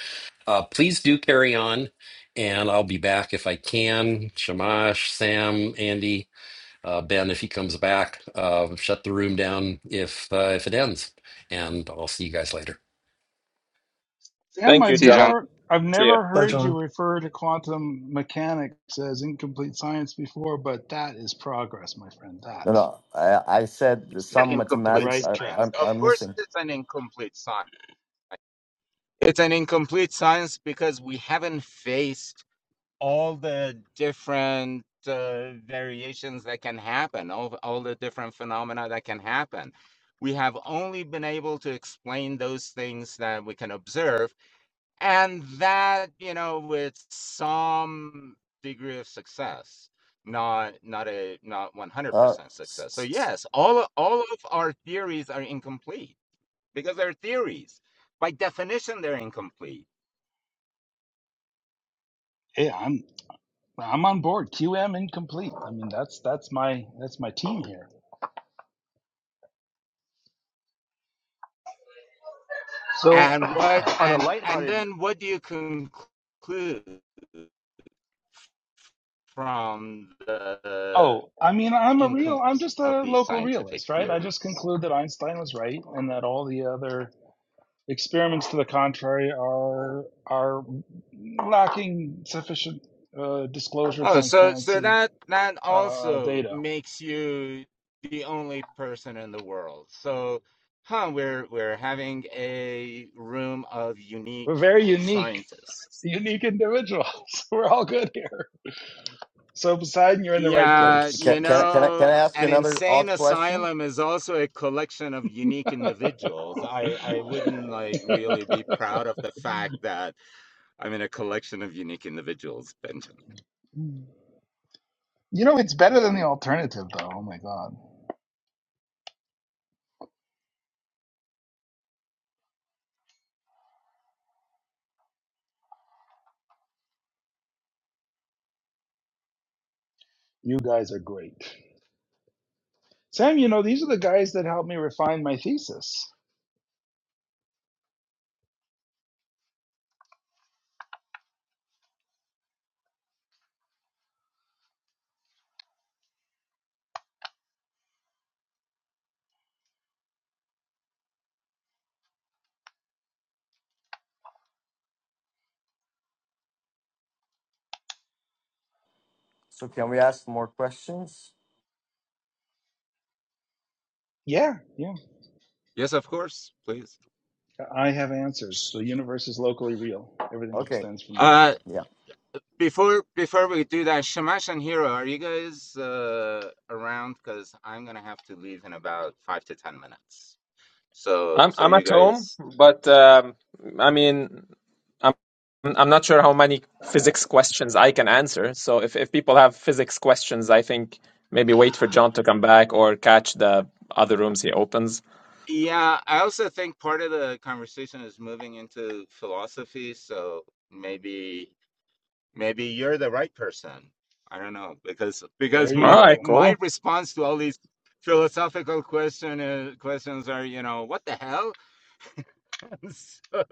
Uh, please do carry on, and I'll be back if I can. Shamash, Sam, Andy, uh, Ben, if he comes back, uh, shut the room down if uh, if it ends, and I'll see you guys later.
Sam,
Thank you,
I've
see
John.
john
never I've
See you.
never
bye,
heard
John.
you refer to quantum mechanics as incomplete science before, but that is progress, my friend.
No,
That
no, I, I said that
is the
an
some
right the
incomplete
mathematics
right
are
science
are,
track.
of
are
course
missing.
it's an incomplete science it's an incomplete science because we haven't faced all the different uh, variations that can happen, all, all the different phenomena that can happen. We have only been able to explain those things that we can observe, and that, you know, with some degree of success not not a not
Uh,
100%
s-
success so
s- s-
yes all all of our theories are incomplete because they're theories by definition they're incomplete
Hey, I'm I'm on board. QM incomplete. I mean that's that's my that's my team here.
So,
And what
on a
and and
lighthearted.
then what do you conclude from the
Oh, I mean I'm a real I'm
incompleteness
just
of
a
these
local
scientific
realist, right? I just
theories?
conclude that Einstein was right and that all the other Experiments to the contrary are are lacking sufficient uh, disclosure,
Oh, so so
transparency,
that that
uh,
also
data.
makes you the only person in the world. So, huh? We're we're having a room of
We're
unique
very unique,
scientists.
unique individuals. We're all good here. So Poseidon, you're in the right
Yeah,
place.
you
can, can I can I can
know,
I ask
an
another odd
insane
question?
asylum is also a collection of unique individuals. I I wouldn't like really be proud of the fact that I'm in a collection of unique individuals, Benjamin.
You know, it's better than the alternative, though. Oh my God. You guys are great. Sam, you know, these are the guys that helped me refine my thesis.
So can we ask more questions?
Yeah, yeah.
Yes, of course, please.
I have answers. The universe is locally real. Everything
Okay.
extends from that.
Uh,
Yeah.
before before we do that, Shamash and Hero, are you guys uh around? Because I'm gonna have to leave in about five to ten minutes. So
I'm
so
I'm
you
at home,
guys.
but um, I mean, I'm I'm not sure how many physics questions I can answer. So if if people have physics questions, I think maybe wait for John to come back or catch the other rooms he opens.
Yeah, I also think part of the conversation is moving into philosophy, so maybe maybe you're the right person. I don't know because because
There you
All
my
right,
go.
my
cool.
response to all these philosophical question uh, questions are, you know, what the hell? So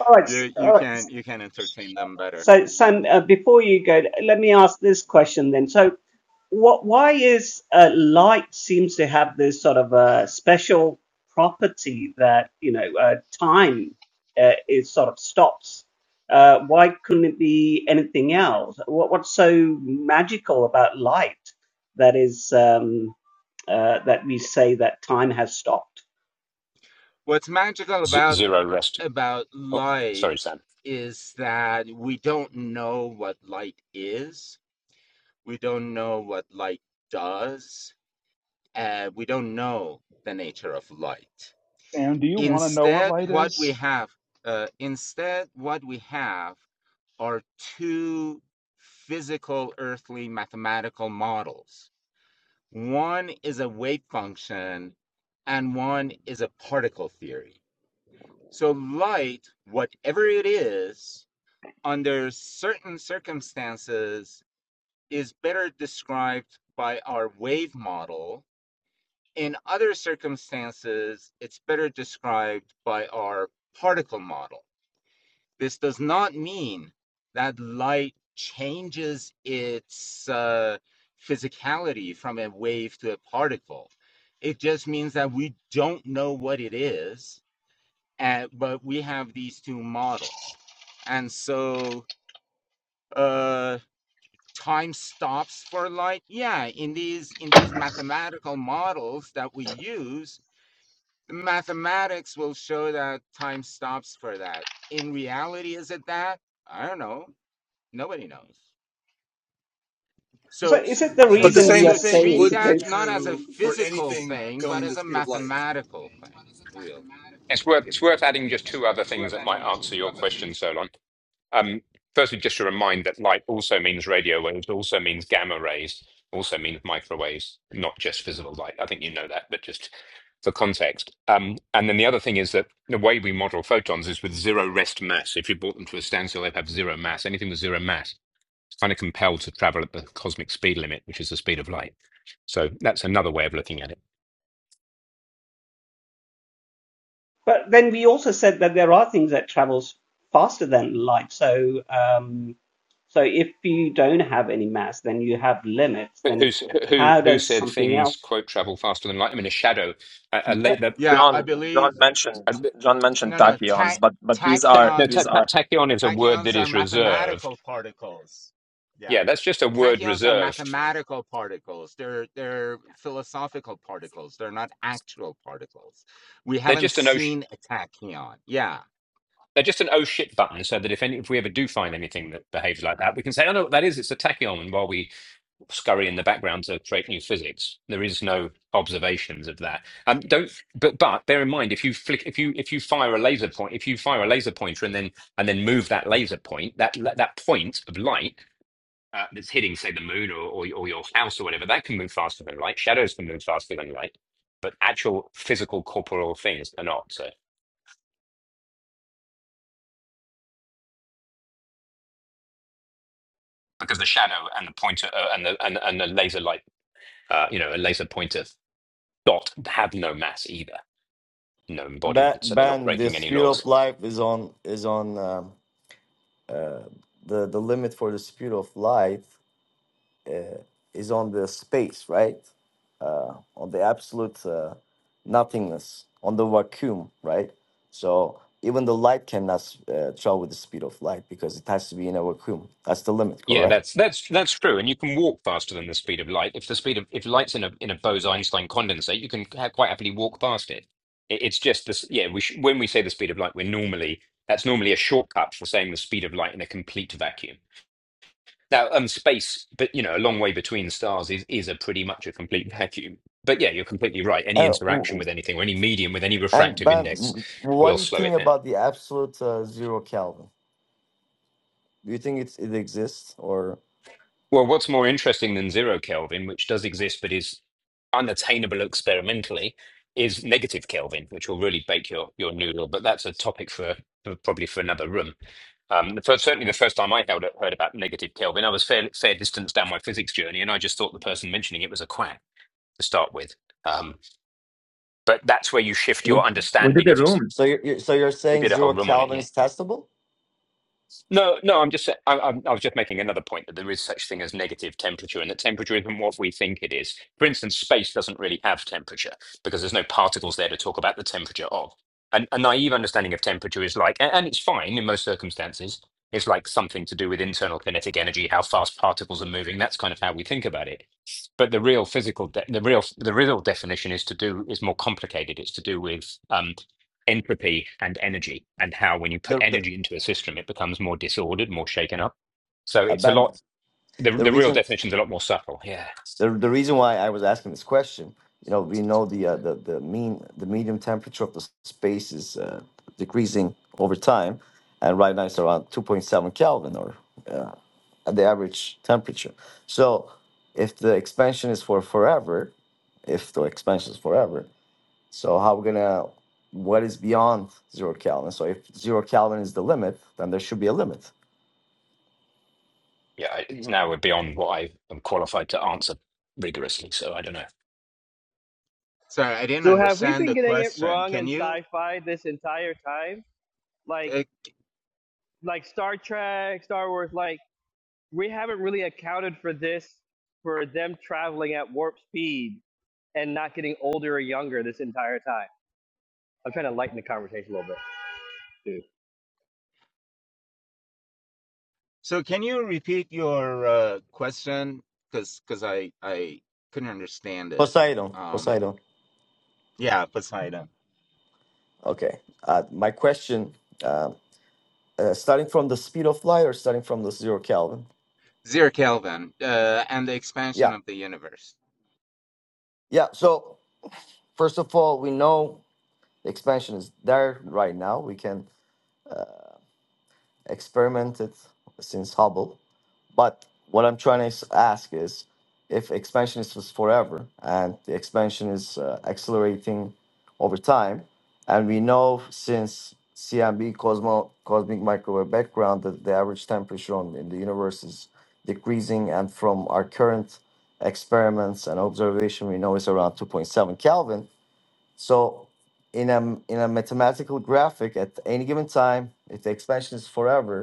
All right.
you you
All right.
can you can entertain them better.
So, Sam, uh, before you go, let me ask this question then. So, what why is uh, light seems to have this sort of uh, special property that you know uh, time uh, is sort of stops uh, why couldn't it be anything else what, what's so magical about light that is um, uh, that we say that time has stopped.
What's magical
z-
about
zero rest.
about
Oh, sorry,
light
Sam.
is that we don't know what light is we don't know what light does, uh, we don't know the nature of light.
Sam, do you want to know what
Instead,
light
what we
is?
have, uh, instead, what we have are two physical earthly mathematical models. One is a wave function, and one is a particle theory. So, light, whatever it is, under certain circumstances, is better described by our wave model. In other circumstances, it's better described by our particle model. This does not mean that light changes its uh, physicality from a wave to a particle. It just means that we don't know what it is, and, but we have these two models. And so, uh, time stops for light yeah in these in these mathematical models that we use the mathematics will show that time stops for that in reality is it that i don't know nobody knows
So
so
is
so
it the
I
so,
But
think
the
reason we
same
are
so
thing
treat
saying
would
that
be
because?
not as a
true for
physical
anything
thing but
going the
as a
speed of light.
mathematical thing real
It's worth it's worth adding just two other things that might answer your question, Solon. Um, Firstly, just to remind that light also means radio waves, also means gamma rays, also means microwaves, not just visible light. I think you know that, but just for context. Um, and then the other thing is that the way we model photons is with zero rest mass. If you brought them to a standstill, they'd have zero mass. Anything with zero mass is kind of compelled to travel at the cosmic speed limit, which is the speed of light. So that's another way of looking at it.
But then we also said that there are things that travels faster than light. So um, so if you don't have any mass, then you have limits. Then
Who's, who
how
who
does
said
something else?
things quote travel faster than light? I mean, a shadow, a, a laser,
yeah i
John
believe
John mentioned
a,
John mentioned
no no ta-
tachyons, but but these are
No, ta-
these
tachyons
ta-
are
tachyon is a word that
Tachyons are
is reserved.
mathematical particles. Yeah.
Yeah, that's just a word
Tachyons are
reserved.
mathematical particles. They're they're philosophical particles. They're not actual particles. We
They're
haven't
just an oh, sh-
seen a tachyon. Yeah.
they're just an oh shit button, so that if any, if we ever do find anything that behaves like that, we can say, oh no, that is it's a tachyon. And while we scurry in the background to create new physics, there is no observations of that. Um, don't. But but bear in mind, if you flick, if you if you fire a laser point, if you fire a laser pointer and then and then move that laser point, that that point of light uh, that's hitting, say, the moon or, or, or your house or whatever, that can move faster than light. Shadows can move faster than light, but actual physical corporeal things are not. So because the shadow and the pointer uh, and the and, and the laser light, uh, you know, a laser pointer dot have no mass either, no
Ban,
embodiment, so they're not
ban the
breaking any
speed of
laws.
life is on is on um, uh, the the limit for the speed of light uh, is on the space, right? Uh, on the absolute uh, nothingness, on the vacuum, right? So even the light cannot uh, travel with the speed of light because it has to be in a vacuum. That's the limit,
Yeah,
correct?
that's that's that's true, and you can walk faster than the speed of light. If the speed of if light's in a in a Bose-Einstein condensate, you can ha quite happily walk past it. it it's just this. Yeah, we sh when we say the speed of light, we're normally that's normally a shortcut for saying the speed of light in a complete vacuum. Now, um, space, but you know, a long way between stars is is a pretty much a complete vacuum. But yeah, you're completely right. Any
Uh, w-
interaction
w-
with anything or any medium with any
and
refractive
Ben,
index
w- what
will
do you
slow
think
it down.
about the absolute uh, zero Kelvin? Do you think it's, it exists or
Well, what's more interesting than zero Kelvin, which does exist but is unattainable experimentally, is negative Kelvin, which will really bake your your noodle. But that's a topic for, for probably for another room. Um, the first, certainly, the first time I held, heard about negative Kelvin, I was fair fair distance down my physics journey, and I just thought the person mentioning it was a quack to start with. Um, but that's where you shift
We,
your
we did
understanding
a
of.
room
so? You're, you're so you're
We
saying
did a whole
zero
room on it,
Calvin
yeah.
is testable?
No, no, I'm just, sa- I, I'm- I was just making another point that there is such thing as negative temperature, and that temperature isn't what we think it is. For instance, space doesn't really have temperature because there's no particles there to talk about the temperature of. And a naive understanding of temperature is like, a- and it's fine in most circumstances, it's like something to do with internal kinetic energy, how fast particles are moving. That's kind of how we think about it. But the real physical, de- the real, the real definition is to do is more complicated. It's to do with um, entropy and energy and how when you put
The the
energy into a system it becomes more disordered more shaken up so it's a
abandon
lot the,
the
the real
reason
definition's a lot more subtle yeah
the the reason why I was asking this question. You know, we know the uh, the the mean the medium temperature of the s- space is uh, decreasing over time, and right now it's around two point seven Kelvin or uh, at the average temperature. So, if the expansion is for forever, if the expansion is forever, So how we're gonna what is beyond zero Kelvin? So if zero Kelvin is the limit, then there should be a limit.
yeah I- now we're beyond what i am qualified to answer rigorously so i don't know
Sorry, I didn't
So, have we
understand
been
the
getting it
question.
wrong in
Can you
sci-fi this entire time? Like,
uh,
like Star Trek, Star Wars. Like, we haven't really accounted for this, for them traveling at warp speed and not getting older or younger this entire time. I'm trying to lighten the conversation a little bit. too.
so can you repeat your uh, question cuz cuz I I couldn't understand it.
Poseidon,
Um
Poseidon.
yeah, Poseidon.
Okay. Uh, my question, uh, uh, starting from the speed of light or starting from the zero Kelvin?
Zero Kelvin uh, and the expansion
Yeah,
of the universe.
yeah. So first of all, we know expansion is there right now. We can experiment it since Hubble. But what I'm trying to s- ask is if expansion is was forever and the expansion is uh, accelerating over time, and we know since CMB Cosmo, cosmic microwave background that the average temperature on, in the universe is decreasing, and from our current experiments and observation, we know it's around 2.7 Kelvin. So in a, in a mathematical graphic, at any given time, if the expansion is forever,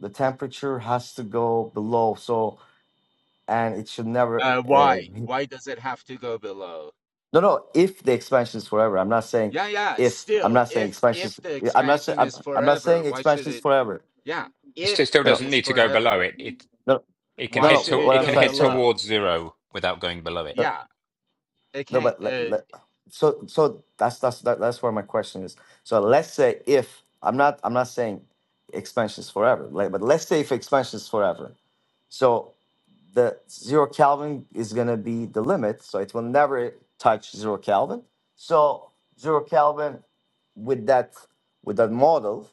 the temperature has to go below so and it should never
Uh,
uh,
why? Why does it have to go below?
no no if the expansion is forever i'm not saying
Yeah, yeah.
if i'm
Still,
not saying
if
expansions
if the
i'm not saying
expansion
I'm,
is
I'm not
forever,
saying
why should
expansion is
it?
forever
Yeah,
it still
if
still
no
it
no
doesn't
is
need to go below
forever,
it it
no
it can
no
why
no
head
should
to
what
it
it
i'm
can
go
trying
head
to say
below?
towards zero without going below it
no,
Yeah, it
no
can't.
but let,
Uh,
let, so so that's that's that, that's where my question is so let's say if i'm not i'm not saying expansion is forever like, but let's say if expansion is forever so the zero Kelvin is going to be the limit, so it will never touch zero Kelvin. So zero Kelvin with that with that model,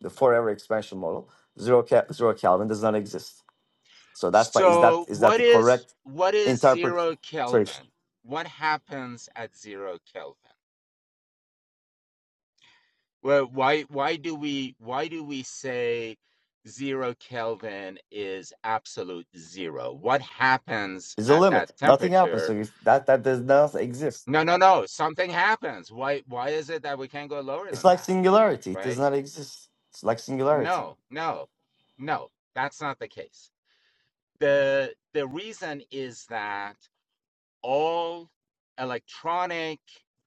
the forever expansion model, zero Ke- zero Kelvin does not exist. So that's why is that
so,
is that
what
the
is
correct
what is zero
interpretation?
Kelvin? What happens at zero Kelvin? Well, why why do we why do we say zero Kelvin is absolute zero? What happens
It's a
at that
limit. Nothing happens.
temperature?
So it's, that that does not exist.
No, no, no. Something happens. Why why is it that we can't go lower
It's
than
like
that?
singularity. It does
Right?
not exist. It's like singularity.
No, no, no, that's not the case. The the reason is that all electronic,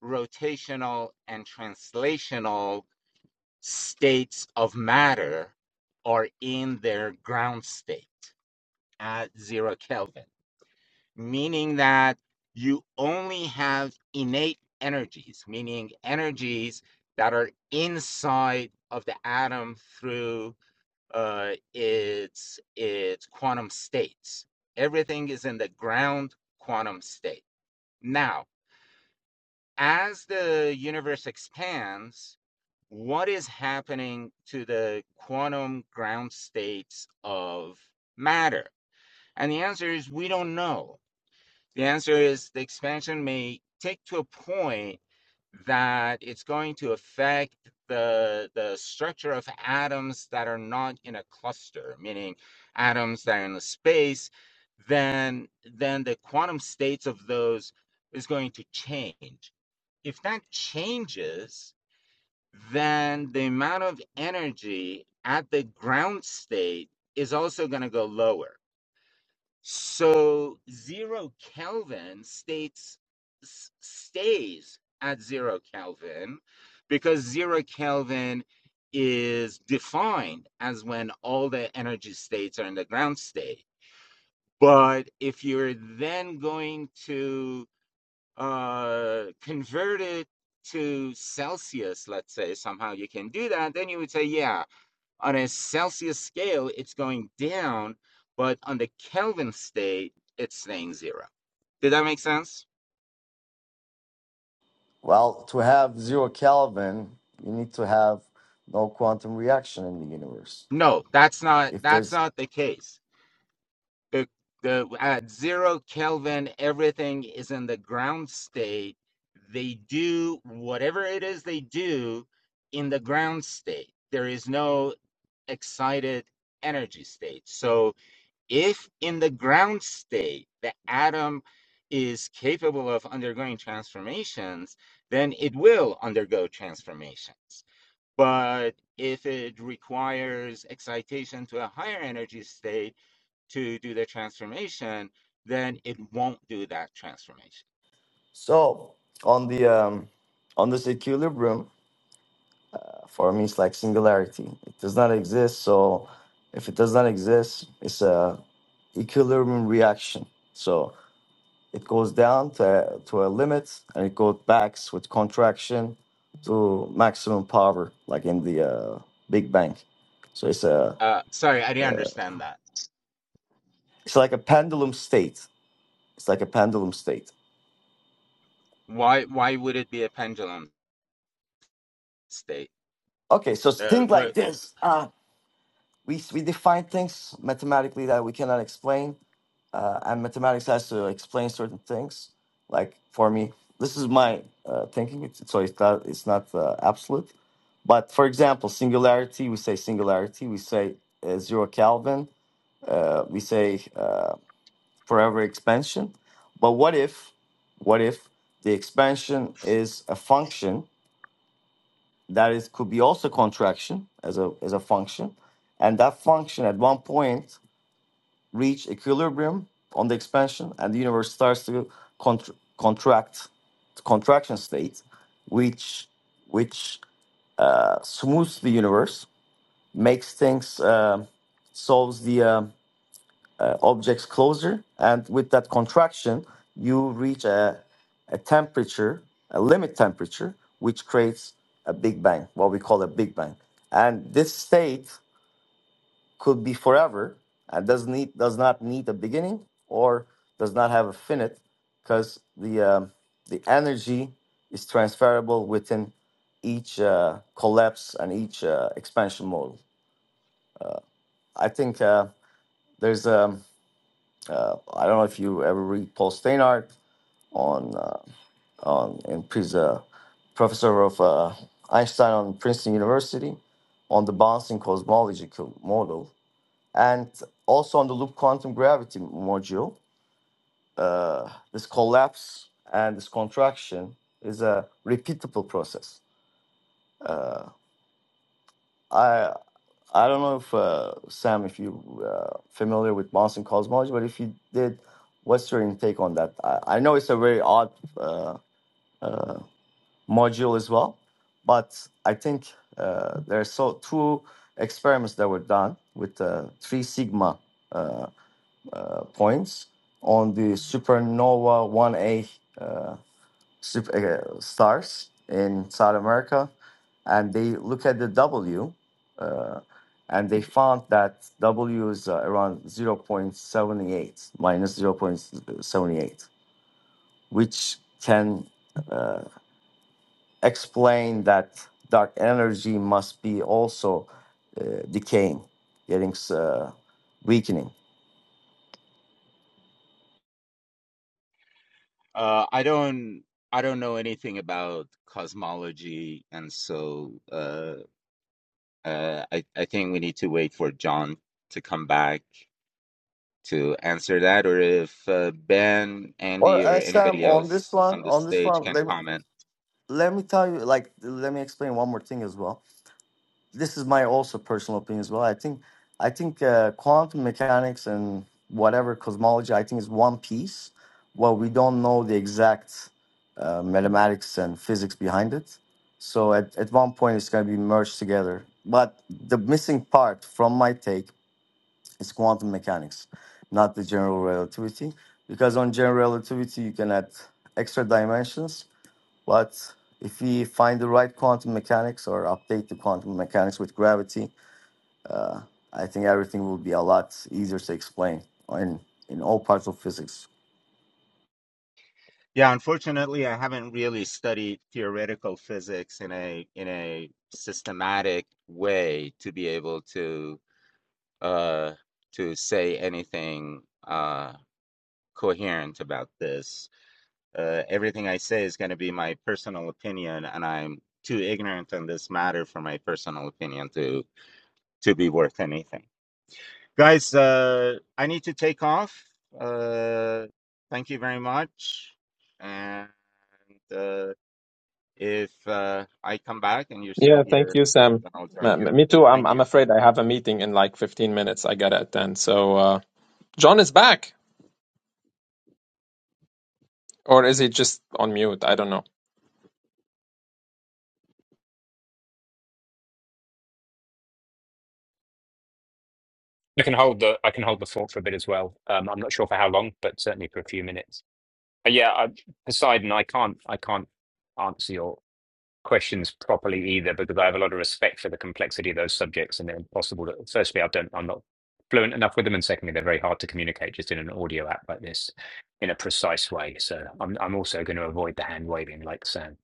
rotational, and translational states of matter are in their ground state at zero Kelvin. meaning that you only have innate energies, meaning energies that are inside of the atom through uh, its its quantum states. Everything is in the ground quantum state. Now, as the universe expands, what is happening to the quantum ground states of matter? And the answer is we don't know the answer is the expansion may take to a point that it's going to affect the the structure of atoms that are not in a cluster, meaning atoms that are in a space, then then the quantum states of those is going to change. If that changes, then the amount of energy at the ground state is also going to go lower so zero Kelvin states stays at zero Kelvin because zero Kelvin is defined as when all the energy states are in the ground state. But if you're then going to uh, convert it to Celsius, let's say somehow you can do that, then you would say, yeah, on a Celsius scale, it's going down, but on the Kelvin state, it's staying zero. Did that make sense?
Well, to have zero Kelvin, you need to have no quantum reaction in the universe.
No, that's not
if
that's
there's
not the case. The the at zero Kelvin, everything is in the ground state. They do whatever it is they do in the ground state. There is no excited energy state. So If in the ground state the atom is capable of undergoing transformations, then it will undergo transformations. But if it requires excitation to a higher energy state to do the transformation, then it won't do that transformation.
so on the um on this equilibrium for me it's like singularity it does not exist so if it does not exist it's a equilibrium reaction so it goes down to, to a limit and it goes back with contraction to maximum power like in the uh, big bang so it's a
Uh, sorry, I didn't understand that.
it's like a pendulum state it's like a pendulum state
Why why would it be a pendulum state?
okay so
Uh,
think
what,
like this uh, we we define things mathematically that we cannot explain, uh, and mathematics has to explain certain things. Like for me, this is my uh, thinking. It's, so it's not it's not uh, absolute. But for example, singularity, we say singularity. We say uh, zero Kelvin. Uh, we say uh, forever expansion. But what if what if the expansion is a function that is could be also contraction as a as a function, and that function at one point reach equilibrium on the expansion and the universe starts to contr contract contraction state which which uh, smooths the universe makes things um solves the um, uh, objects closer and with that contraction you reach a, a temperature a limit temperature which creates a big bang what we call a big bang and this state could be forever and does need does not need a beginning or does not have a finite because the um, the energy is transferable within each uh, collapse and each uh, expansion model. I think uh, there's um, I don't know if you ever read Paul Steinhardt on uh, on and he's a professor of uh, Einstein on Princeton University on the bouncing cosmological model and also on the loop quantum gravity module uh, this collapse and this contraction is a repeatable process. I I don't know if uh, Sam, if you uh, familiar with Monson cosmology, but if you did, what's your intake on that? I, I know it's a very odd uh, module as well, but I think uh, there are so two experiments that were done with uh, three sigma uh, points on the supernova 1A super, uh, stars in South America, and they look at the W, uh, and they found that W is uh, around zero point 0.78, minus zero point 0.78, which can uh, explain that dark energy must be also uh, decaying, getting uh, weakening.
Uh, I don't I don't know anything about cosmology, and so uh, uh, I I think we need to wait for John to come back to answer that, or if uh, Ben,
Or
Andy, or
uh, Sam,
anybody
on this
else
one,
on the
on this
stage
one,
can
let me,
comment.
let me tell you, like, let me explain one more thing as well this is my also personal opinion as well. I think I think uh, quantum mechanics and whatever cosmology, I think is one piece. Well, we don't know the exact uh, mathematics and physics behind it. So at, at one point it's going to be merged together. But the missing part from my take is quantum mechanics, not the general relativity. Because on general relativity, you can add extra dimensions. But if we find the right quantum mechanics or update the quantum mechanics with gravity, I think everything will be a lot easier to explain in in all parts of physics.
Yeah, unfortunately, I haven't really studied theoretical physics in a in a systematic way to be able to uh, to say anything uh, coherent about this. Uh, everything I say is going to be my personal opinion, and I'm too ignorant on this matter for my personal opinion to to be worth anything. Guys, uh, I need to take off. Uh, thank you very much. And uh, if uh, I come back and you're still
Yeah, thank
here,
you, Sam.
then I'll join
Ma-
you.
ma- Me too. I'm
Thank you.
I'm afraid I have a meeting in like 15 minutes. I gotta attend. So, uh, John is back, or is he just on mute? I don't know.
i can hold the i can hold the thought for a bit as well um i'm not sure for how long but certainly for a few minutes Uh, yeah I, poseidon i can't i can't answer your. questions properly either because I have a lot of respect for the complexity of those subjects and they're impossible to firstly I don't I'm not fluent enough with them and secondly they're very hard to communicate just in an audio app like this in a precise way. So I'm I'm also going to avoid the hand waving like Sam.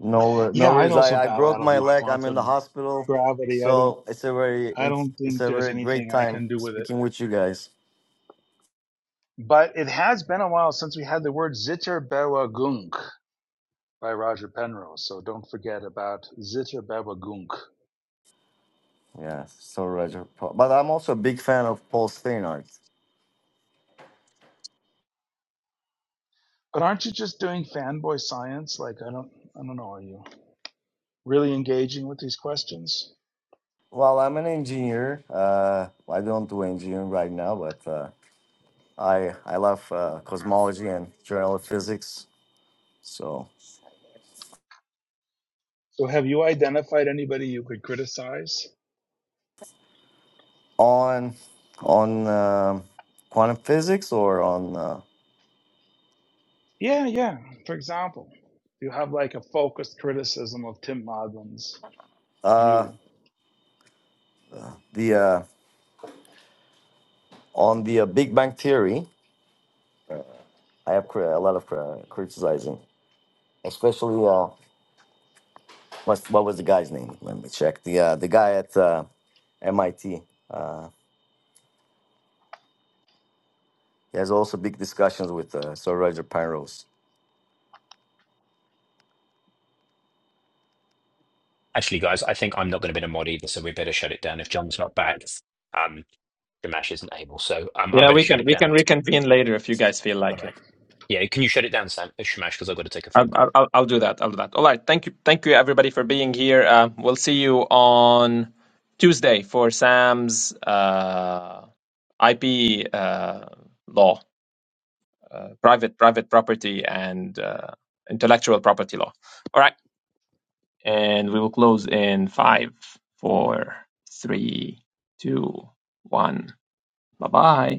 No, no
yeah, I'd
worries.
also
I, I
bow out
broke
of
my
loop
leg. I'm in the
quantum
hospital,
gravity. I don't
so it's a very
I
it's,
don't
it's
think
a
there's
very great
anything I
time
can do with it.
speaking with you guys.
But it has been a while since we had the word Zitterbewegung by Roger Penrose, so don't forget about Zitterbewegung.
Yeah, so Roger. Pa- But I'm also a big fan of Paul Steinhardt.
But aren't you just doing fanboy science? Like I don't I don't know, are you really engaging with these questions?
Well, I'm an engineer. Uh, I don't do engineering right now, but uh, I I love uh, cosmology and general physics. So
So have you identified anybody you could criticize?
on on um quantum physics or on. Uh,
Yeah, yeah. For example, you have like a focused criticism of Tim Madlin's view
uh, the uh, on the uh, Big Bang Theory, I have cri- a lot of cri- criticizing, especially uh, what what was the guy's name? Let me check the uh, the guy at uh, MIT. Uh, he has also big discussions with uh, Sir Roger Penrose.
Actually guys, I think I'm not going to be a mod either, so we better shut it down if John's not back. Um Shamash isn't able, so um I
Yeah,
better
we
shut
can
it
we
down.
can reconvene later if you guys feel
All
like
right.
it.
Yeah, can you shut it down, Sam? Shamash, because I've got to take a
I'll
phone call.
I'll, I'll I'll do that. I'll do that. All right. Thank you. Thank you everybody for being here. Uh, we'll see you on Tuesday for Sam's uh, IP uh, law, uh, private private property and uh, intellectual property law. All right. and we will close in five, four, three, two, one. Bye bye.